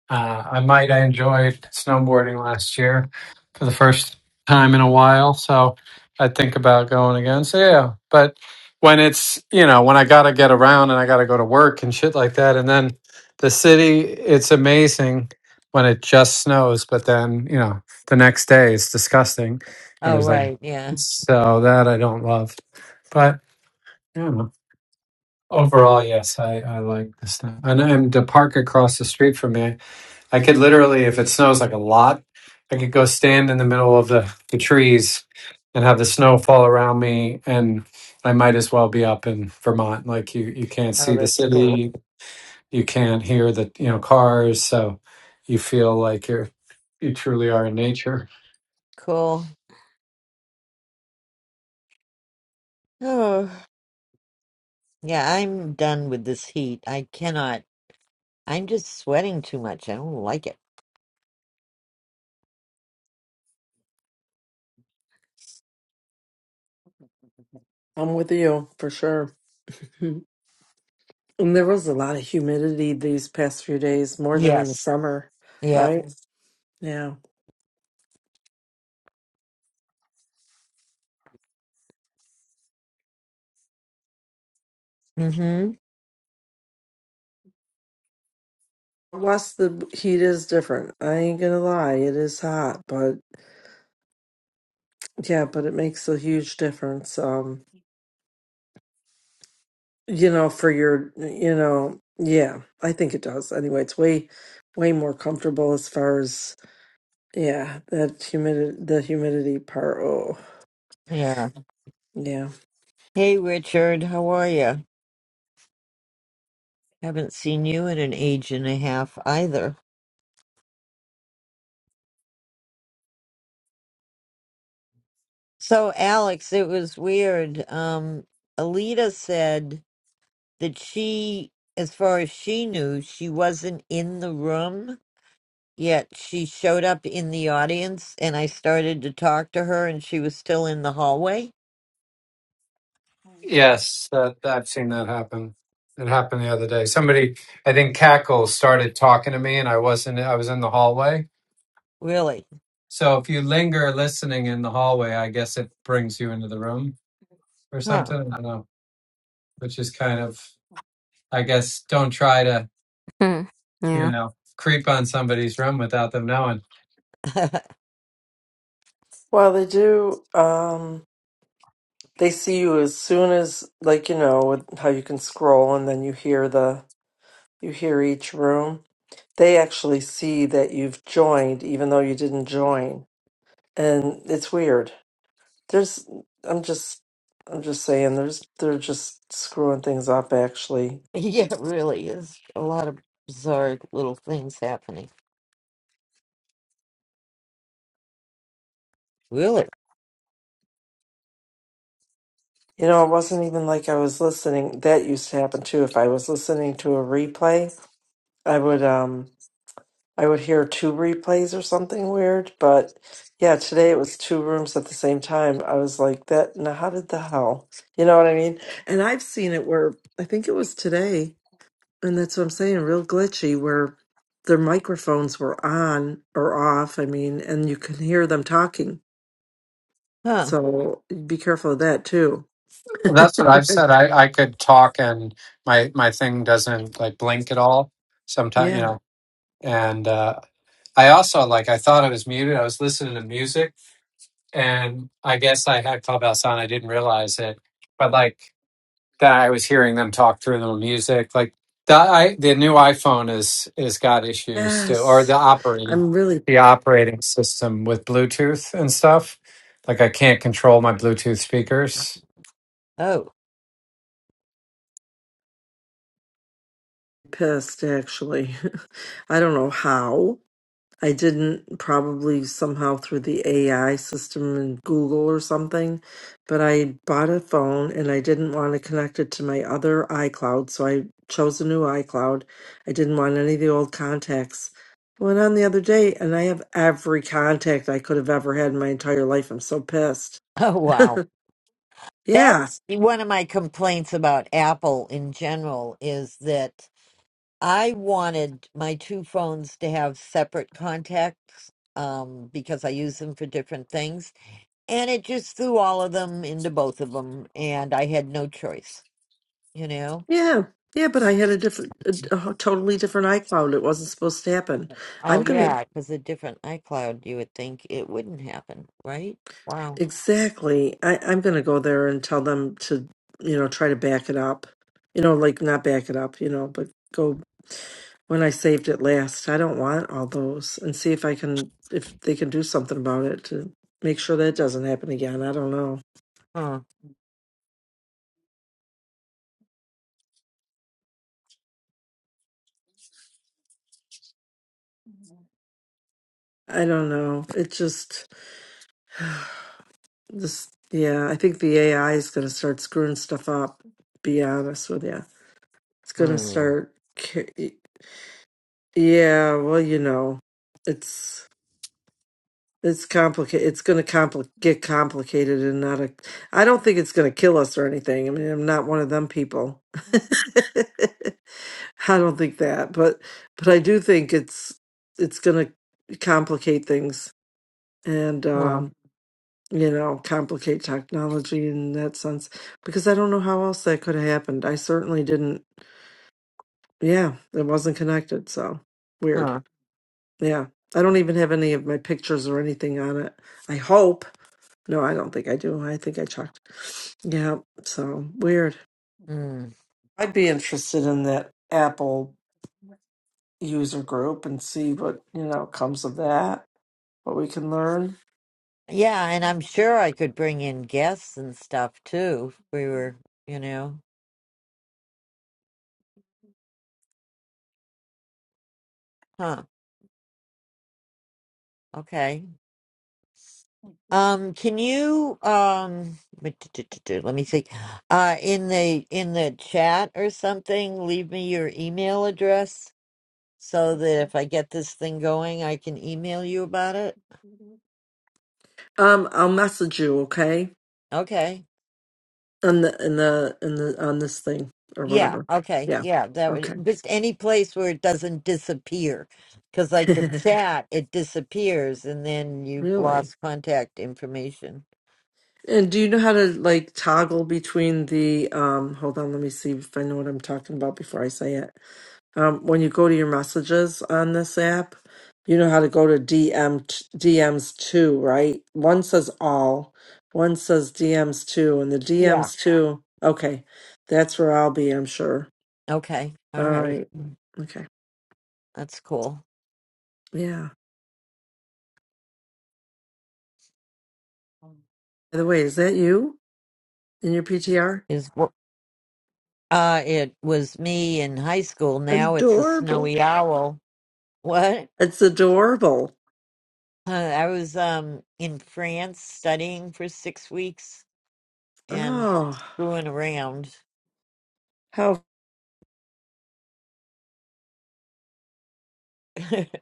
Speaker 8: Uh, I might. I enjoyed snowboarding last year for the first time in a while, so I'd think about going again. So yeah, but when it's you know when I gotta get around and I gotta go to work and shit like that, and then the city, it's amazing when it just snows, but then you know the next day it's disgusting, and
Speaker 1: Oh,
Speaker 8: there's like
Speaker 1: right. Yeah.
Speaker 8: so that I don't love, but you know. Overall, yes, I, I like this thing. And, and the park across the street from me, I could literally, if it snows like a lot, I could go stand in the middle of the, the trees and have the snow fall around me. And I might as well be up in Vermont. Like you, you can't
Speaker 1: Oh,
Speaker 8: see the
Speaker 1: that's cool.
Speaker 8: city, you can't hear the, you know, cars. So you feel like you're, you truly are in nature.
Speaker 1: Cool. *sighs* Oh, yeah, I'm done with this heat. I cannot. I'm just sweating too much. I don't like it.
Speaker 7: I'm with you for sure. Mhm. And there was a lot of humidity these past few days, more than in the
Speaker 1: Yes.
Speaker 7: summer,
Speaker 1: Yep.
Speaker 7: right? Yeah.
Speaker 1: Mm-hmm.
Speaker 7: West, the heat is different. I ain't gonna lie, it is hot, but Yeah, but it makes a huge difference. Um, you know, for your, you know, yeah, I think it does. Anyway, it's way, way more comfortable as far as yeah, that humidity, the humidity part. Oh,
Speaker 1: Yeah.
Speaker 7: yeah.
Speaker 1: Hey, Richard, how are you? Haven't seen you in an age and a half either. So, Alex, it was weird. Um, Alita said that she, as far as she knew, she wasn't in the room. Yet she showed up in the audience and I started to talk to her and she was still in the hallway.
Speaker 8: Yes, that, I've seen that happen. It happened the other day. Somebody, I think Cackle started talking to me, and I wasn't. I was in the hallway.
Speaker 1: Really?
Speaker 8: So if you linger listening in the hallway, I guess it brings you into the room or
Speaker 1: Huh.
Speaker 8: something. I don't know, which is kind of, I guess, don't try to,
Speaker 6: Hmm.
Speaker 8: you
Speaker 6: yeah
Speaker 8: know, creep on somebody's room without them knowing.
Speaker 1: *laughs*
Speaker 7: Well, they do. Um, they see you as soon as, like, you know, with how you can scroll and then you hear the, you hear each room. They actually see that you've joined, even though you didn't join, and it's weird. There's I'm just I'm just saying there's they're just screwing things up actually.
Speaker 1: yeah, really is a lot of bizarre little things happening. Really?
Speaker 7: You know, it wasn't even like I was listening. That used to happen too. If I was listening to a replay, I would um I would hear two replays or something weird, but yeah, today it was two rooms at the same time. I was like that now how did the hell? You know what I mean? And I've seen it where I think it was today And that's what I'm saying, real glitchy, where their microphones were on or off, I mean, and you can hear them talking.
Speaker 1: Huh.
Speaker 7: So be careful of that too.
Speaker 8: Well, That's what I've said. I I could talk, and my my thing doesn't like blink at all. Sometimes, you
Speaker 7: Yeah.
Speaker 8: know, and uh, I also like I thought I was muted. I was listening to music and I guess I had Clubhouse on. I didn't realize it, but like that, I was hearing them talk through the music. Like the I, the new iPhone is is got issues too, or the
Speaker 7: Yes.
Speaker 8: operating
Speaker 7: I'm really
Speaker 8: the operating system with Bluetooth and stuff. Like I can't control my Bluetooth speakers.
Speaker 1: Oh. *laughs*
Speaker 7: pissed actually. *laughs* I don't know how. I didn't probably somehow through the AI system and Google or something, but I bought a phone and I didn't want to connect it to my other iCloud, so I chose a new iCloud. I didn't want any of the old contacts. I Went on the other day and I have every contact I could have ever had in my entire life. I'm so pissed.
Speaker 1: Oh wow.
Speaker 7: *laughs* yeah,
Speaker 1: That's one of my complaints about Apple in general is that I wanted my two phones to have separate contacts um because I use them for different things and it just threw all of them into both of them and i had no choice you know
Speaker 7: yeah, yeah, but I had a different, a, a totally different iCloud. It wasn't supposed to happen.
Speaker 1: oh
Speaker 7: I'm gonna
Speaker 1: yeah because a different icloud you would think it wouldn't happen right wow
Speaker 7: Exactly. I, I'm going to go there and tell them to, you know, try to back it up. You know, like not back it up, you know, but go when I saved it last. I don't want all those and see if I can, if they can do something about it to make sure that doesn't happen again. I don't know.
Speaker 1: huh.
Speaker 7: I don't know. It just, this, yeah, I think the AI is going to start screwing stuff up, be honest with you. It's going to
Speaker 1: Huh.
Speaker 7: start, ca- yeah, well, you know, it's. It's complicated. It's going to compli- get complicated and not a. I don't think it's going to kill us or anything. I mean, I'm not one of them people. *laughs* I don't think that, but but I do think it's it's going to complicate things and
Speaker 1: Huh.
Speaker 7: um, you know complicate technology in that sense because I don't know how else that could have happened. I certainly didn't. Yeah, it wasn't connected. So weird.
Speaker 1: Huh.
Speaker 7: Yeah, I don't even have any of my pictures or anything on it. I hope. No, I don't think I do. I think I checked. Yeah, so weird.
Speaker 1: Hmm.
Speaker 7: I'd be interested in that Apple user group and see what, you know, comes of that, what we can learn.
Speaker 1: yeah and i'm sure i could bring in guests and stuff too if we were you know huh okay um can you um wait, t- t- t- t- let me see uh in the in the chat or something leave me your email address so that if I get this thing going, I can email you about it.
Speaker 7: Um, I'll message you, okay?
Speaker 1: Okay.
Speaker 7: On the in the in the on this thing or
Speaker 1: Yeah.
Speaker 7: whatever.
Speaker 1: Okay.
Speaker 7: Yeah.
Speaker 1: Yeah. That would
Speaker 7: Okay.
Speaker 1: just any place where it doesn't disappear, because like the
Speaker 7: *laughs*
Speaker 1: chat, it disappears and then you've
Speaker 7: Really?
Speaker 1: lost contact information.
Speaker 7: And do you know how to like toggle between the um hold on, let me see if I know what I'm talking about before I say it. um, when you go to your messages on this app, you know how to go to DM DMs two, right? One says all, one says DMs two, and the
Speaker 1: Yeah.
Speaker 7: DMs two. Okay, that's where I'll be, I'm sure.
Speaker 1: Okay. All
Speaker 7: All
Speaker 1: right.
Speaker 7: right. Okay.
Speaker 1: That's cool.
Speaker 7: Yeah. By the way, is that you in your PTR?
Speaker 1: Is what? Uh, it was me in high school. Now it's a
Speaker 7: Adorable.
Speaker 1: snowy owl. What?
Speaker 7: It's adorable.
Speaker 1: Uh, I was um in France studying for six weeks and
Speaker 7: Oh,
Speaker 1: screwing around
Speaker 7: how
Speaker 1: *laughs*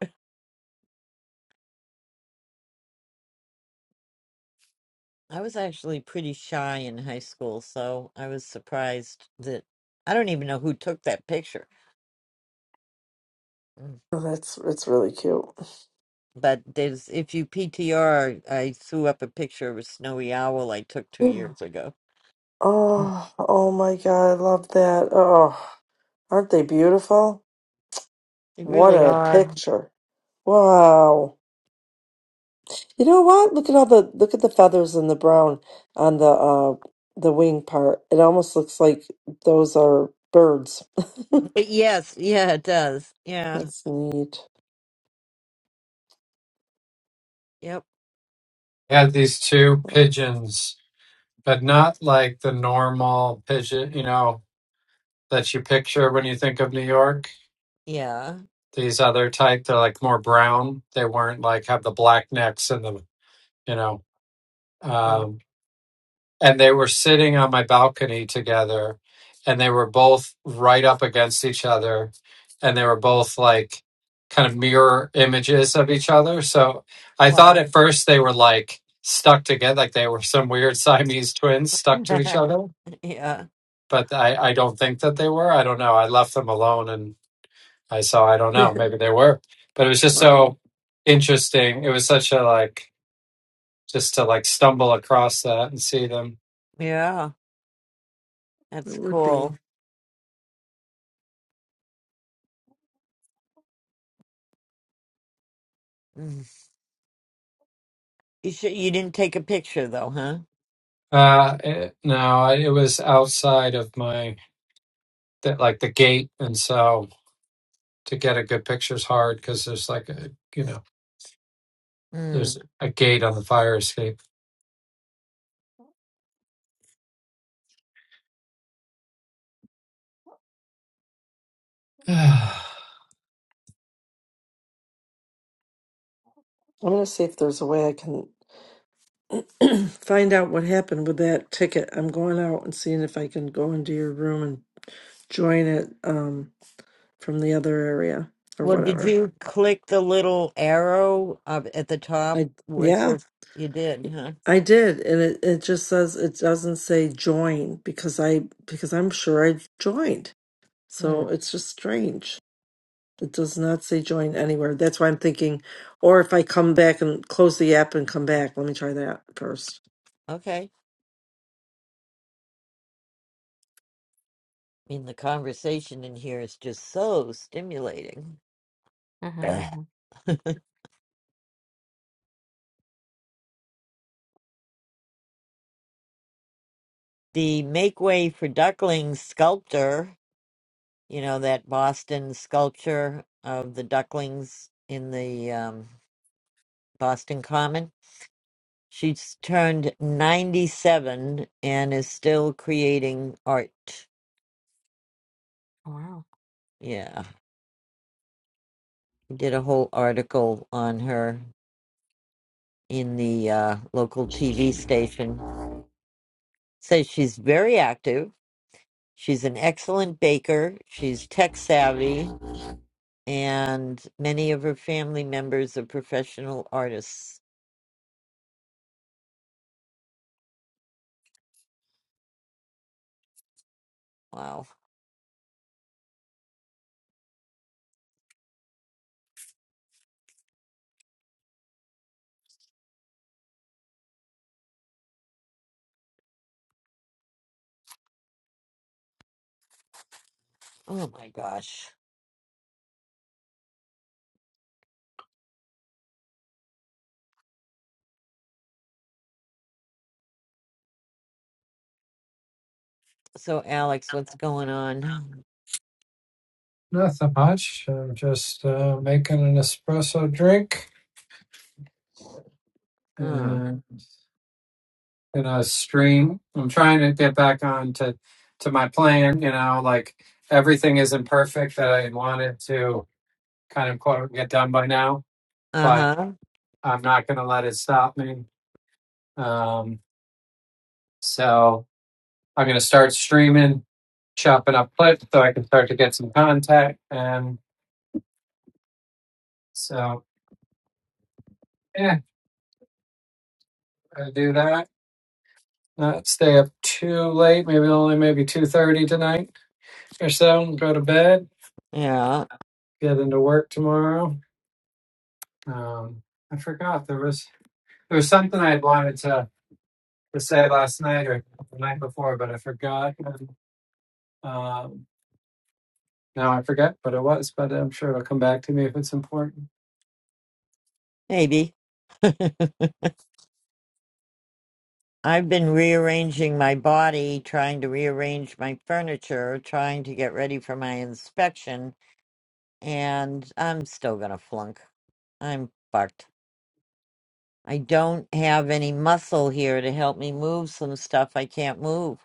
Speaker 1: I was actually pretty shy in high school, so I was surprised that I don't even know who took that picture. Mm.
Speaker 7: oh, that's it's really cute.
Speaker 1: But there's if you PTR, I threw up a picture of a snowy owl I took two
Speaker 7: *gasps*
Speaker 1: years ago.
Speaker 7: Oh, oh my God, I love that. Oh, aren't they beautiful?
Speaker 1: They
Speaker 7: What
Speaker 1: really
Speaker 7: a
Speaker 1: are.
Speaker 7: picture. Wow. You know what? Look at all the look at the feathers and the brown on the uh the wing part. It almost looks like those are birds.
Speaker 1: But yes, yeah, it does.
Speaker 7: *laughs*
Speaker 1: Yeah,
Speaker 7: That's neat.
Speaker 1: yep,
Speaker 8: I had these two
Speaker 7: Wow.
Speaker 8: pigeons, but not like the normal pigeon, you know, that you picture when you think of New York
Speaker 1: yeah.
Speaker 8: these other type. They're like more brown. They weren't like have the black necks and the you know.
Speaker 1: And-
Speaker 8: Um, and they were sitting on my balcony together, and they were both right up against each other, and they were both like kind of mirror images of each other. So I thought
Speaker 1: Wow.
Speaker 8: at first they were like stuck together, like they were some weird *laughs* Siamese twins stuck to each other.
Speaker 1: *laughs* yeah,
Speaker 8: But I, I don't think that they were. I don't know. I left them alone and I saw, I don't
Speaker 7: *laughs*
Speaker 8: know, maybe they were. But it was just
Speaker 7: wow.
Speaker 8: so interesting. It was such a like, just to like stumble across that and see them.
Speaker 1: yeah,
Speaker 7: It
Speaker 1: that's
Speaker 7: would be.
Speaker 1: cool. Mm. You should, you didn't take a picture though, huh?
Speaker 8: Uh, eh, no, I- it was outside of my that like the gate, and so to get a good picture is hard because there's like a you know
Speaker 1: Mm.
Speaker 8: there's a gate on the fire escape. *sighs*
Speaker 7: I'm gonna see if there's a way I can *clears throat* find out what happened with that ticket. I'm going out and seeing if I can go into your room and join it um from the other area or
Speaker 1: Well, did
Speaker 7: whatever.
Speaker 1: you click the little arrow up at the top
Speaker 7: I
Speaker 1: where it
Speaker 7: yeah.
Speaker 1: says you did, huh?
Speaker 7: I did, and it, it just says it doesn't say join because I because I'm sure I joined.
Speaker 1: Hmm.
Speaker 7: So it's just strange. It does not say join anywhere. That's why I'm thinking, or if I come back and close the app and come back, let me try that first.
Speaker 1: Okay. I mean, the conversation in here is just so stimulating.
Speaker 6: Mhm,
Speaker 1: Ugh.
Speaker 6: mhm.
Speaker 1: *laughs* the Make Way for Ducklings sculptor, you know, that Boston sculpture of the ducklings in the um, Boston Common. She's turned 97 and is still creating art.
Speaker 6: wow
Speaker 1: Yeah. did a whole article on her in the uh, local TV station. Says she's very active. She's an excellent baker. She's tech savvy, and many of her family members are professional artists. Wow. Oh my gosh. So, Alex, what's going on?
Speaker 8: Nothing much. I'm just uh, making an espresso drink
Speaker 1: Hmm.
Speaker 8: and gonna stream. I'm trying to get back on to to my plan. You know, like everything isn't perfect that I wanted to kind of quote get done by now,
Speaker 1: Uh
Speaker 8: but
Speaker 1: huh.
Speaker 8: I'm not gonna let it stop me. Um, so I'm going to start streaming, chopping up clips so I can start to get some contact. And so, yeah, I do that. Not stay up too late, maybe only maybe 2.30 tonight or so, and go to bed,
Speaker 1: Yeah.
Speaker 8: get into work tomorrow. Um, I forgot there was there was something I had wanted to, to say last night or the night before, but I forgot. Um, Now I forget what it was, but I'm sure it'll come back to me if it's important.
Speaker 1: Maybe. *laughs* I've been rearranging my body, trying to rearrange my furniture, trying to get ready for my inspection, and I'm still going to flunk. I'm fucked. I don't have any muscle here to help me move some stuff I can't move.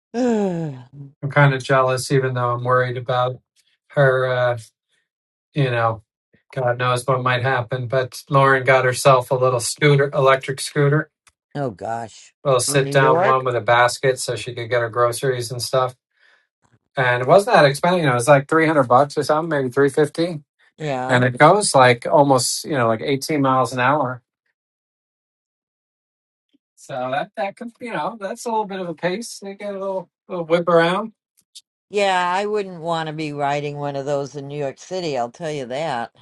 Speaker 1: *sighs* oh
Speaker 8: I'm kind of jealous, even though I'm worried about her. Uh, you know. God knows what might happen. But Lauren got herself a little scooter, electric scooter,
Speaker 1: gosh.
Speaker 8: a little
Speaker 1: In
Speaker 8: sit
Speaker 1: New
Speaker 8: down one
Speaker 1: York?
Speaker 8: with a basket so she could get her groceries and stuff. And it wasn't that expensive. You know, it was like 300 bucks or something, maybe 350. And
Speaker 1: Yeah.
Speaker 8: it goes like almost, you know, like 18 miles an hour. So that, that could, you know, that's a little bit of a pace. They get a little, little whip around.
Speaker 1: Yeah, I wouldn't want to be riding one of those in New York City, I'll tell you that.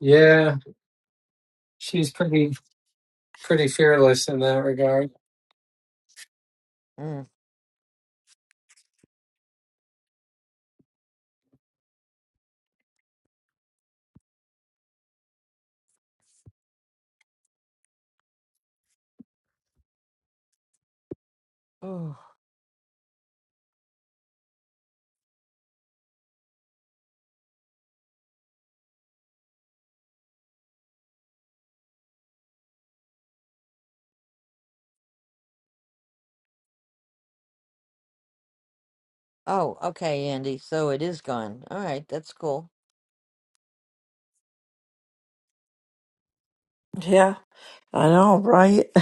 Speaker 8: Yeah. She's pretty, pretty fearless in that regard.
Speaker 1: Mm. *sighs* Ooh. Oh, okay, Andy. So it is gone. All right, that's cool.
Speaker 7: Yeah, I know, right? *laughs*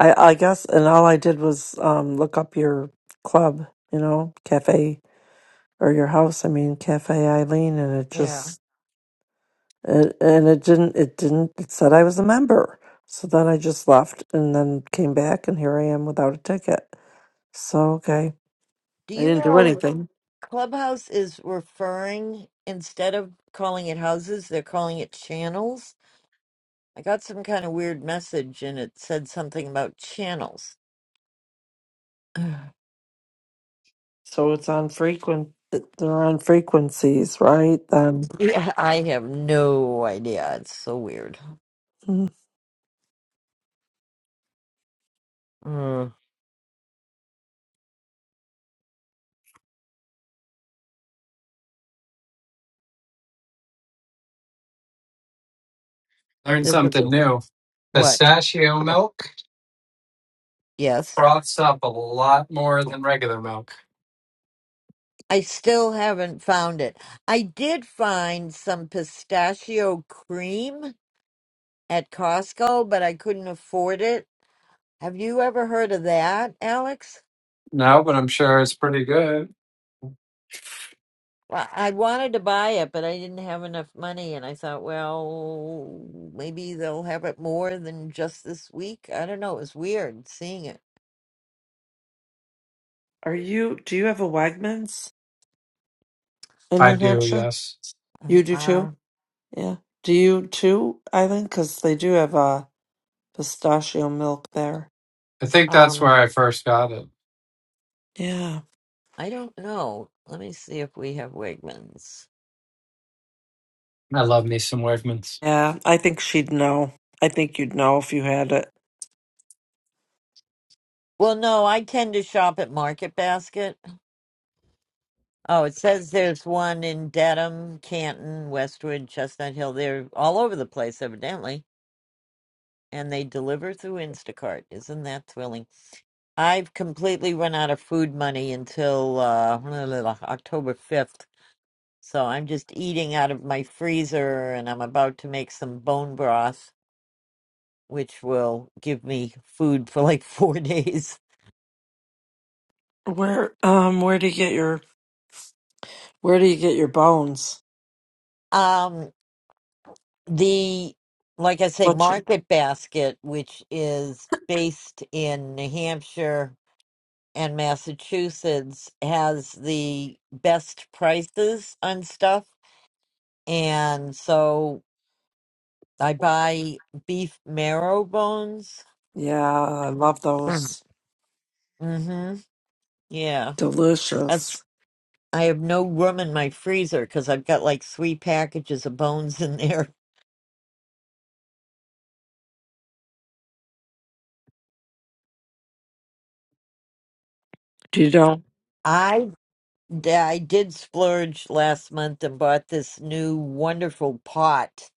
Speaker 7: I I guess, and all I did was um look up your club, you know, cafe or your house. I mean, Cafe Eileen, and it
Speaker 1: Yeah.
Speaker 7: just and, and it didn't it didn't it said i was a member so then i just left and then came back and here i am without a ticket so okay
Speaker 1: Do
Speaker 7: i
Speaker 1: you
Speaker 7: didn't do
Speaker 1: know
Speaker 7: anything
Speaker 1: Clubhouse is referring, instead of calling it houses, they're calling it channels? I got some kind of weird message and it said something about channels. *sighs* Ugh.
Speaker 7: so it's on frequent it- they're on frequencies right then
Speaker 1: yeah, I have no idea. It's so weird.
Speaker 7: Hmm.
Speaker 1: Mm.
Speaker 8: Learned
Speaker 1: Is it-
Speaker 8: something new.
Speaker 1: What?
Speaker 8: Pistachio milk
Speaker 1: Yes.
Speaker 8: froths up a lot more than regular milk.
Speaker 1: I still haven't found it. I did find some pistachio cream at Costco, but I couldn't afford it. Have you ever heard of that, Alex?
Speaker 8: No, but I'm sure it's pretty good.
Speaker 1: Well, I wanted to buy it, but I didn't have enough money, and I thought, well, maybe they'll have it more than just this week. I don't know. It was weird seeing it.
Speaker 7: are you do you have a wegmans in
Speaker 8: I
Speaker 7: new
Speaker 8: do,
Speaker 1: Uh,
Speaker 7: hampshire
Speaker 8: yes.
Speaker 7: you do too
Speaker 1: uh,
Speaker 7: yeah do you too eileen because they do have a pistachio milk there
Speaker 8: I think that's where
Speaker 1: um,
Speaker 8: I first got it.
Speaker 7: yeah
Speaker 1: I don't know. Let me see if we have Wegmans.
Speaker 8: I love me some Wegmans.
Speaker 7: yeah i think she'd know i think you'd know if you had it
Speaker 1: Well, no, I tend to shop at Market Basket. Oh, it says there's one in Dedham, Canton, Westwood, Chestnut Hill. They're all over the place, evidently, and they deliver through Instacart. Isn't that thrilling? I've completely run out of food money until uh, *laughs* October 5th. So I'm just eating out of my freezer and I'm about to make some bone broth, which will give me food for like *laughs* four days.
Speaker 7: Where um where do you get your where do you get your bones?
Speaker 1: Um, the, like I say,
Speaker 7: Butcher.
Speaker 1: market basket, which is based in New Hampshire and Massachusetts, has the best prices on stuff. And so I buy beef marrow bones.
Speaker 7: Yeah, I love those.
Speaker 1: Mm-hmm. Yeah. That's
Speaker 7: Delicious.
Speaker 1: I have no room in my freezer because I've got like three packages of bones in there.
Speaker 7: Do you know?
Speaker 1: I d- I did splurge last month and bought this new wonderful pot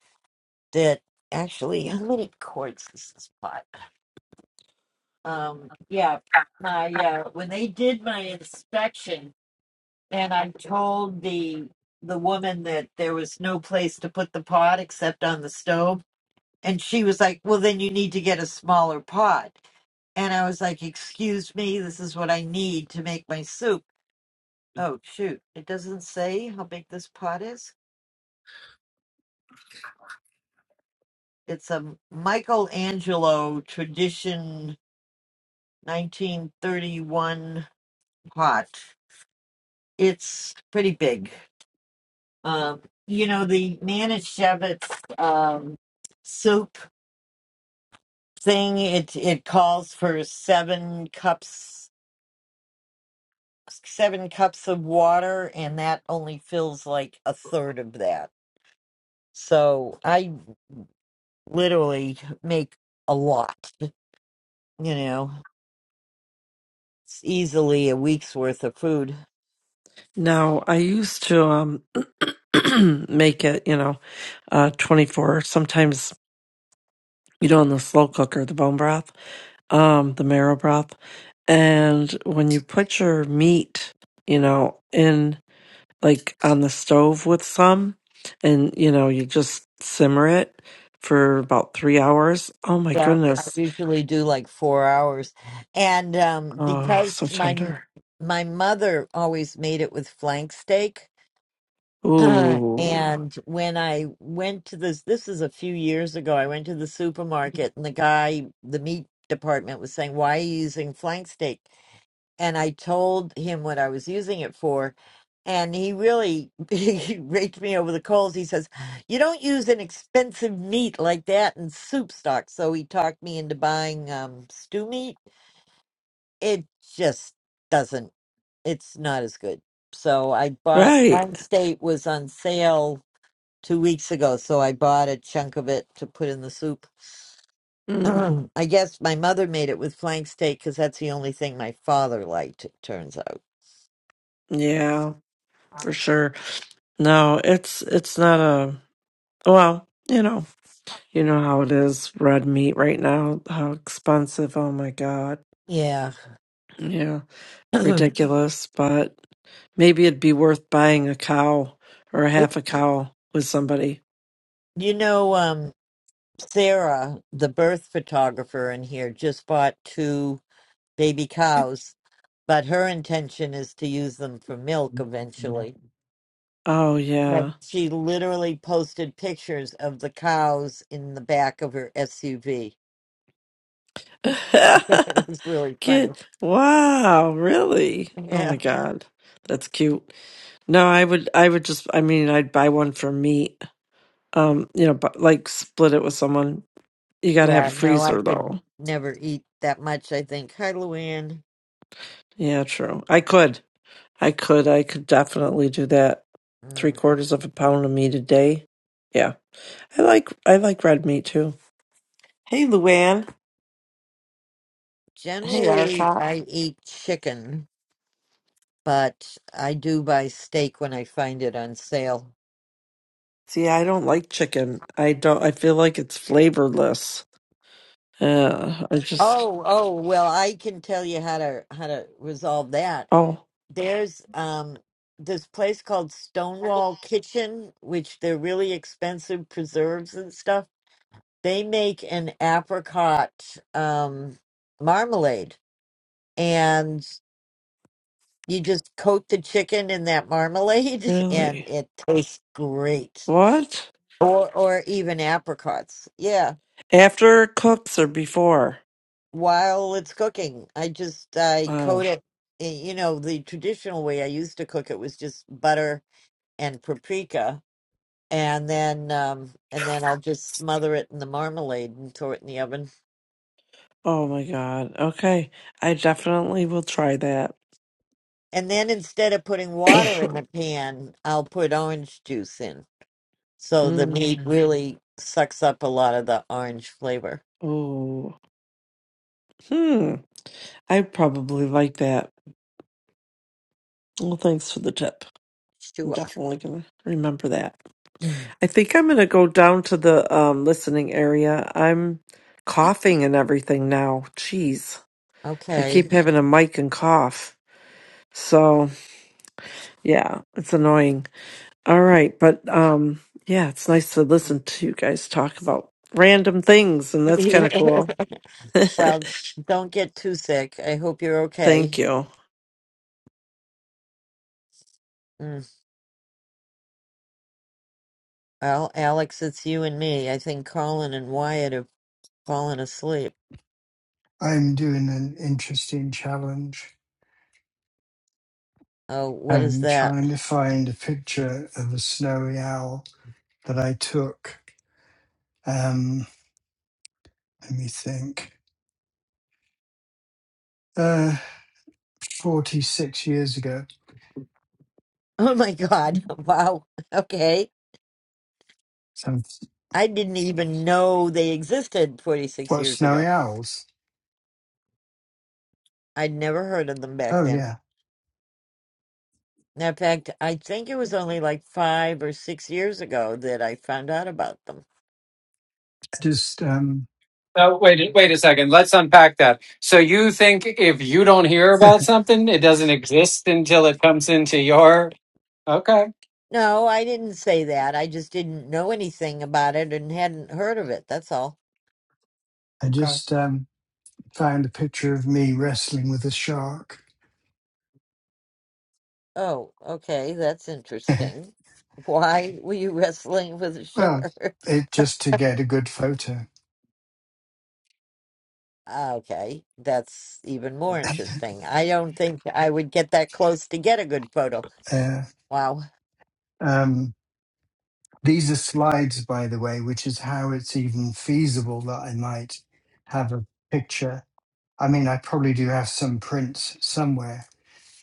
Speaker 1: that actually how many quarts is this pot? Um yeah, my uh when they did my inspection And I told the the woman that there was no place to put the pot except on the stove. And she was like, Well then you need to get a smaller pot. And I was like, Excuse me, this is what I need to make my soup. Oh shoot. It doesn't say how big this pot is. It's a Michelangelo tradition nineteen thirty one pot. It's pretty big. Um you know the Manischewitz um soup thing it it calls for seven cups seven cups of water and that only fills like a third of that so i literally make a lot you know it's easily a week's worth of food
Speaker 7: No, I used to um *clears throat* make it, you know, uh 24 sometimes you know in the slow cooker, the bone broth, um the marrow broth. And when you put your meat, you know, in like on the stove with some and you know, you just simmer it for about 3 hours. Oh my
Speaker 1: yeah i
Speaker 7: goodness
Speaker 1: usually do like four hours and um
Speaker 7: Oh,
Speaker 1: because
Speaker 7: so
Speaker 1: my
Speaker 7: tender.
Speaker 1: my mother always made it with flank steak *clears throat*
Speaker 7: Ooh,
Speaker 1: and when I went to this, this is a few years ago, I went to the supermarket and the guy, the meat department was saying, Why are you using flank steak? And I told him what I was using it for. And he really *laughs* he raked me over the coals. He says, You don't use an expensive meat like that in soup stock. So he talked me into buying um, stew meat. It just doesn't, it's not as good. So I bought,
Speaker 7: right.
Speaker 1: Flank Steak was on sale two weeks ago, so I bought a chunk of it to put in the soup. *clears throat*
Speaker 7: Mm,
Speaker 1: I guess my mother made it with flank steak because that's the only thing my father liked, it turns out.
Speaker 7: yeah, for sure. No, it's it's not a well. You know, you know how it is. Red meat right now, how expensive. Oh my god.
Speaker 1: Yeah.
Speaker 7: Yeah,
Speaker 1: *clears throat*
Speaker 7: it's
Speaker 1: you
Speaker 7: ridiculous. But maybe it'd be worth buying a cow or a half a cow with somebody.
Speaker 1: know, um, Sarah, the birth photographer in here, just bought two baby cows, but her intention is to use them for milk eventually.
Speaker 7: Oh
Speaker 1: Right.
Speaker 7: yeah.
Speaker 1: She literally posted pictures of the cows in the back of her SUV. *laughs* it was really
Speaker 7: *laughs*
Speaker 1: funny.
Speaker 7: Get wow, really? Oh
Speaker 1: Yeah.
Speaker 7: my god, that's cute. No, I would, I would just, I mean, I'd buy one for meat. Um, you know, but like split it with someone. You got to have a
Speaker 1: Yeah, no, I
Speaker 7: freezer
Speaker 1: could
Speaker 7: though.
Speaker 1: never eat that much, I think. Hi, Luann.
Speaker 7: Yeah, true. I could, I could, I could definitely do that. Three
Speaker 1: Mm,
Speaker 7: quarters of a pound of meat a day. Yeah, I like, I like red meat too. Hey, Luann. Hey,
Speaker 1: Generally,
Speaker 7: Arcot.
Speaker 1: I eat chicken, but I do buy steak when I find it on sale.
Speaker 7: See, I don't like chicken. I don't. I feel like it's flavorless. Uh, I just.
Speaker 1: Oh, oh, well, I can tell you how to how to resolve that.
Speaker 7: Oh,
Speaker 1: There's um this place called Stonewall Kitchen, which they're really expensive preserves and stuff. They make an apricot um marmalade. and. You just coat the chicken in that marmalade *laughs*
Speaker 7: really?
Speaker 1: and it tastes great.
Speaker 7: What?
Speaker 1: Or or even apricots. Yeah,
Speaker 7: After it cooks or before?
Speaker 1: while it's cooking. I just I
Speaker 7: Wow.
Speaker 1: coat it eh, you know, the traditional way I used to cook it was just butter and paprika and then um and then I'll just smother it in the marmalade and throw it in the oven.
Speaker 7: Oh my God. Okay. I definitely will try that.
Speaker 1: And then instead of putting
Speaker 7: *coughs*
Speaker 1: water in the pan, I'll put orange juice in. So the meat
Speaker 7: mm.
Speaker 1: really sucks up a lot of the orange flavor.
Speaker 7: Oh. Hmm. I probably like that. Well, thanks for the tip. I'm
Speaker 1: Sure.
Speaker 7: definitely gonna remember that.
Speaker 1: Mm.
Speaker 7: I think I'm gonna go down to the um listening area. I'm coughing and everything now. Jeez. I
Speaker 1: Okay.
Speaker 7: keep having a mic and cough. So yeah, it's annoying. All right, but um yeah, it's nice to listen to you guys talk about random things and that's kinda cool.
Speaker 1: *laughs* Well,
Speaker 7: *laughs*
Speaker 1: don't get too sick. I hope you're okay.
Speaker 7: Thank you.
Speaker 1: Mm. Well, Alex, it's you and me. I think Colin and Wyatt have fallen asleep.
Speaker 2: I'm doing an interesting challenge.
Speaker 1: Oh, what is
Speaker 2: I'm
Speaker 1: that?
Speaker 2: trying
Speaker 1: *laughs*
Speaker 2: to find a picture of a snowy owl that I took. let me think. Uh, 46 years ago.
Speaker 1: Oh my God. *laughs* Wow. Okay.
Speaker 2: So,
Speaker 1: I didn't even know they existed 46
Speaker 2: what,
Speaker 1: years
Speaker 2: Snowy
Speaker 1: ago.
Speaker 2: Owls?
Speaker 1: I'd never heard of them back
Speaker 2: Oh,
Speaker 1: then.
Speaker 2: yeah.
Speaker 1: In fact, I think it was only like five or six years ago that I found out about them.
Speaker 2: I just, um,
Speaker 8: Oh, wait, wait a second. Let's unpack that. So you think if you don't hear
Speaker 2: *laughs*
Speaker 8: about
Speaker 2: I
Speaker 8: something, it doesn't exist until it comes into your okay,
Speaker 1: No, I didn't say that. I just didn't know anything about it and hadn't heard of it. That's all.
Speaker 8: okay.
Speaker 2: just um, found a picture of me wrestling with a shark.
Speaker 1: Oh, okay. That's
Speaker 2: *laughs*
Speaker 1: interesting. Why were you wrestling with a
Speaker 2: well,
Speaker 1: shark? *laughs*
Speaker 2: it just to get a good photo.
Speaker 1: Okay. That's even more interesting. I don't think I would get that close to get a good photo.
Speaker 2: Uh,
Speaker 1: Wow.
Speaker 2: um, these are slides, by the way, which is how it's even feasible that I might have a picture. I mean, I probably do have some prints somewhere,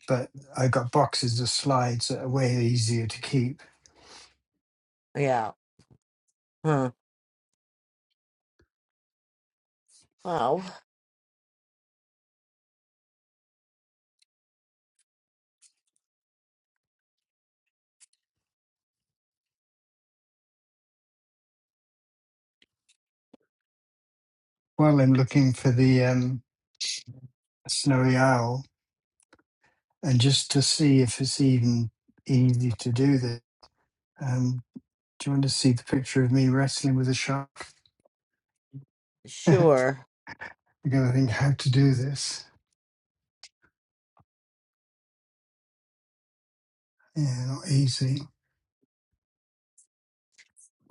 Speaker 2: but I got boxes of slides that are way easier to keep
Speaker 1: Yeah. Huh. Wow.
Speaker 2: Well, I'm looking for the um, snowy owl and just to see if it's even easy to do this. Um, do you want to see the picture of me wrestling with a shark? *laughs* You're
Speaker 1: Sure.
Speaker 2: going to think how to do this. Yeah, not easy.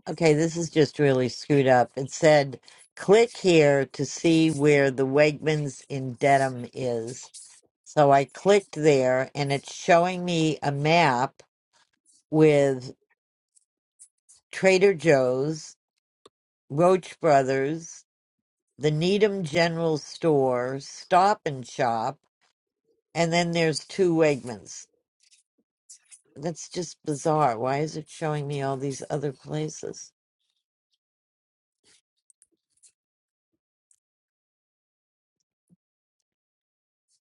Speaker 1: Okay. This is just really screwed up. It said, click here to see where the Wegmans in Dedham is. So I clicked there and it's showing me a map with Trader Joe's, Roach Brothers, the Needham General Store, Stop and Shop, and then there's two Wegmans. That's just bizarre. Why is it showing me all these other places?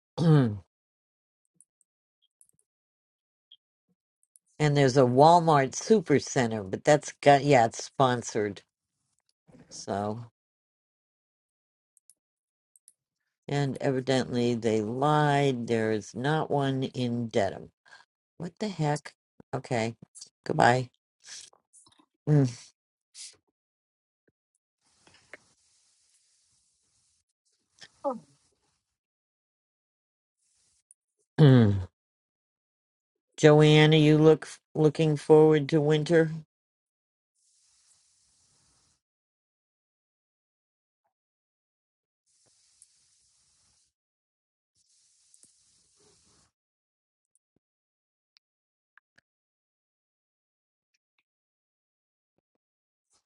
Speaker 1: *clears throat* and there's a Walmart Supercenter, but that's got, yeah, it's sponsored. So, and evidently they lied. There is not one in Dedham. What the heck? Okay. Goodbye. Mm. *clears throat* Joanne, are you look looking forward to winter?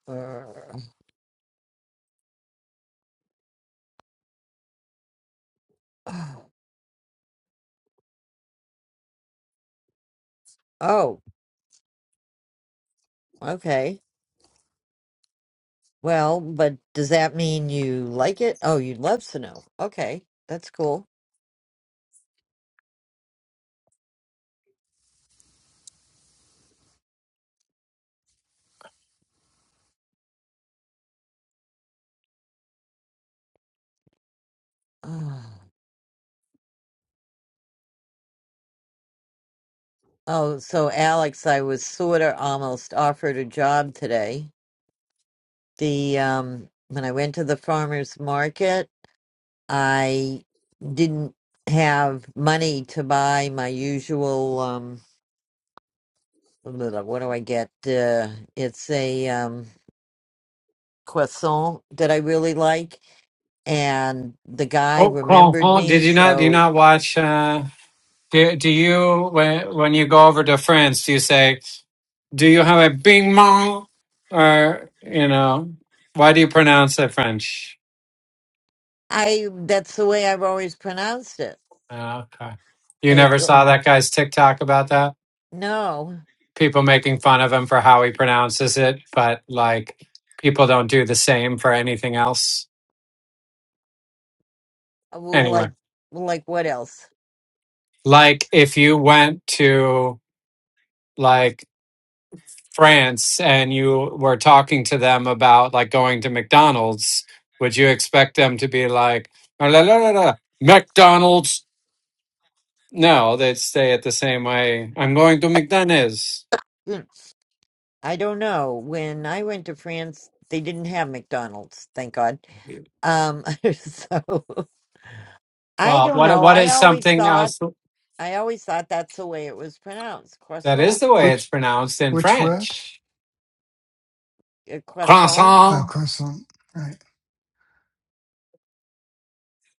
Speaker 1: Or oh, okay. Well, but does that mean you like it? Oh, you love snow. Okay, that's cool. *sighs* Ah. Oh, so Alex, I was sort of almost offered a job today. The um when I went to the farmers market I didn't have money to buy my usual um what do I get? Uh, it's a um croissant that I really like and the guy
Speaker 8: Oh,
Speaker 1: remembered
Speaker 8: Clonfon, did
Speaker 1: me
Speaker 8: you not? Do you
Speaker 1: so
Speaker 8: not watch? Uh, Do, do you, when, when you go over to France, do you say, do you have a bing bong? Or, you know, why do you pronounce it French?
Speaker 1: I that's the way I've always pronounced it.
Speaker 8: Ah, Okay. You
Speaker 1: Is
Speaker 8: never saw that guy's TikTok about that?
Speaker 1: no.
Speaker 8: People making fun of him for how he pronounces it, but like people don't do the same for anything else.
Speaker 1: uh, Well
Speaker 8: Anyway,
Speaker 1: like well, like what else?
Speaker 8: like if you went to like France and you were talking to them about like going to McDonald's, would you expect them to be like, "Ah, la, la, la, la, McDonald's? No, they'd stay at the same way. I'm going to McDonald's.
Speaker 1: Hmm, I don't know. When I went to France they didn't have McDonald's, thank God. Um *laughs* so I
Speaker 8: Well,
Speaker 1: don't
Speaker 8: what
Speaker 1: know.
Speaker 8: what
Speaker 1: I
Speaker 8: is
Speaker 1: always
Speaker 8: something
Speaker 1: thought
Speaker 8: else
Speaker 1: I always thought that's the way it was pronounced,
Speaker 8: that is
Speaker 1: croissant.
Speaker 8: the way it's
Speaker 2: Which
Speaker 8: pronounced in
Speaker 2: which word?
Speaker 8: French?
Speaker 1: Uh, croissant.
Speaker 2: Oh,
Speaker 8: Croissant.
Speaker 2: croissant. Right.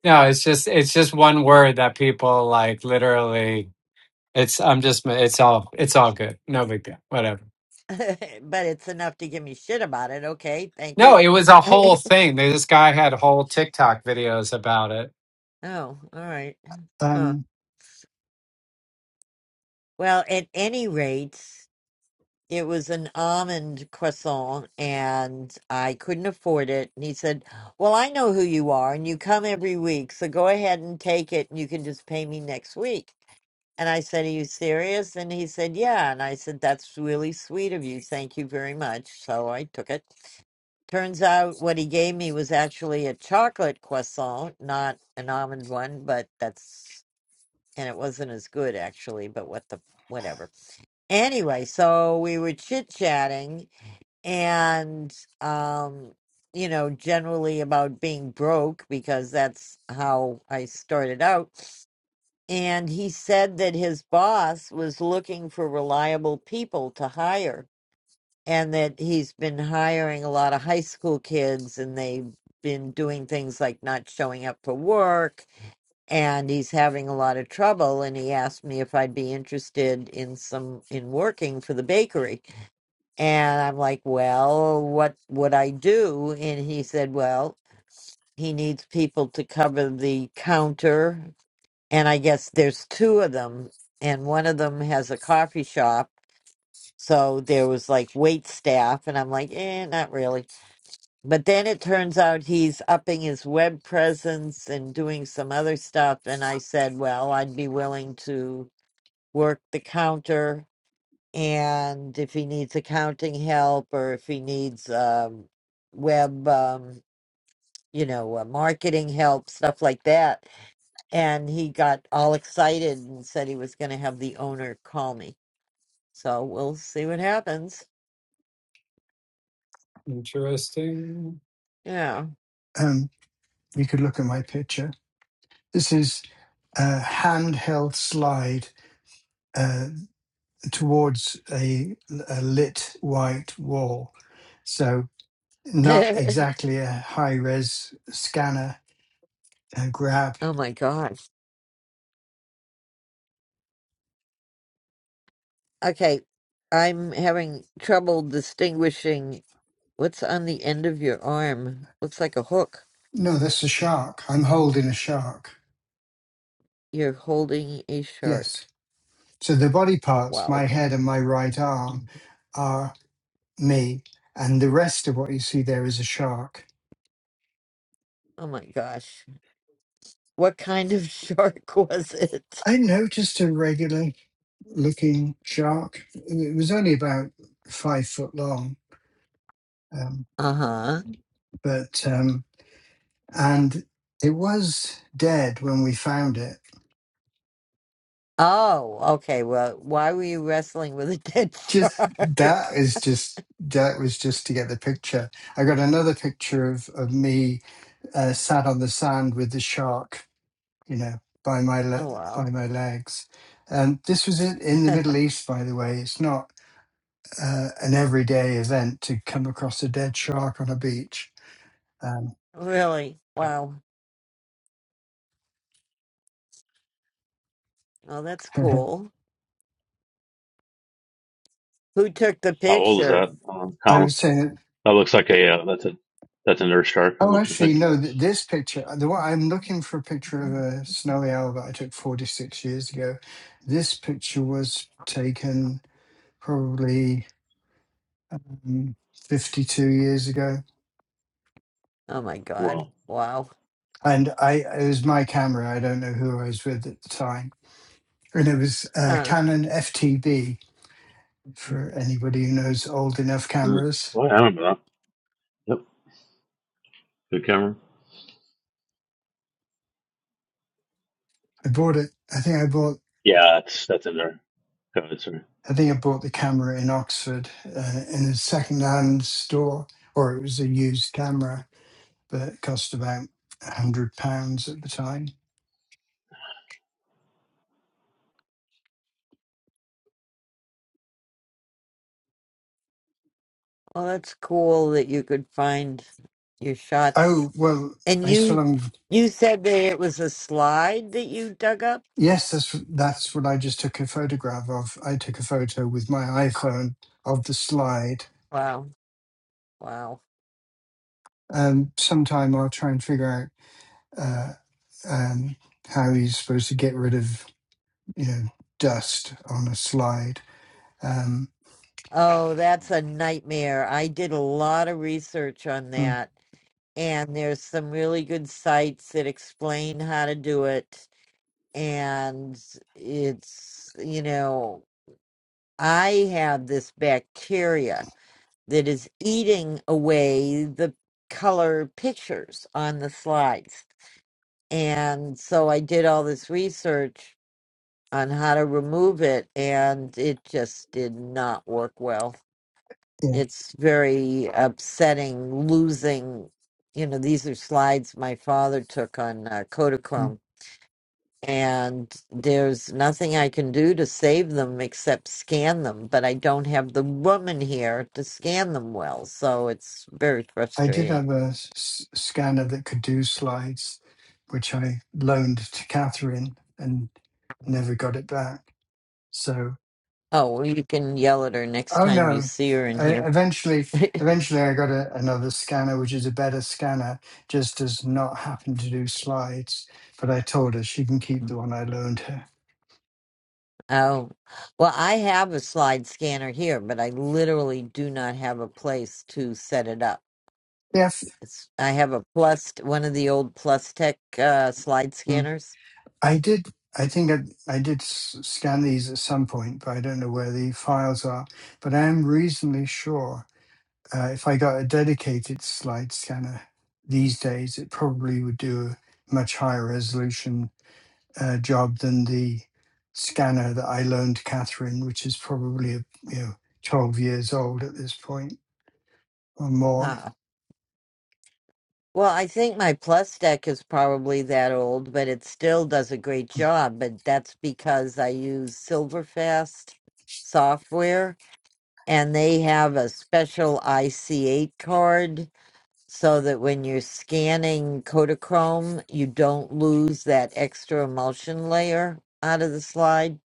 Speaker 8: No, it's just it's just one word that people like literally. It's I'm just it's all it's all good. No big deal. Whatever.
Speaker 1: *laughs* but it's enough to give me shit about it. Okay, thank
Speaker 8: No,
Speaker 1: you.
Speaker 8: it was a
Speaker 1: *laughs* oh,
Speaker 8: whole thing. This guy had whole TikTok videos about it.
Speaker 1: all right. Huh.
Speaker 2: Um,
Speaker 1: Well, at any rate, it was an almond croissant and I couldn't afford it. And he said, Well, I know who you are and you come every week. So go ahead and take it and you can just pay me next week. And I said, Are you serious? And he said, Yeah. And I said, That's really sweet of you. Thank you very much. So I took it. Turns out what he gave me was actually a chocolate croissant, not an almond one, but that's, and it wasn't as good actually, but what the, whatever. Anyway, so we were chit chatting and, um, you know, generally about being broke because that's how I started out. And he said that his boss was looking for reliable people to hire and that he's been hiring a lot of high school kids and they've been doing things like not showing up for work and he's having a lot of trouble and he asked me if I'd be interested in some in working for the bakery and I'm like well what would I do and he said well he needs people to cover the counter and I guess there's two of them, and one of them has a coffee shop. So there was like wait staff, and I'm like, eh, not really. But then it turns out he's upping his web presence and doing some other stuff. And I said, well, I'd be willing to work the counter. And if he needs accounting help or if he needs um, web, um, you know, uh, marketing help, stuff like that, and he got all excited and said he was going to have the owner call me. So we'll see what happens.
Speaker 8: Interesting.
Speaker 1: Yeah.
Speaker 2: um, you could look at my picture. This is a handheld slide uh, towards a, a lit white wall. So
Speaker 1: *laughs*
Speaker 2: Not
Speaker 1: oh
Speaker 2: exactly a high res scanner uh, grab.
Speaker 1: my gosh. Okay. I'm having trouble distinguishing what's on the end of your arm. Looks like a hook.
Speaker 2: No, that's a shark. I'm holding a shark.
Speaker 1: You're holding a
Speaker 2: Yes.
Speaker 1: shark.
Speaker 2: So the body parts, my
Speaker 1: Wow.
Speaker 2: head and my right arm,
Speaker 8: Mm-hmm.
Speaker 2: are me, and the rest of what you see there is a shark.
Speaker 1: Oh my gosh. What kind of *laughs* shark was it?
Speaker 2: I noticed a regular looking shark. It was only about five foot long, um,
Speaker 1: Uh huh.
Speaker 2: but um, and it was dead when we found it.
Speaker 1: Oh, okay. Well, why were you wrestling with a dead *laughs*
Speaker 2: just that
Speaker 1: shark?
Speaker 2: is just that was just to get the picture. I got another picture of of me uh, sat on the sand with the shark, you know, by my le-
Speaker 1: Oh, wow.
Speaker 2: by my legs. And this was it in the Middle East, by the way. It's not uh, an everyday event to come across a dead shark on a beach. Um,
Speaker 1: Really? Wow. Oh, that's
Speaker 2: *laughs*
Speaker 1: cool. Who took the
Speaker 4: How old is
Speaker 1: picture?
Speaker 4: that, um,
Speaker 2: I
Speaker 4: Colin?
Speaker 2: was saying that.
Speaker 4: That looks like a uh, that's a that's an Earth shark. I'm
Speaker 2: Oh,
Speaker 4: looking to
Speaker 2: actually,
Speaker 4: think.
Speaker 2: no. Th- this picture, the one I'm looking for a picture of a snowy owl that I took 46 years ago. This picture was taken probably um, 52 years ago.
Speaker 1: Oh my God.
Speaker 4: Wow.
Speaker 1: Wow.
Speaker 2: And I, it was my camera. I don't know who I was with at the time. And it was a
Speaker 1: Huh.
Speaker 2: Canon FTB for anybody who knows old enough
Speaker 4: Mm.
Speaker 2: cameras.
Speaker 4: Well, I remember that. Yep. Good camera.
Speaker 2: I bought it. I think I bought,
Speaker 4: Yeah, that's that's in there. Go ahead, sorry.
Speaker 2: I think I bought the camera in Oxford uh, in a second-hand store, or it was a used camera, but it cost about a hundred pounds at the time.
Speaker 1: Well, that's cool that you could find your shots.
Speaker 2: Oh, well,
Speaker 1: And
Speaker 2: I still
Speaker 1: you
Speaker 2: haven't
Speaker 1: you said that it was a slide that you dug up?
Speaker 2: Yes, that's that's what I just took a photograph of. I took a photo with my iPhone of the slide.
Speaker 1: Wow. Wow.
Speaker 2: Um, sometime I'll try and figure out uh, um, how he's supposed to get rid of you know dust on a slide. Um,
Speaker 1: Oh, that's a nightmare. I did a lot of research on
Speaker 2: mm,
Speaker 1: that, and there's some really good sites that explain how to do it. And it's, you know, I have this bacteria that is eating away the color pictures on the slides. And so I did all this research on how to remove it, and it just did not work well.
Speaker 2: yeah,
Speaker 1: It's very upsetting losing, you know, these are slides my father took on uh,
Speaker 2: mm.
Speaker 1: Kodachrome and there's nothing I can do to save them except scan them, but I don't have the woman here to scan them well, so it's very
Speaker 2: I did
Speaker 1: frustrating.
Speaker 2: have a s- s- scanner that could do slides, which I loaned to Catherine and never got it back. So
Speaker 1: Oh, well, you can yell at her next
Speaker 2: Oh
Speaker 1: time you
Speaker 2: no!
Speaker 1: see her in
Speaker 2: I,
Speaker 1: here.
Speaker 2: eventually,
Speaker 1: *laughs*
Speaker 2: eventually, I got a, another scanner, which is a better scanner. Just does not happen to do slides, but I told her she can keep the one I loaned her.
Speaker 1: oh, well, I have a slide scanner here, but I literally do not have a place to set it up.
Speaker 2: Yes,
Speaker 1: It's, I have a plus, one of the old Plus Tech uh, slide
Speaker 2: Mm.
Speaker 1: scanners.
Speaker 2: I did. I think I, I did s- scan these at some point, but I don't know where the files are. But I am reasonably sure uh, if I got a dedicated slide scanner these days, it probably would do a much higher resolution uh, job than the scanner that I loaned Catherine, which is probably you know 12 years old at this point or more.
Speaker 1: Huh. Well, I think my plus deck is probably that old, but it still does a great job. But that's because I use Silverfast software and they have a special IC8 card so that when you're scanning Kodachrome, you don't lose that extra emulsion layer out of the slide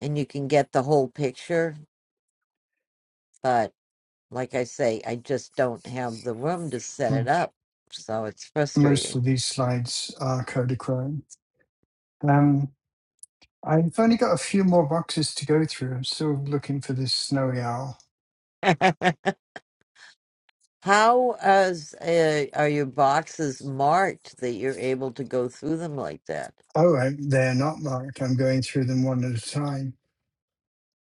Speaker 1: and you can get the whole picture. But like I say, I just don't have the room to set it
Speaker 2: Mm.
Speaker 1: up. So it's
Speaker 2: Most
Speaker 1: frustrating.
Speaker 2: of these slides are Kodachrome. Um, I've only got a few more boxes to go through. I'm still looking for this snowy owl.
Speaker 1: *laughs* How as uh, are your boxes marked that you're able to go through them like that?
Speaker 2: Oh, I, they're not marked. I'm going through them one at a time.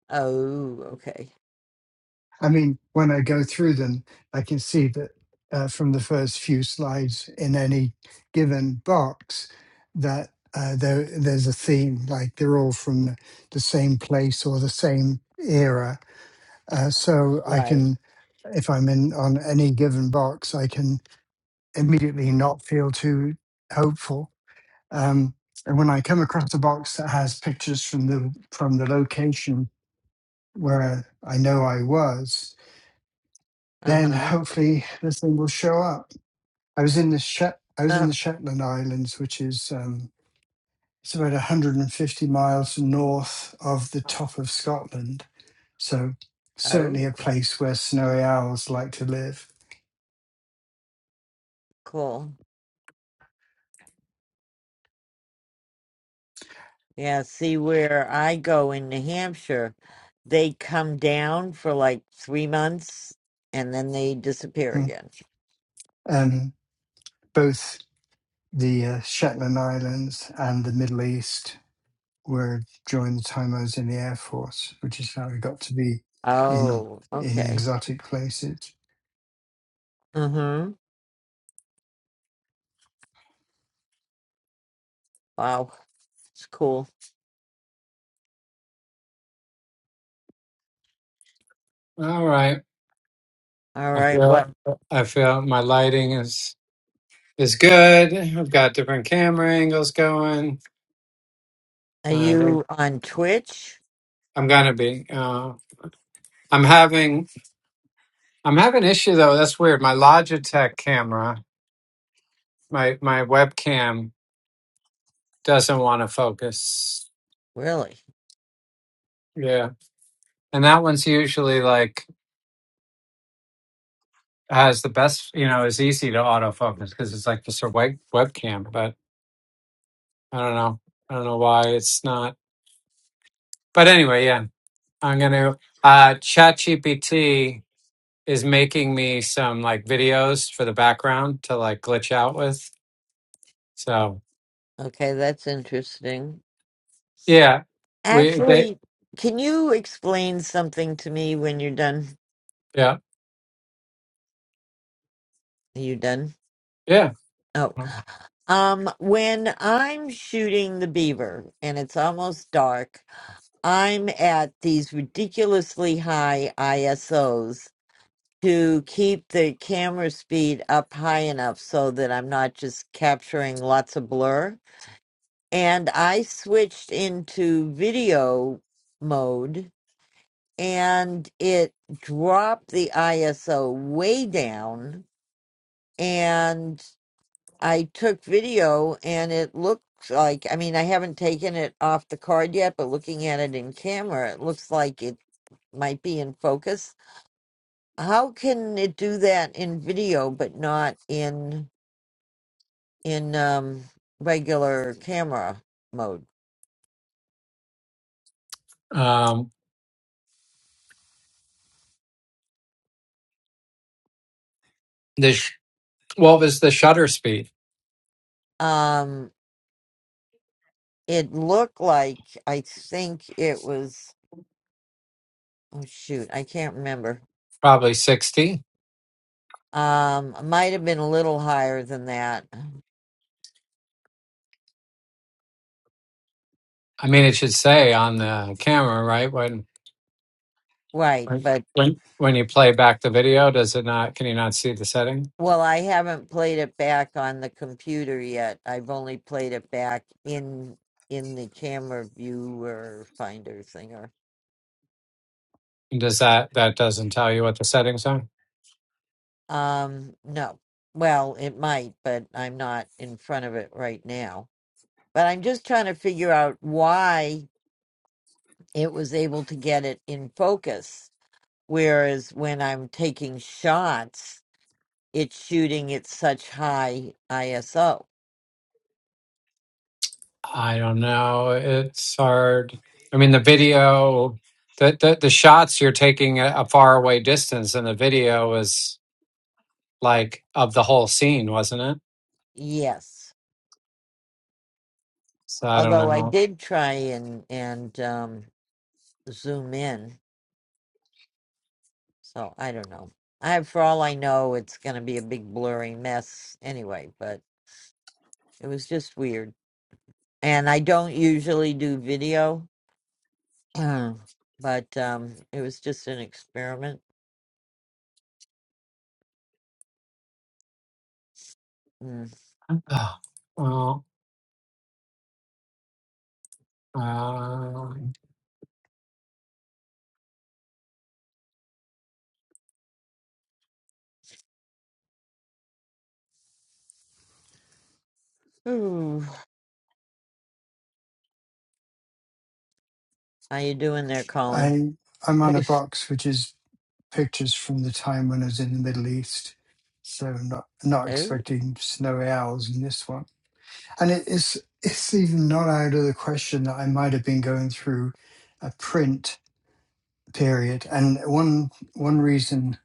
Speaker 1: Oh, okay.
Speaker 2: I mean, when I go through them, I can see that uh, from the first few slides in any given box that uh, there, there's a theme, like they're all from the the same place or the same era. Uh, so I
Speaker 1: Right.
Speaker 2: can, if I'm in on any given box, I can immediately not feel too hopeful. Um, and when I come across a box that has pictures from the from the location where I know I was, then
Speaker 1: Uh-huh.
Speaker 2: hopefully this thing will show up. I was in the Shet- I was in the
Speaker 1: Uh,
Speaker 2: Shetland Islands, which is um, it's about 150 miles north of the top of Scotland. So certainly
Speaker 1: oh,
Speaker 2: a place where snowy owls like to live.
Speaker 1: cool. Yeah, see where I go in New Hampshire, they come down for like three months and then they disappear
Speaker 2: Mm.
Speaker 1: again.
Speaker 2: Um, both the uh, Shetland Islands and the Middle East were during the time I was in the Air Force, which is how I got to be in
Speaker 1: Oh,
Speaker 2: in
Speaker 1: okay.
Speaker 2: exotic places.
Speaker 1: Mm-hmm. Wow. It's cool.
Speaker 8: All right.
Speaker 1: All
Speaker 8: I
Speaker 1: right.
Speaker 8: feel
Speaker 1: What
Speaker 8: I feel my lighting is is good. I've got different camera angles going.
Speaker 1: are
Speaker 8: I think
Speaker 1: you on Twitch?
Speaker 8: I'm gonna be. Uh, I'm having I'm having issue though. That's weird. My Logitech camera, my my webcam doesn't want to focus.
Speaker 1: Really?
Speaker 8: Yeah, and that one's usually like has the best, you know, is easy to autofocus because it's like just a web webcam. But I don't know, I don't know why it's not. But anyway, yeah, I'm gonna. Uh, ChatGPT is making me some like videos for the background to like glitch out with. So
Speaker 1: Okay, that's interesting.
Speaker 8: yeah, we they
Speaker 1: Actually, can you explain something to me when you're done?
Speaker 8: yeah
Speaker 1: Are you done?
Speaker 8: yeah.
Speaker 1: Oh. Um, when I'm shooting the beaver and it's almost dark, I'm at these ridiculously high ISOs to keep the camera speed up high enough so that I'm not just capturing lots of blur. And I switched into video mode and it dropped the ISO way down. And I took video, and it looks like I mean, I haven't taken it off the card yet, but looking at it in camera, it looks like it might be in focus. How can it do that in video but not in in um regular camera mode?
Speaker 8: Um, the sh- what was the shutter speed?
Speaker 1: Um it looked like I think it was oh shoot, I can't remember
Speaker 8: Probably sixty.
Speaker 1: Um, might have been a little higher than that.
Speaker 8: I mean, it should say on the camera, right? What
Speaker 1: Right,
Speaker 8: When
Speaker 1: but
Speaker 8: when when you play back the video, does it not? Can you not see the setting?
Speaker 1: well, I haven't played it back on the computer yet. I've only played it back in in the camera viewer finder thinger.
Speaker 8: And Does that that doesn't tell you what the settings are?
Speaker 1: Um, no. Well, it might, but I'm not in front of it right now. But I'm just trying to figure out why it was able to get it in focus, whereas when I'm taking shots, it's shooting at such high ISO.
Speaker 8: I don't know. It's hard. I mean, the video, the the, the shots you're taking a, a far away distance, and the video was like of the whole scene, wasn't it?
Speaker 1: Yes.
Speaker 8: So I don't
Speaker 1: Although I
Speaker 8: know.
Speaker 1: did try and and um, zoom in, so I don't know. I, for all I know, it's going to be a big blurry mess anyway. But it was just weird, and I don't usually do video, *clears throat* but um, it was just an experiment. Mm.
Speaker 8: *sighs* Oh, well, uh,
Speaker 1: Ooh, how you doing there, Colin?
Speaker 2: I I'm
Speaker 1: *laughs*
Speaker 2: on a
Speaker 1: oh,
Speaker 2: box which is pictures from the time when I was in the Middle East. So not not expecting snowy owls in this one. And it is it's even not out of the question that I might have been going through a print period. And one one reason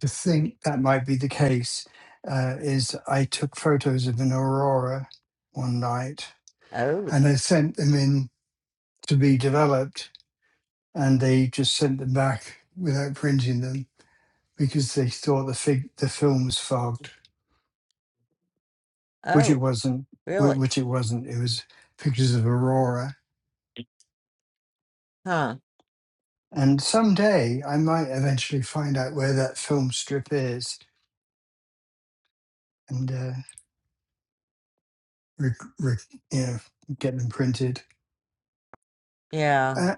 Speaker 2: to think that might be the case uh, is I took photos of an aurora one night
Speaker 1: oh,
Speaker 2: and I sent them in to be developed and they just sent them back without printing them because they thought the fig- the film was fogged. which it
Speaker 1: oh,
Speaker 2: wasn't. wh-
Speaker 1: really?
Speaker 2: Which it wasn't. It was pictures of Aurora.
Speaker 1: Huh?
Speaker 2: And someday I might eventually find out where that film strip is and uh, rec- rec- you know get them printed.
Speaker 1: Yeah.
Speaker 2: Uh,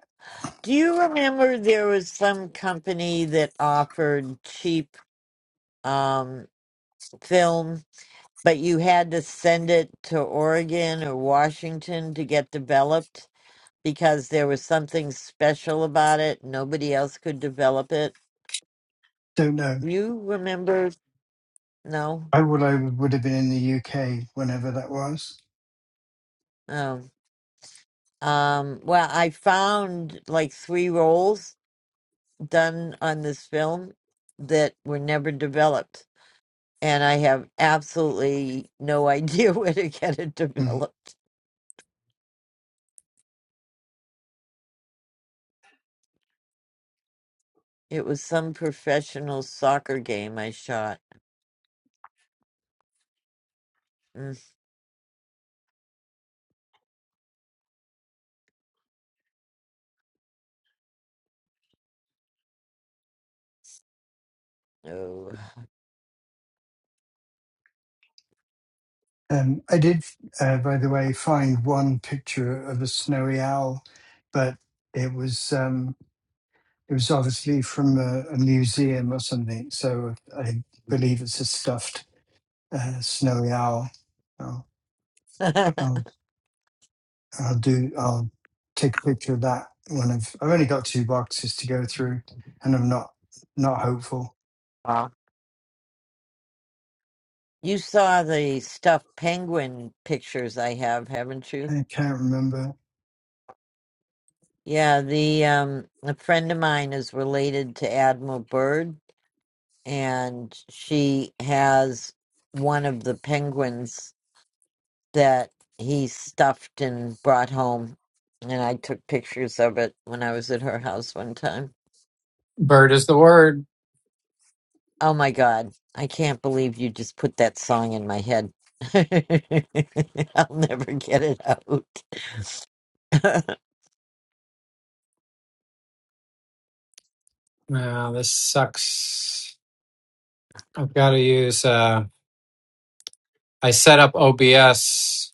Speaker 1: Do you remember there was some company that offered cheap um film, but you had to send it to Oregon or Washington to get developed because there was something special about it. Nobody else could develop it.
Speaker 2: don't know.
Speaker 1: You remember? No.
Speaker 2: I would I would have been in the UK whenever that was.
Speaker 1: Oh. Um, well, I found like three rolls done on this film that were never developed. and I have absolutely no idea *laughs* where to get it
Speaker 2: Hmm.
Speaker 1: developed. It was some professional soccer game I shot. Mm, Oh.
Speaker 2: Um, I did, uh, by the way, find one picture of a snowy owl, but it was um, it was obviously from a, a museum or something. So I believe it's a stuffed uh, snowy owl. I'll,
Speaker 1: *laughs*
Speaker 2: I'll I'll do I'll take a picture of that when I've I've only got two boxes to go through, and I'm not not hopeful.
Speaker 1: Ah. you saw the stuffed penguin pictures I have, haven't you?
Speaker 2: I can't remember.
Speaker 1: Yeah, the um a friend of mine is related to Admiral Byrd and she has one of the penguins that he stuffed and brought home. And I took pictures of it when I was at her house one time.
Speaker 8: Bird is the word.
Speaker 1: Oh my God. I can't believe you just put that song in my head. *laughs* I'll never get it out. *laughs*
Speaker 8: Uh, this sucks. I've got to use. Uh, I set up OBS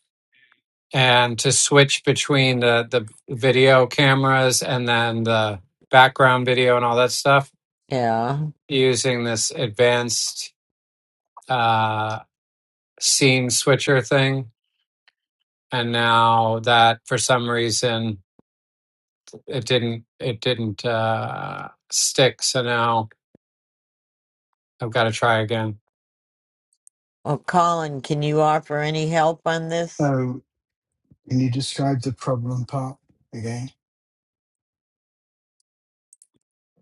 Speaker 8: and to switch between the the video cameras and then the background video and all that stuff
Speaker 1: yeah.
Speaker 8: using this advanced uh, scene switcher thing. And now that for some reason it didn't it didn't uh, stick, so now I've got to try again.
Speaker 1: Well, Colin, can you offer any help on this?
Speaker 2: Oh, can you describe the problem part again?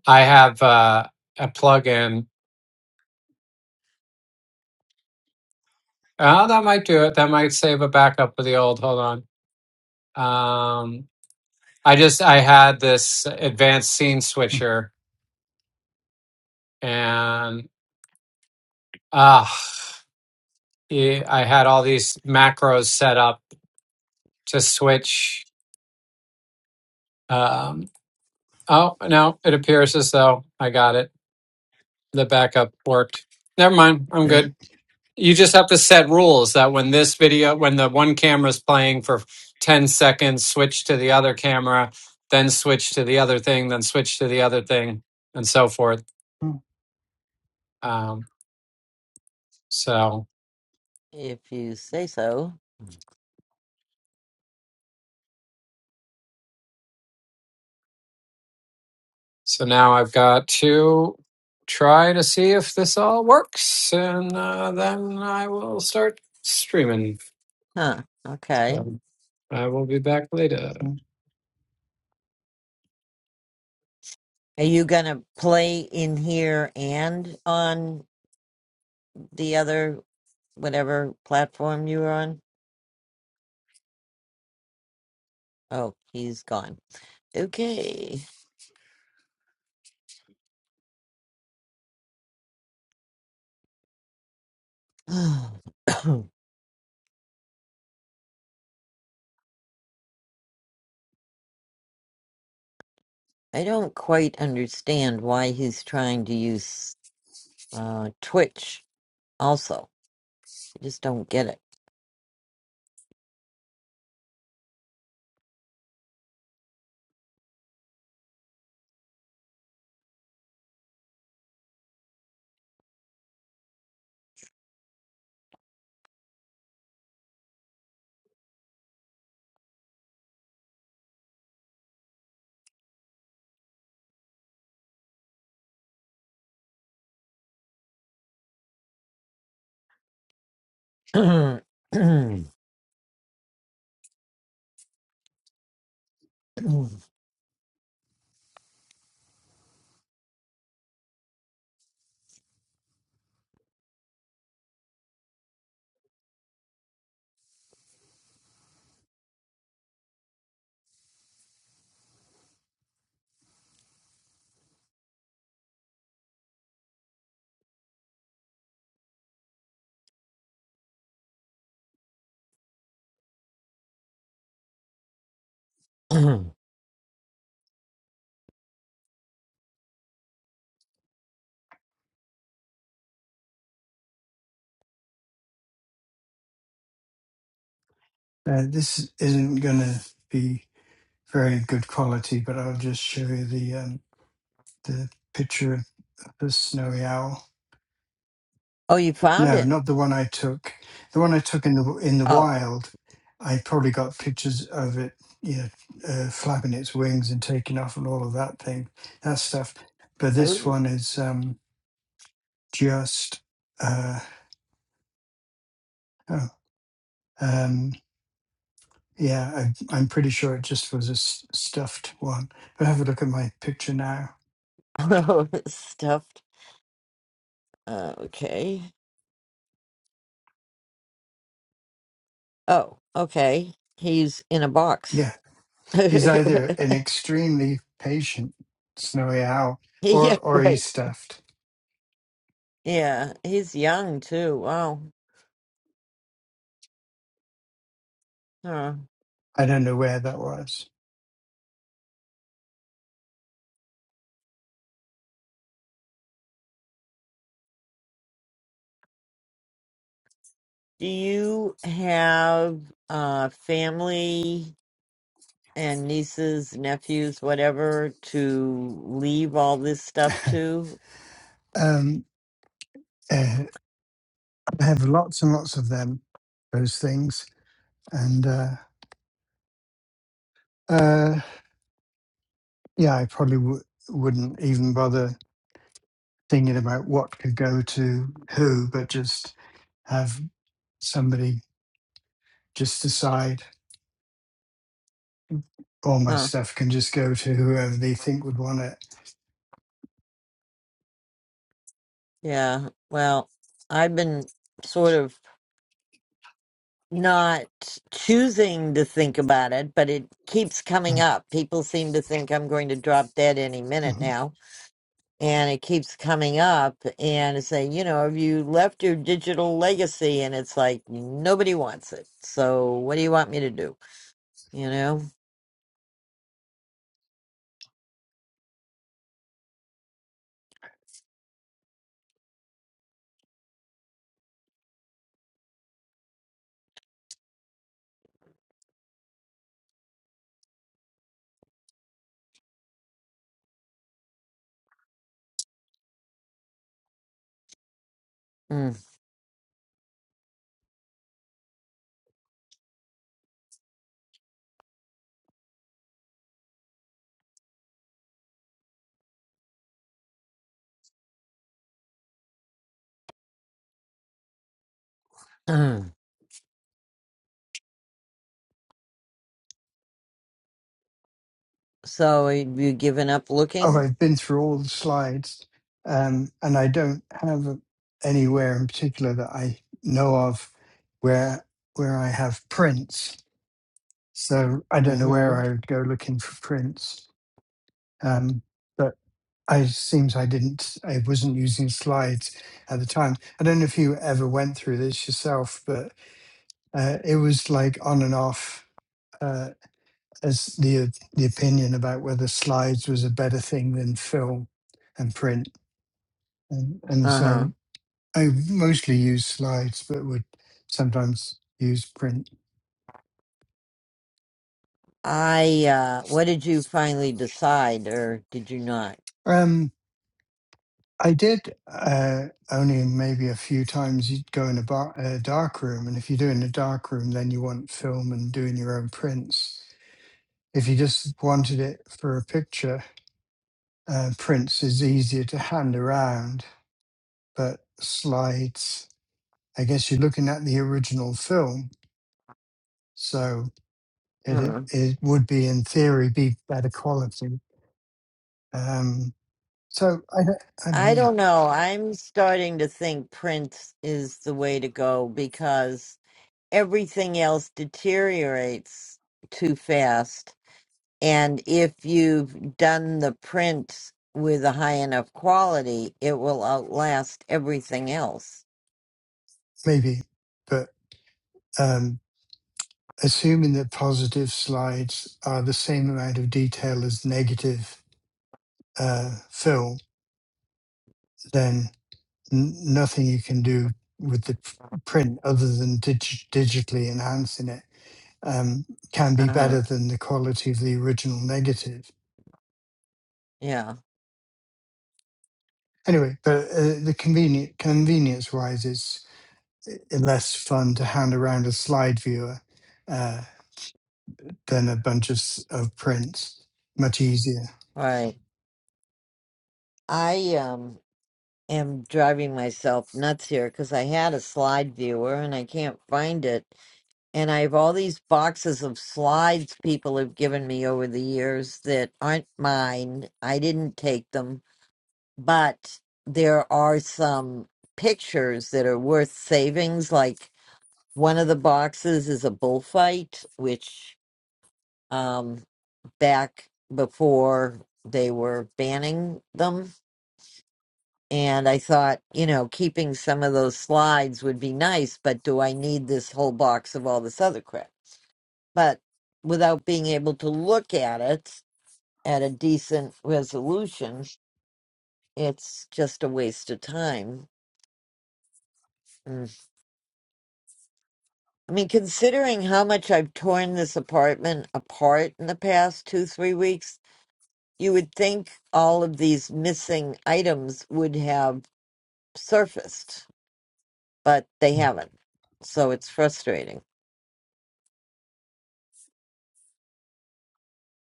Speaker 8: I have uh, a plugin Oh, that might do it. That might save a backup of the old. Hold on. Um, I just I had this advanced scene
Speaker 2: Hmm,
Speaker 8: switcher, and ah, yeah, I had all these macros set up to switch. Um, oh no, it appears as though I got it. The backup worked. Never mind. I'm good.
Speaker 2: Great.
Speaker 8: You just have to set rules that when this video, when the one camera's playing for 10 seconds, switch to the other camera, then switch to the other thing, then switch to the other thing, and so forth.
Speaker 2: Mhm.
Speaker 8: Um, so,
Speaker 1: If you say so.
Speaker 8: so now I've got to try to see if this all works, and uh, then I will start streaming.
Speaker 1: Huh. Okay.
Speaker 8: So I will be back later.
Speaker 1: Are you going to play in here and on the other, whatever platform you were on? Oh, he's gone. Okay. *sighs* I don't quite understand why he's trying to use uh, Twitch also. I just don't get it. *clears throat* oh,
Speaker 2: Uh, this isn't going to be very good quality, but I'll just show you the um, the picture of the snowy owl.
Speaker 1: you found
Speaker 2: No,
Speaker 1: it.
Speaker 2: not the one I took. The one I took in the in the
Speaker 1: Oh,
Speaker 2: wild, I probably got pictures of it, you know, uh, flapping its wings and taking off and all of that thing, that stuff. But this one is um, just, uh, oh, um, yeah, I, I'm pretty sure it just was a s- stuffed one. But have a look at my picture now.
Speaker 1: oh, *laughs* stuffed. Uh, okay. Oh, okay. He's in a box.
Speaker 2: Yeah,
Speaker 1: *laughs*
Speaker 2: he's either an extremely patient snowy owl
Speaker 1: yeah,
Speaker 2: or or
Speaker 1: right.
Speaker 2: he's stuffed.
Speaker 1: Yeah, he's young too. Wow. Huh.
Speaker 2: I don't know where that was.
Speaker 1: Do you have uh, family and nieces, nephews, whatever, to leave all this stuff to?
Speaker 2: Um, *laughs* I have lots and lots of them, those things. And uh, uh, yeah, I probably w- wouldn't even bother thinking about what could go to who, but just have somebody just decide all my
Speaker 1: Huh.
Speaker 2: stuff can just go to whoever they think would want it.
Speaker 1: Yeah. Well, I've been sort of not choosing to think about it, but it keeps coming
Speaker 2: Mm,
Speaker 1: up. People seem to think I'm going to drop dead any minute
Speaker 2: mhm.
Speaker 1: now. And it keeps coming up and it's saying, you know, have you left your digital legacy? And it's like, nobody wants it. So what do you want me to do? you know? Mm. *clears throat* so have you given up
Speaker 2: Oh,
Speaker 1: looking?
Speaker 2: I've been through all the slides, um, and I don't have anywhere in particular that I know of where where I have prints. So I don't know where
Speaker 1: Mm-hmm.
Speaker 2: I would go looking for prints. Um, but I seems I didn't, I wasn't using slides at the time. I don't know if you ever went through this yourself, but uh, it was like on and off uh, as the the opinion about whether slides was a better thing than film and print, and, and
Speaker 1: Uh-huh.
Speaker 2: so I mostly use slides, but would sometimes use print.
Speaker 1: I, uh, what did you finally decide or did you not?
Speaker 2: Um, I did uh, only maybe a few times. You'd go in a, bar, a dark room, and if you do in a dark room, then you want film and doing your own prints. If you just wanted it for a picture, uh, prints is easier to hand around, but slides, I guess you're looking at the original film, so it it,
Speaker 1: Hmm.
Speaker 2: it would be in theory be better quality. Um, so I don't, I don't
Speaker 1: I
Speaker 2: know,
Speaker 1: don't know. I'm starting to think print is the way to go because everything else deteriorates too fast. And if you've done the print with a high enough quality, it will outlast everything else.
Speaker 2: maybe, but. Um, assuming that positive slides are the same amount of detail as negative uh, fill, then n- nothing you can do with the p- print other than dig- digitally enhancing it um, can be
Speaker 1: Uh huh.
Speaker 2: better than the quality of the original negative.
Speaker 1: Yeah.
Speaker 2: Anyway, but uh, the convenient convenience wise, it's i- less fun to hand around a slide viewer uh, than a bunch of, s- of prints. Much easier.
Speaker 1: Right. I um am driving myself nuts here because I had a slide viewer and I can't find it. And I have all these boxes of slides people have given me over the years that aren't mine. I didn't take them, but there are some pictures that are worth savings. Like one of the boxes is a bullfight, which um back before they were banning them And I thought, you know, keeping some of those slides would be nice, but do I need this whole box of all this other crap? But without being able to look at it at a decent resolution, it's just a waste of time. Mm. I mean, considering how much I've torn this apartment apart in the past two, three weeks, you would think all of these missing items would have surfaced, but they
Speaker 2: Have
Speaker 1: haven't. So it's frustrating.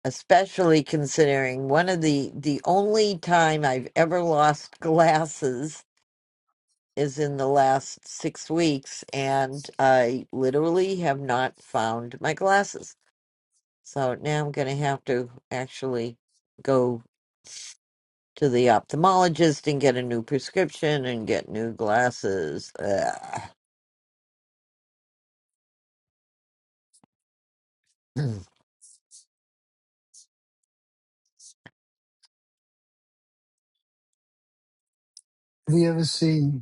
Speaker 1: especially considering one of the the only time I've ever lost glasses is in the last 6 weeks and I literally have not found my glasses. So now I'm going to have to actually go to the ophthalmologist and get a new prescription and get new glasses. Ugh.
Speaker 2: you ever seen?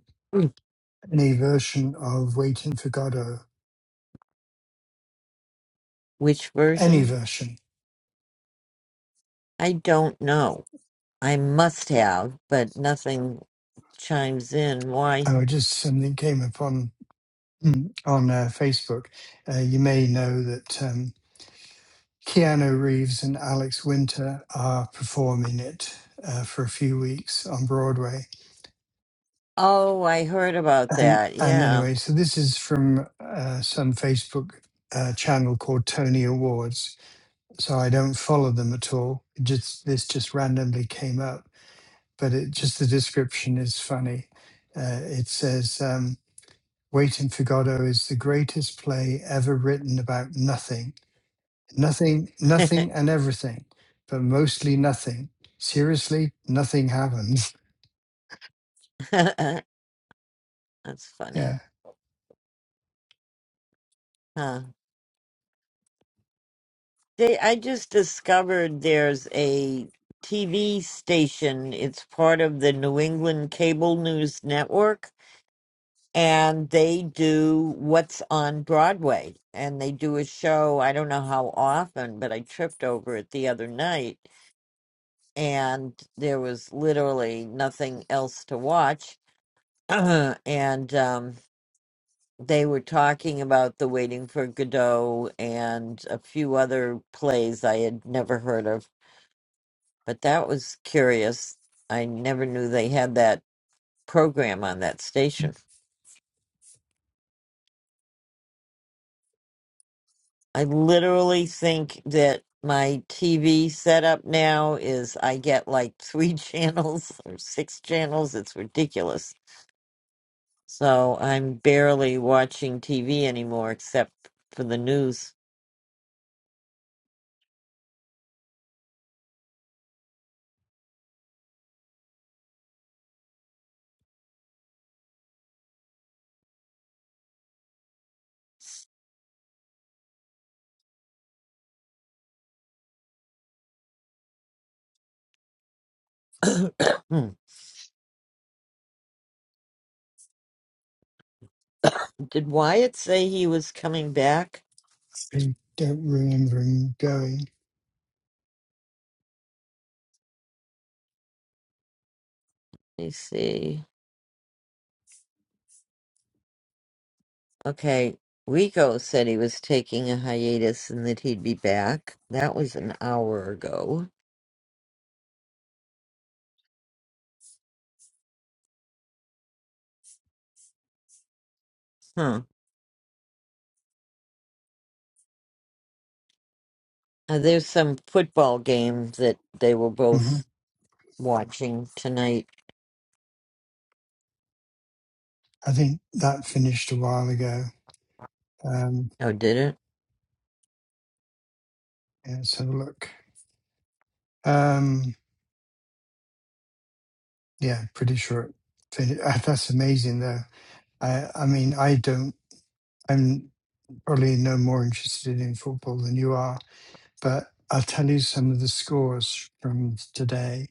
Speaker 2: any version of Waiting for Godot,
Speaker 1: *clears throat* Which
Speaker 2: any
Speaker 1: version?
Speaker 2: version.
Speaker 1: I don't know. I must have, but nothing chimes in. Why?
Speaker 2: I just something came upon mm, on uh, Facebook. Uh, you may know that um, Keanu Reeves and Alex Winter are performing it uh, for a few weeks on Broadway.
Speaker 1: Oh, I heard about
Speaker 2: And
Speaker 1: that.
Speaker 2: and
Speaker 1: Yeah.
Speaker 2: anyway, so this is from uh, some Facebook uh, channel called Tony Awards. So I don't follow them at all. Just this just randomly came up but it just the description is funny. Uh, it says, um, "Waiting for Godot is the greatest play ever written about nothing, nothing,
Speaker 1: *laughs*
Speaker 2: nothing, and everything, but mostly nothing. Seriously, nothing happens. *laughs*
Speaker 1: That's
Speaker 2: Yeah,
Speaker 1: funny. Huh. They I just discovered there's a TV station. It's part of the New England Cable News Network and they do what's on Broadway and they do a show, I don't know how often, but I tripped over it the other night and there was literally nothing else to watch. *clears throat* and um they were talking about the Waiting for Godot and a few other plays I had never heard of, but that was curious. I never knew they had that program on that station. I literally think that my TV setup now is I get like three *laughs* channels or six channels. It's ridiculous. So I'm barely watching TV anymore except for the news. *clears throat* *coughs* Did Wyatt say he was coming back?
Speaker 2: I don't remember him going.
Speaker 1: me see. Okay, Rico said he was taking a hiatus and that he'd be back. That was an hour ago. Huh. Uh, there's some football game that they were
Speaker 2: hmm
Speaker 1: both watching tonight.
Speaker 2: I think that finished a while ago. Um,
Speaker 1: Oh, did it?
Speaker 2: yeah, let's have a look. Um, yeah, pretty sure. It finished. *laughs* That's amazing, though. I, I mean, I don't. I'm. probably no more interested in football than you are, but I'll tell you some of the scores from today,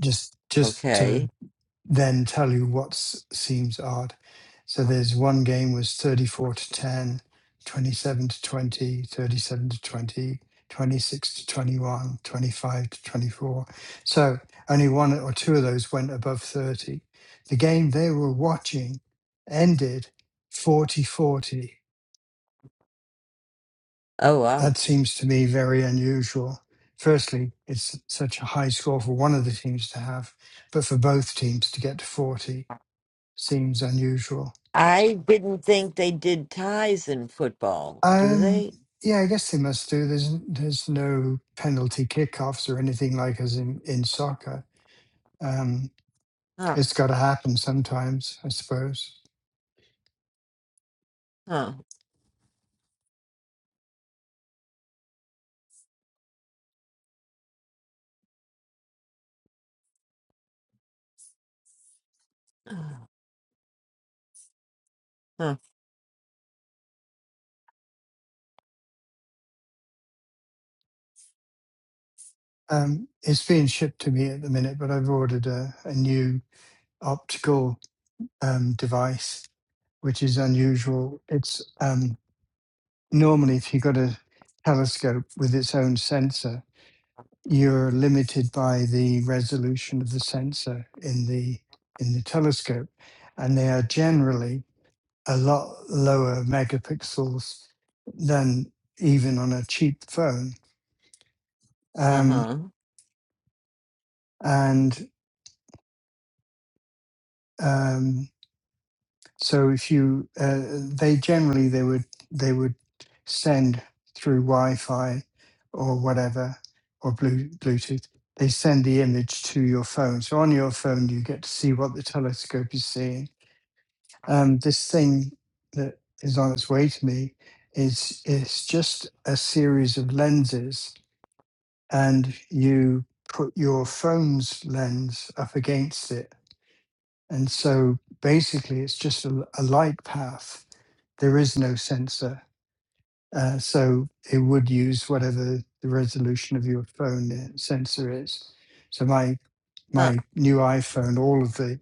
Speaker 2: just just
Speaker 1: Okay.
Speaker 2: to then tell you what s- seems odd. So there's one game was 34 to 10, 27 to 20, 37 to 20, 26 to 21, 25 to 24. So only one or two of those went above 30. The game they were watching ended 40 40.
Speaker 1: Oh, wow.
Speaker 2: That seems to me very unusual. Firstly, it's such a high score for one of the teams to have, but for both teams to get to 40 seems unusual.
Speaker 1: I didn't think they did ties in football. Do
Speaker 2: Um,
Speaker 1: they?
Speaker 2: yeah, I guess they must do. There's there's no penalty kickoffs or anything like as in, in soccer. Um,
Speaker 1: Huh.
Speaker 2: it's got to happen sometimes, I suppose.
Speaker 1: Huh. Huh.
Speaker 2: Um, it's being shipped to me at the minute, but I've ordered a, a new optical um, device, which is unusual. It's um, normally if you've got a telescope with its own sensor you're limited by the resolution of the sensor in the in the telescope and they are generally a lot lower megapixels than even on a cheap phone um,
Speaker 1: Uh-huh.
Speaker 2: and um, So if you, uh, they generally they would they would send through Wi-Fi or whatever or Blu- Bluetooth. They send the image to your phone. So on your phone, you get to see what the telescope is seeing. Um, this thing that is on its way to me is is just a series of lenses, and you put your phone's lens up against it and so basically, it's just a, a light path. There is no sensor. Uh, so it would use whatever the resolution of your phone uh, sensor is. So my
Speaker 1: Huh.
Speaker 2: my new iPhone, all of the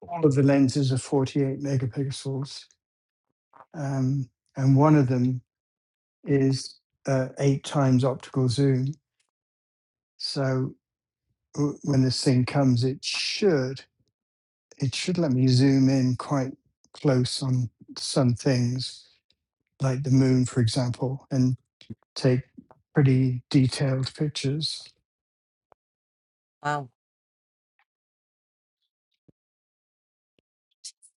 Speaker 2: all of the lenses are 48 megapixels, um, and one of them is uh, eight times optical zoom. So w- when this thing comes, it should it should let me zoom in quite close on some things like the moon, for example, and take pretty detailed pictures.
Speaker 1: Wow.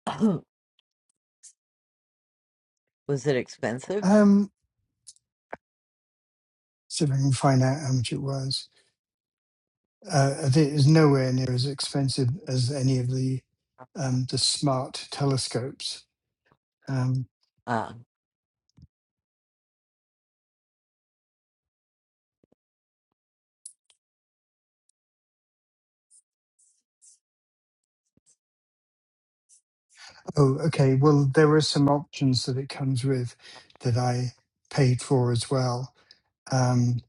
Speaker 1: *coughs* *clears throat* was it expensive?
Speaker 2: Um, see if I can find out how much it was. Uh, I think it's nowhere near as expensive as any of the um, the smart telescopes. Um,
Speaker 1: Uh,
Speaker 2: oh, okay. Well, there are some options that it comes with that I paid for as well. Um,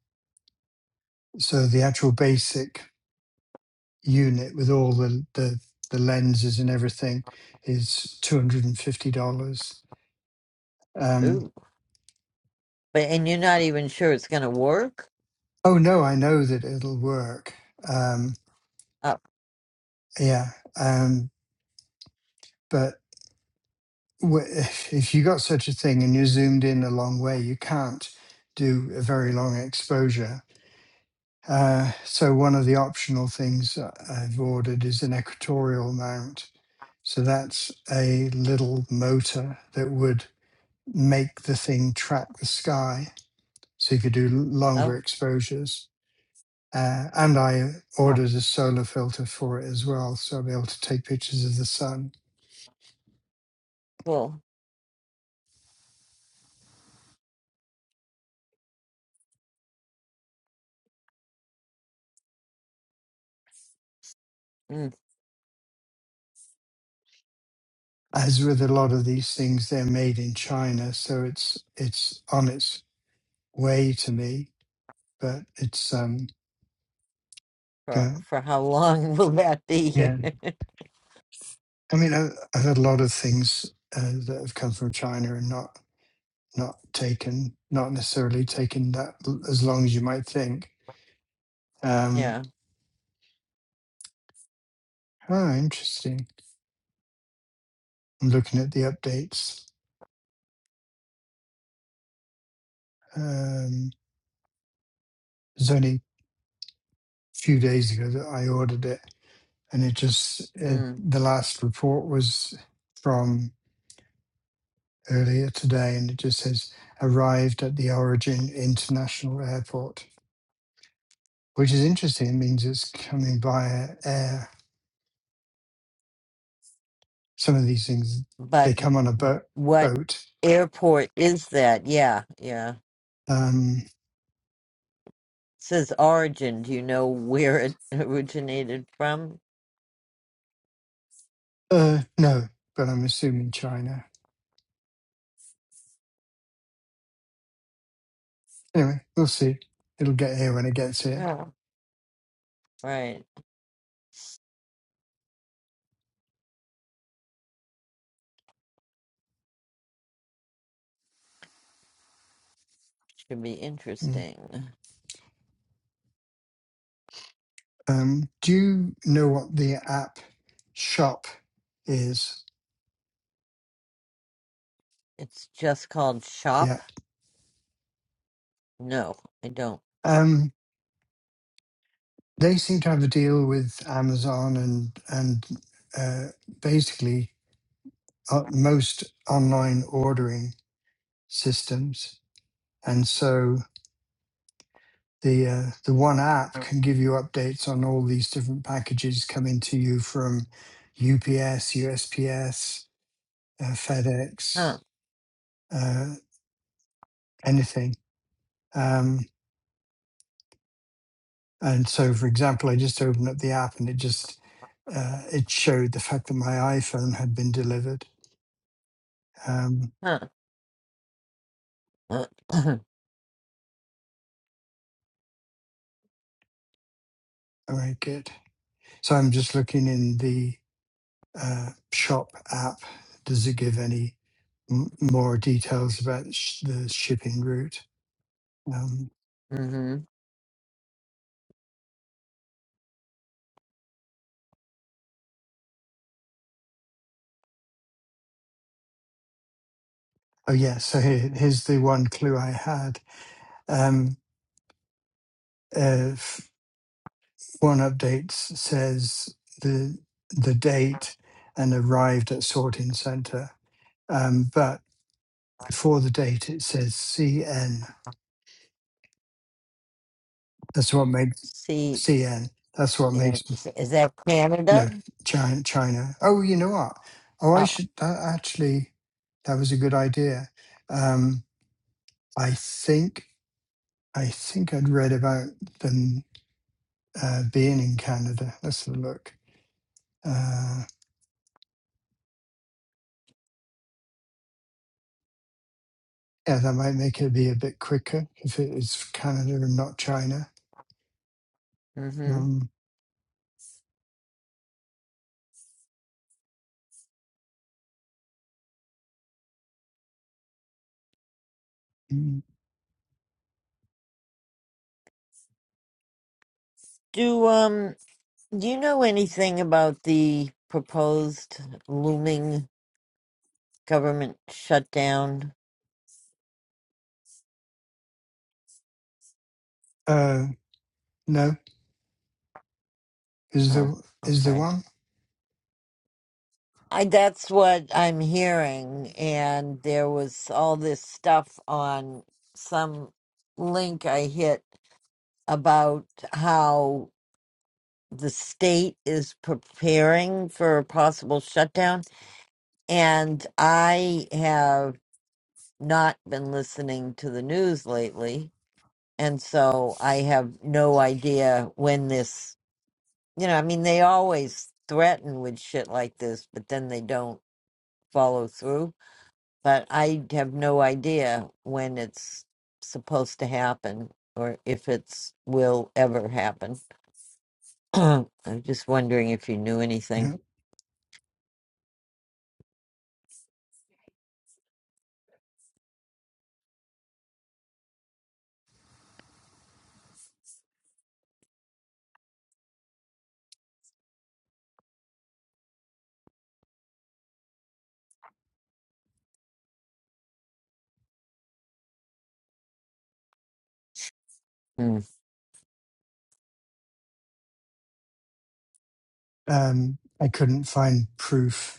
Speaker 2: so the actual basic unit with all the the, the lenses and everything is two hundred and fifty dollars. Um,
Speaker 1: ooh. But and you're not even sure it's gonna work?
Speaker 2: Oh no, I know that it'll work. Um,
Speaker 1: Uh,
Speaker 2: yeah, um, but w- if, if you got such a thing and you're zoomed in a long way, you can't do a very long exposure. Uh, so one of the optional things I- I've ordered is an equatorial mount. So that's a little motor that would make the thing track the sky. So you could do l- longer
Speaker 1: Oh,
Speaker 2: exposures. Uh, and I
Speaker 1: huh,
Speaker 2: ordered a solar filter for it as well, so I'll be able to take pictures of the sun.
Speaker 1: cool. Mm,
Speaker 2: As with a lot of these things, they're made in China, so it's it's on its way to me. But it's um
Speaker 1: for
Speaker 2: yeah,
Speaker 1: for how long *laughs* will that be?
Speaker 2: yeah.
Speaker 1: *laughs*
Speaker 2: I mean, I, I've had a lot of things uh, that have come from China and not not taken, not necessarily taken that l- as long as you might think. Um,
Speaker 1: yeah.
Speaker 2: oh, interesting. I'm looking at the updates. Um, there's only few days ago that I ordered it, and it just it,
Speaker 1: Mm.
Speaker 2: the last report was from earlier today, and it just says arrived at the Origin International Airport, which is interesting. It means it's coming via air. Some of these things they
Speaker 1: But
Speaker 2: come on a boat.
Speaker 1: what
Speaker 2: Boat.
Speaker 1: airport is that? Yeah, yeah. It
Speaker 2: Um,
Speaker 1: says origin. Do you know where it *laughs* originated from?
Speaker 2: uh, no, but I'm assuming China. Anyway, we'll see. It'll get here when it gets here.
Speaker 1: Yeah. Right. Should be
Speaker 2: Mm.
Speaker 1: interesting.
Speaker 2: Um, do you know what the app shop is?
Speaker 1: It's just called
Speaker 2: Yeah.
Speaker 1: shop. No, I don't.
Speaker 2: Um, they seem to have a deal with Amazon and and uh, basically uh, most online ordering systems, and so the uh, the one app can give you updates on all these different packages coming to you from UPS, USPS, uh, FedEx,
Speaker 1: Huh.
Speaker 2: uh, anything. Um, and so, for example, I just opened up the app and it just uh, it showed the fact that my iPhone had been delivered. Um,
Speaker 1: Huh. *clears throat* mm-hmm.
Speaker 2: All right, good. So I'm just looking in the uh, shop app. Does it give any m- more details about sh- the shipping route? Um, oh, yeah. So here, here's the one clue I had. Um, uh, f- one update s- says the the date and arrived at sorting center. Um, but before the date, it says CN. That's what makes
Speaker 1: See,
Speaker 2: CN. That's what makes.
Speaker 1: is is that
Speaker 2: No,
Speaker 1: Canada?
Speaker 2: China. China. Oh, you know what? Oh, I
Speaker 1: Oh.
Speaker 2: should. That actually, that was a good idea. Um, I think I think I'd read about them uh, being in Canada. Let's have a look. Uh, yeah, that might make it be a bit quicker if it is Canada and not China.
Speaker 1: Mm-hmm.
Speaker 2: Um, mm,
Speaker 1: Do um. Do you know anything about the proposed looming government shutdown?
Speaker 2: uh, no, is
Speaker 1: Oh,
Speaker 2: there is there
Speaker 1: okay.
Speaker 2: one?
Speaker 1: I, that's what I'm hearing. And there was all this stuff on some link I hit about how the state is preparing for a possible shutdown. And I have not been listening to the news lately And so I have no idea when this, you know, I mean, they always threaten with shit like this, but then they don't follow through. But I have no idea when it's supposed to happen or if it's will ever happen. *clears throat* I'm just wondering if you knew anything.
Speaker 2: No,
Speaker 1: Hmm.
Speaker 2: um, I couldn't find proof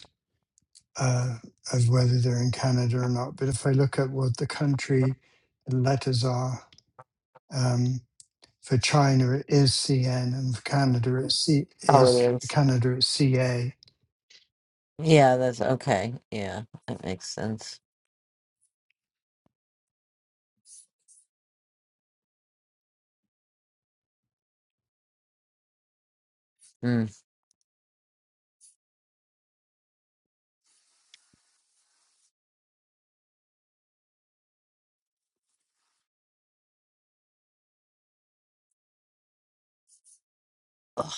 Speaker 2: uh, of whether they're in Canada or not. But if I look at what the country letters are, um, for China it is CN, and for Canada it's C
Speaker 1: Oh, it
Speaker 2: is for
Speaker 1: is.
Speaker 2: Canada it's CA.
Speaker 1: Yeah, that's okay. Yeah, that makes sense. Hmm. Ugh.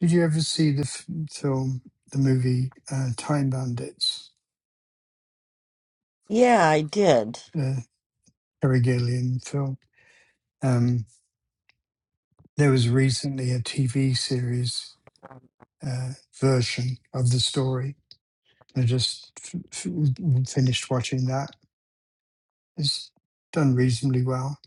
Speaker 2: Did you ever see the f- film, the movie uh, Time Bandits,
Speaker 1: Yeah, I did.
Speaker 2: the Terry Gilliam film? Um, there was recently a TV series uh, version of the story. I just f- f- finished watching that. It's done reasonably well.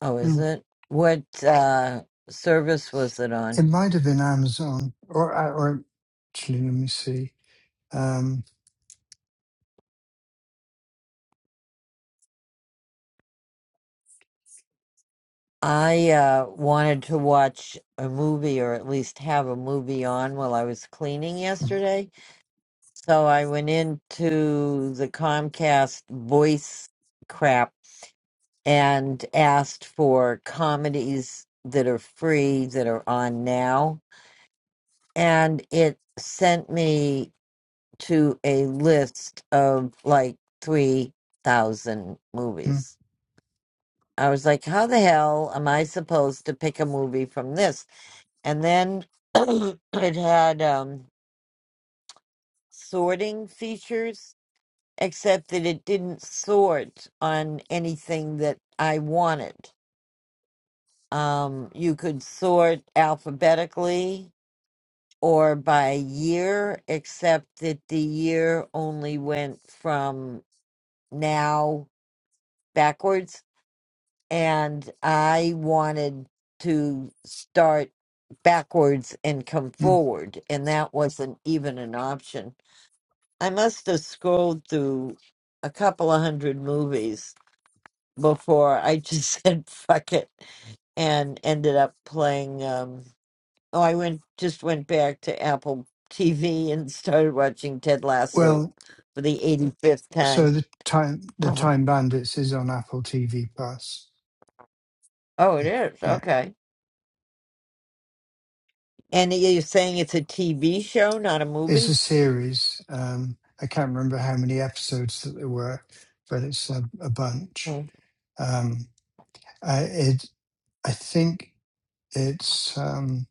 Speaker 1: Oh,
Speaker 2: Hmm.
Speaker 1: is it? What uh service was it
Speaker 2: It
Speaker 1: on?
Speaker 2: might have been Amazon, or uh, or actually, let me see. Um,
Speaker 1: I uh, wanted to watch a movie or at least have a movie on while I was cleaning
Speaker 2: mm,
Speaker 1: yesterday. So I went into the Comcast voice crap and asked for comedies that are free that are on now. And it sent me to a list of like 3,000
Speaker 2: mm,
Speaker 1: movies. I was like, how the hell am I supposed to pick a movie from this? and then *clears throat* it had um, sorting features, except that it didn't sort on anything that I wanted. Um, you could sort alphabetically or by year, except that the year only went from now backwards, and I wanted to start backwards and come
Speaker 2: mm.
Speaker 1: forward, and that wasn't even an option. I must have scrolled through a couple of hundred movies before I just *laughs* said fuck it and ended up playing um oh I went just went back to Apple TV and started watching Ted Lasso
Speaker 2: well,
Speaker 1: for the 85th
Speaker 2: so
Speaker 1: time.
Speaker 2: the time the
Speaker 1: *clears throat*
Speaker 2: Time Bandits is on Apple TV Plus.
Speaker 1: Oh, it
Speaker 2: Yeah,
Speaker 1: is.
Speaker 2: yeah.
Speaker 1: Okay. And you're saying it's a TV show, not a
Speaker 2: it's a
Speaker 1: movie?
Speaker 2: series. Um, I can't remember how many episodes that there were, but it's a, a bunch.
Speaker 1: Mm.
Speaker 2: Um, I, it, I think it's. Um,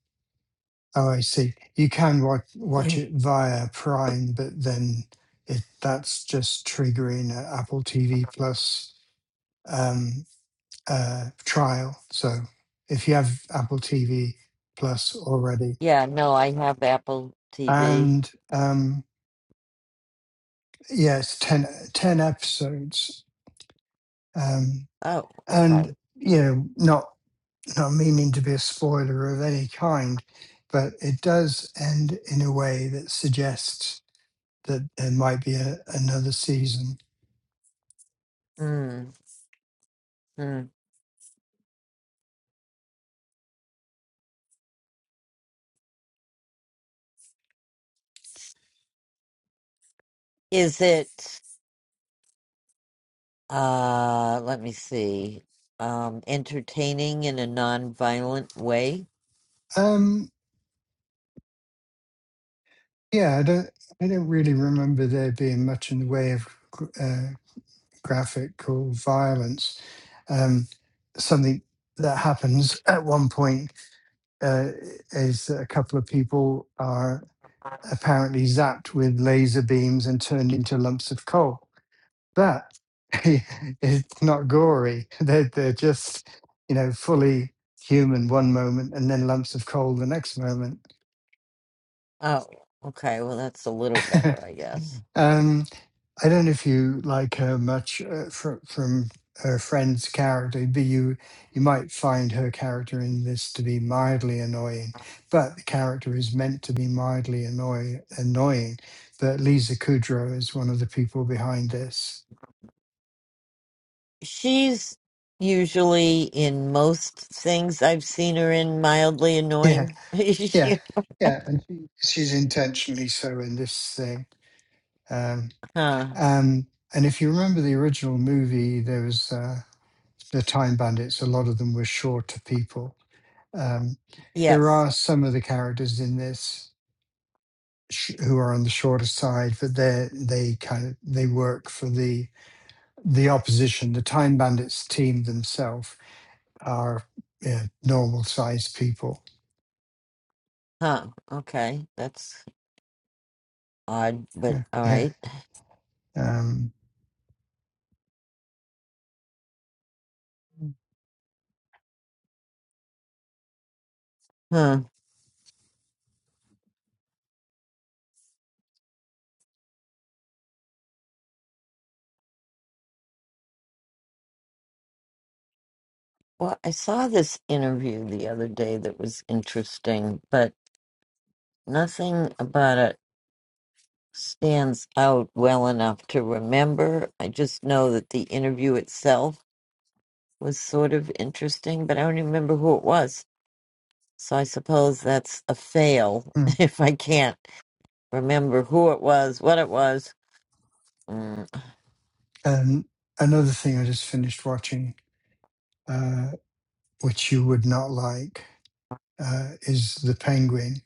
Speaker 2: Oh, I see. You can watch watch it via Prime, but then it that's just triggering a Apple TV Plus um, uh, trial. So if you have Apple TV Plus already,
Speaker 1: *clears throat* yeah, no, I have Apple TV.
Speaker 2: and um, yeah, it's 10, ten episodes, um,
Speaker 1: Oh, okay.
Speaker 2: and you know, not not meaning to be a spoiler of any kind, but it does end in a way that suggests. that there might be a, another season.
Speaker 1: Mm, mm. Is it? Uh, let me see. Um, entertaining in a non-violent way.
Speaker 2: Um, yeah, I don't, I don't really remember there being much in the way of gr- uh, graphical violence. Um, something that happens at one point uh, is that a couple of people are apparently zapped with laser beams and turned into lumps of coal. But *laughs* it's not gory. *laughs* They're, they're just, you know, fully human one moment and then lumps of coal the next moment
Speaker 1: Oh, okay. Well, that's a little better, I guess.
Speaker 2: *laughs* um, I don't know if you like her much uh, from from her friend's character, but you you might find her character in this to be mildly annoying. But the character is meant to be mildly annoy annoying. But Lisa Kudrow is one of the people behind this.
Speaker 1: She's usually in most things I've seen her in mildly
Speaker 2: Yeah,
Speaker 1: annoying. *laughs*
Speaker 2: yeah,
Speaker 1: She-
Speaker 2: yeah, and she, she's intentionally so in this thing. Um,
Speaker 1: huh.
Speaker 2: um, and if you remember the original movie, there was uh, the Time Bandits. A lot of them were shorter people Um, there
Speaker 1: Yes.
Speaker 2: are some of the characters in this sh- who are on the shorter side, but they they kind of they work for the the opposition. The Time Bandits team themselves are yeah, normal sized people.
Speaker 1: Huh. Okay. That's odd, but
Speaker 2: Yeah,
Speaker 1: all
Speaker 2: yeah.
Speaker 1: right.
Speaker 2: Um,
Speaker 1: Huh. Well, I saw this interview the other day that was interesting, but nothing about it. stands out well enough to remember. I just know that the interview itself was sort of interesting, but I don't remember who it was. So I suppose that's a fail
Speaker 2: mm.
Speaker 1: *laughs* if I can't remember who it was, what it was. Mm.
Speaker 2: and another thing I just finished watching, uh, which you would not like, uh, is the Penguin.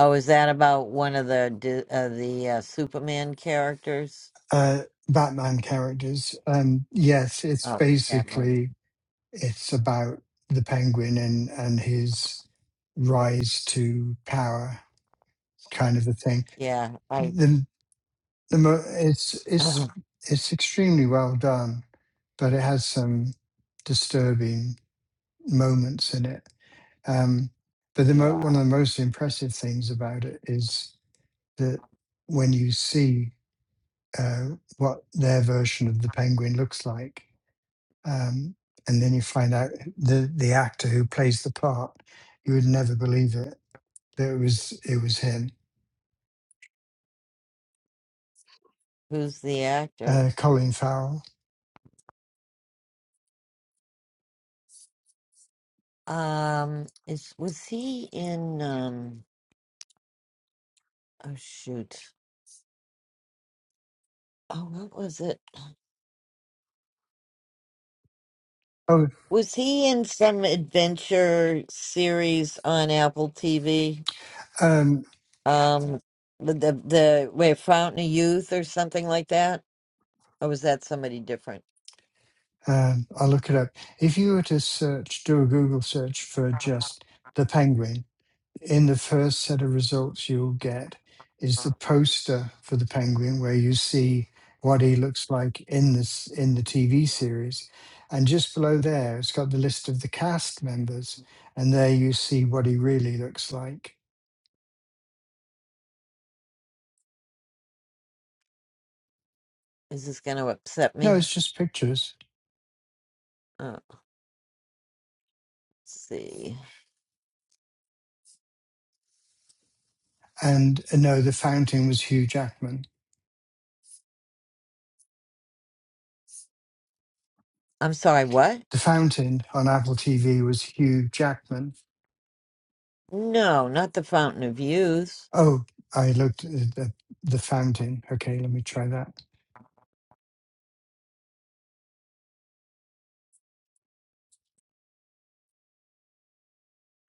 Speaker 1: Oh, is that about one of the di- uh, the uh, Superman characters?
Speaker 2: Uh, Batman characters. Um, yes, it's
Speaker 1: Oh, that one.
Speaker 2: basically It's about the penguin and, and his rise to power, kind of a thing.
Speaker 1: Yeah, I.
Speaker 2: The, the mo- it's
Speaker 1: *clears throat*
Speaker 2: it's it's extremely well done, but it has some disturbing moments in it. Um, but the mo-
Speaker 1: yeah.
Speaker 2: one of the most impressive things about it is that when you see uh, what their version of the penguin looks like, um, and then you find out the the actor who plays the part. You would never believe it that it was it was him,
Speaker 1: Who's the actor?
Speaker 2: uh, Colin Farrell.
Speaker 1: Um, is was he in? Um, oh shoot. Oh, what was it?
Speaker 2: Oh,
Speaker 1: Was he in some adventure series on Apple TV?
Speaker 2: um,
Speaker 1: Um, the the, the wait, Fountain of Youth or something like that, or was that somebody different?
Speaker 2: um, I'll look it up. If you were to search, do a Google search for just the Penguin, in the first set of results you'll get is the poster for the penguin where you see what he looks like in this in the TV series and just below there it's got the list of the cast members and there you see what he really looks like
Speaker 1: Is this going to upset
Speaker 2: no
Speaker 1: me?
Speaker 2: it's just pictures
Speaker 1: Oh, let's see.
Speaker 2: and uh, no the fountain was Hugh Jackman
Speaker 1: I'm sorry. What?
Speaker 2: the fountain on Apple TV was Hugh Jackman
Speaker 1: No, not the Fountain of Youth.
Speaker 2: oh I looked at the, the fountain okay let me try that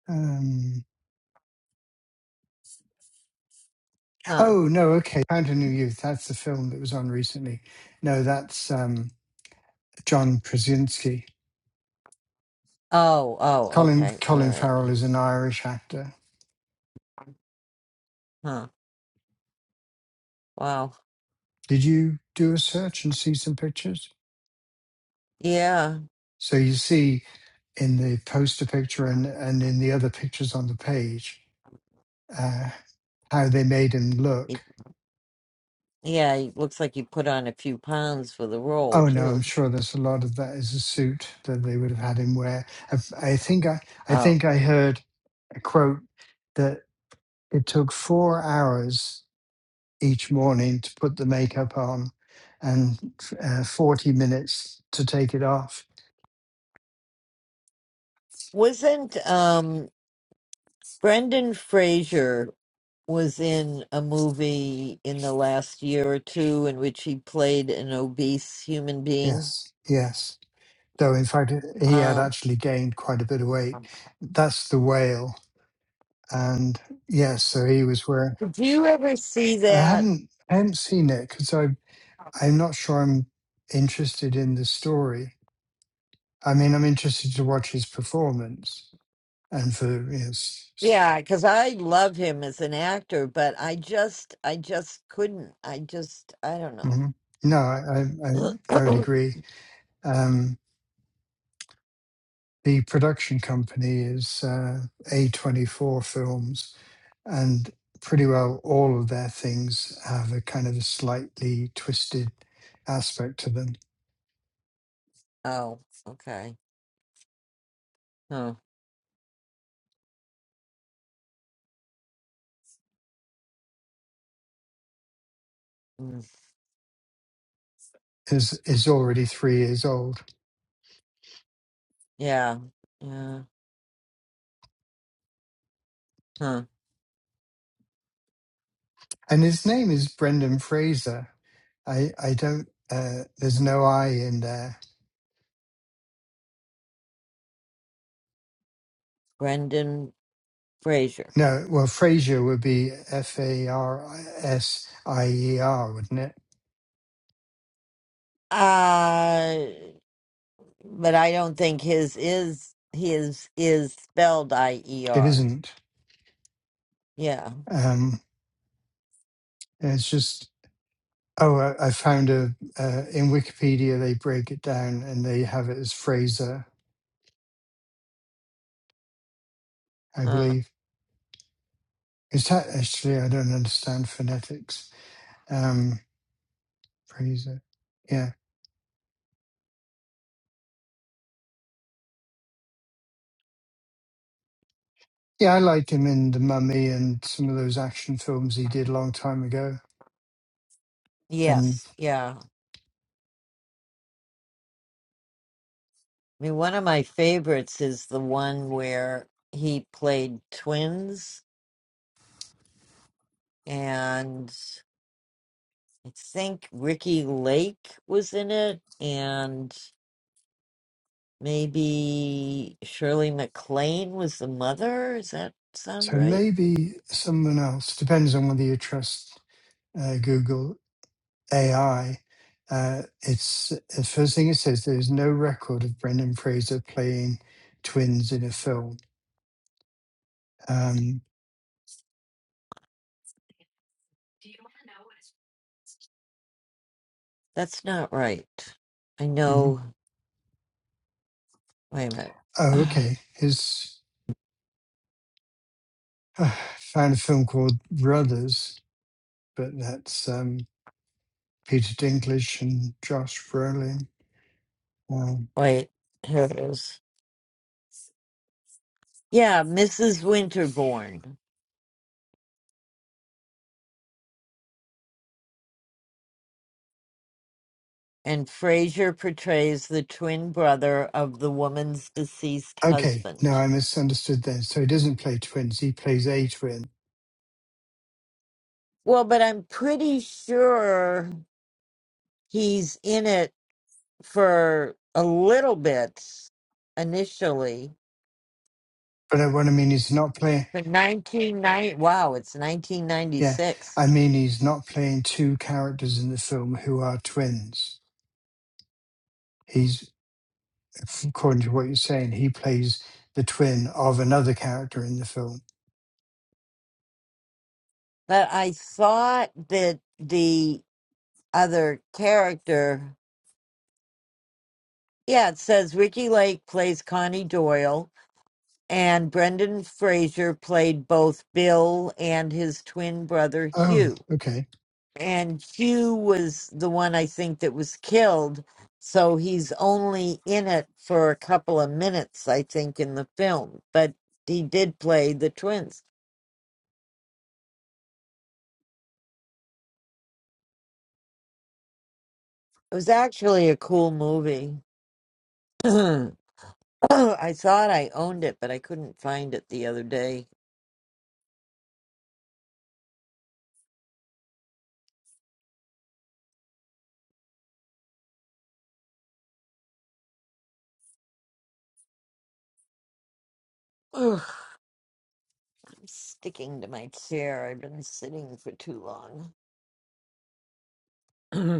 Speaker 2: Um,
Speaker 1: Huh.
Speaker 2: Oh no, okay. Found a New Youth. That's the film that was on recently. No, that's um, John Krasinski.
Speaker 1: Oh, oh,
Speaker 2: Colin
Speaker 1: okay. All
Speaker 2: Colin
Speaker 1: right.
Speaker 2: Farrell is an Irish actor.
Speaker 1: Huh. Wow.
Speaker 2: Did you do a search and see some pictures?
Speaker 1: Yeah.
Speaker 2: So you see in the poster picture and and in the other pictures on the page uh, how they made him
Speaker 1: He,
Speaker 2: look.
Speaker 1: yeah, he looks like you put on a few pounds for the role
Speaker 2: Oh no, I'm
Speaker 1: too.
Speaker 2: sure there's a lot of that is a suit that they would have had him wear. I, I think I I
Speaker 1: Oh.
Speaker 2: think I heard a quote that it took four hours each morning to put the makeup on and uh, 40 minutes to take it off.
Speaker 1: Wasn't um Brendan Fraser was in a movie in the last year or two in which he played an obese human being?
Speaker 2: Yes, yes. Though, in fact, he had
Speaker 1: Um,
Speaker 2: actually gained quite a bit of weight. That's the whale. And yes, so he was wearing.
Speaker 1: did you ever see
Speaker 2: I
Speaker 1: that?
Speaker 2: haven't, I haven't seen it because I'm i I'm not sure I'm interested in the story. I mean, I'm interested to watch his performance and for, yes.
Speaker 1: Yeah, because I love him as an actor, but I just, I just couldn't. I just, I don't know.
Speaker 2: hmm No, I, I, I I would
Speaker 1: *coughs*
Speaker 2: agree. Um, the production company is uh, A24 Films, and pretty well all of their things have a kind of a slightly twisted aspect to them.
Speaker 1: *clears throat* oh, okay. Huh. Mm.
Speaker 2: Is is already three years old,
Speaker 1: Yeah. Yeah. Huh.
Speaker 2: and his name is Brendan Fraser. I I don't. Uh, there's no I in there.
Speaker 1: Brendan Fraser.
Speaker 2: No, well, Fraser would be F A R S I E R, wouldn't it?
Speaker 1: Uh, but I don't think his is his is spelled I E
Speaker 2: It
Speaker 1: R.
Speaker 2: isn't.
Speaker 1: Yeah.
Speaker 2: Um, it's just Oh, I, I found a uh, in Wikipedia they break it down and they have it as Fraser, I
Speaker 1: Huh.
Speaker 2: believe. Is that actually? I don't understand phonetics. Um, Fraser, yeah, yeah. I liked him in The Mummy and some of those action films he did a long time ago. And
Speaker 1: Yes. Yeah. I mean, one of my favorites is the one where he played twins. and. I think Ricky Lake was in it, and maybe Shirley MacLaine was the mother. Does that sound
Speaker 2: so
Speaker 1: right?
Speaker 2: maybe someone else depends on whether you trust uh, Google AI. Uh, it's the first thing it says. There is no record of Brendan Fraser playing twins in a film Um,
Speaker 1: That's not right. I
Speaker 2: mhm.
Speaker 1: know. Wait a
Speaker 2: Oh,
Speaker 1: minute.
Speaker 2: okay. His *sighs* uh, found a film called Brothers, but that's um, Peter Dinklage and Josh Brolin. Um,
Speaker 1: *sighs* Wait, here it is. Yeah, Mrs. Winterbourne. And Fraser portrays the twin brother of the woman's deceased
Speaker 2: okay, no,
Speaker 1: husband.
Speaker 2: I misunderstood then. So he doesn't play twins; he plays a twin.
Speaker 1: Well, but I'm pretty sure he's in it for a little bit initially
Speaker 2: But I, what I mean is not playing.
Speaker 1: for 1990 wow it's
Speaker 2: Yeah,
Speaker 1: 1996
Speaker 2: I mean he's not playing two characters in the film who are twins. He's, according to what you're saying, he plays the twin of another character in the film.
Speaker 1: but i thought that the other character yeah it says ricky lake plays connie doyle and brendan fraser played both bill and his twin brother
Speaker 2: Oh,
Speaker 1: hugh
Speaker 2: okay.
Speaker 1: and Hugh was the one I think that was killed. So he's only in it for a couple of minutes, I think, in the film. But he did play the twins. It was actually a cool movie. *clears throat* I thought I owned it, but I couldn't find it the other day. Ugh, I'm sticking to my chair. I've been sitting for too long. *clears throat*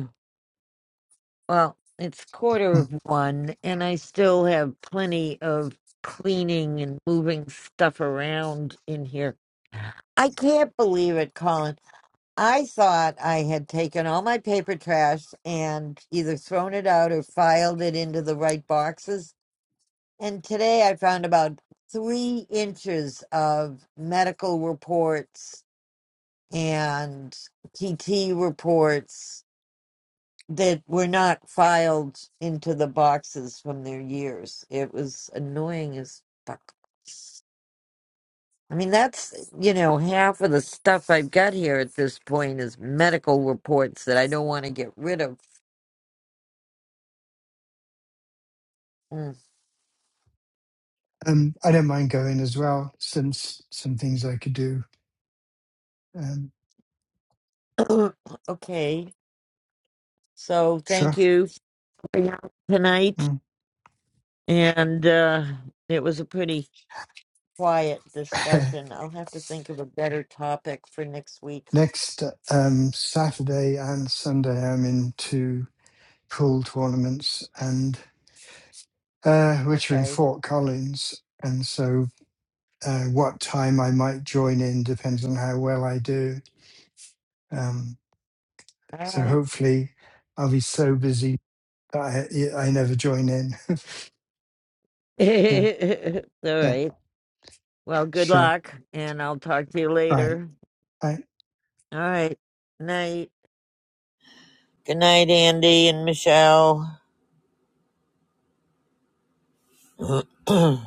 Speaker 1: Well, it's
Speaker 2: Hmm.
Speaker 1: quarter of one, and I still have plenty of cleaning and moving stuff around in here. I can't believe it, Colin. I thought I had taken all my paper trash and either thrown it out or filed it into the right boxes. And today I found about three inches of medical reports and PT reports that were not filed into the boxes from their years. It was annoying as fuck. I mean, that's, you know, half of the stuff I've got here at this point is medical reports that I don't want to get rid of.
Speaker 2: Um, I don't mind going as well, since some things I could do. Um,
Speaker 1: Mm. *clears throat* okay. So
Speaker 2: sure.
Speaker 1: thank you for your help tonight.
Speaker 2: Mm.
Speaker 1: And uh, it was a pretty quiet
Speaker 2: *laughs*
Speaker 1: discussion. I'll have to think of a better topic for next week.
Speaker 2: Next um, Saturday and Sunday, I'm in two pool tournaments, and uh, which are in
Speaker 1: Okay.
Speaker 2: Fort Collins. And so, uh, what time I might join in depends on how well I do. Um,
Speaker 1: All
Speaker 2: so
Speaker 1: right.
Speaker 2: hopefully, I'll be so busy that I, I never join in. *laughs* yeah,
Speaker 1: *laughs* All
Speaker 2: yeah,
Speaker 1: right. Well, good
Speaker 2: sure.
Speaker 1: luck, and I'll talk to you
Speaker 2: Right.
Speaker 1: later.
Speaker 2: Bye.
Speaker 1: All right. Night. Good night, Andy and Michelle. *clears throat*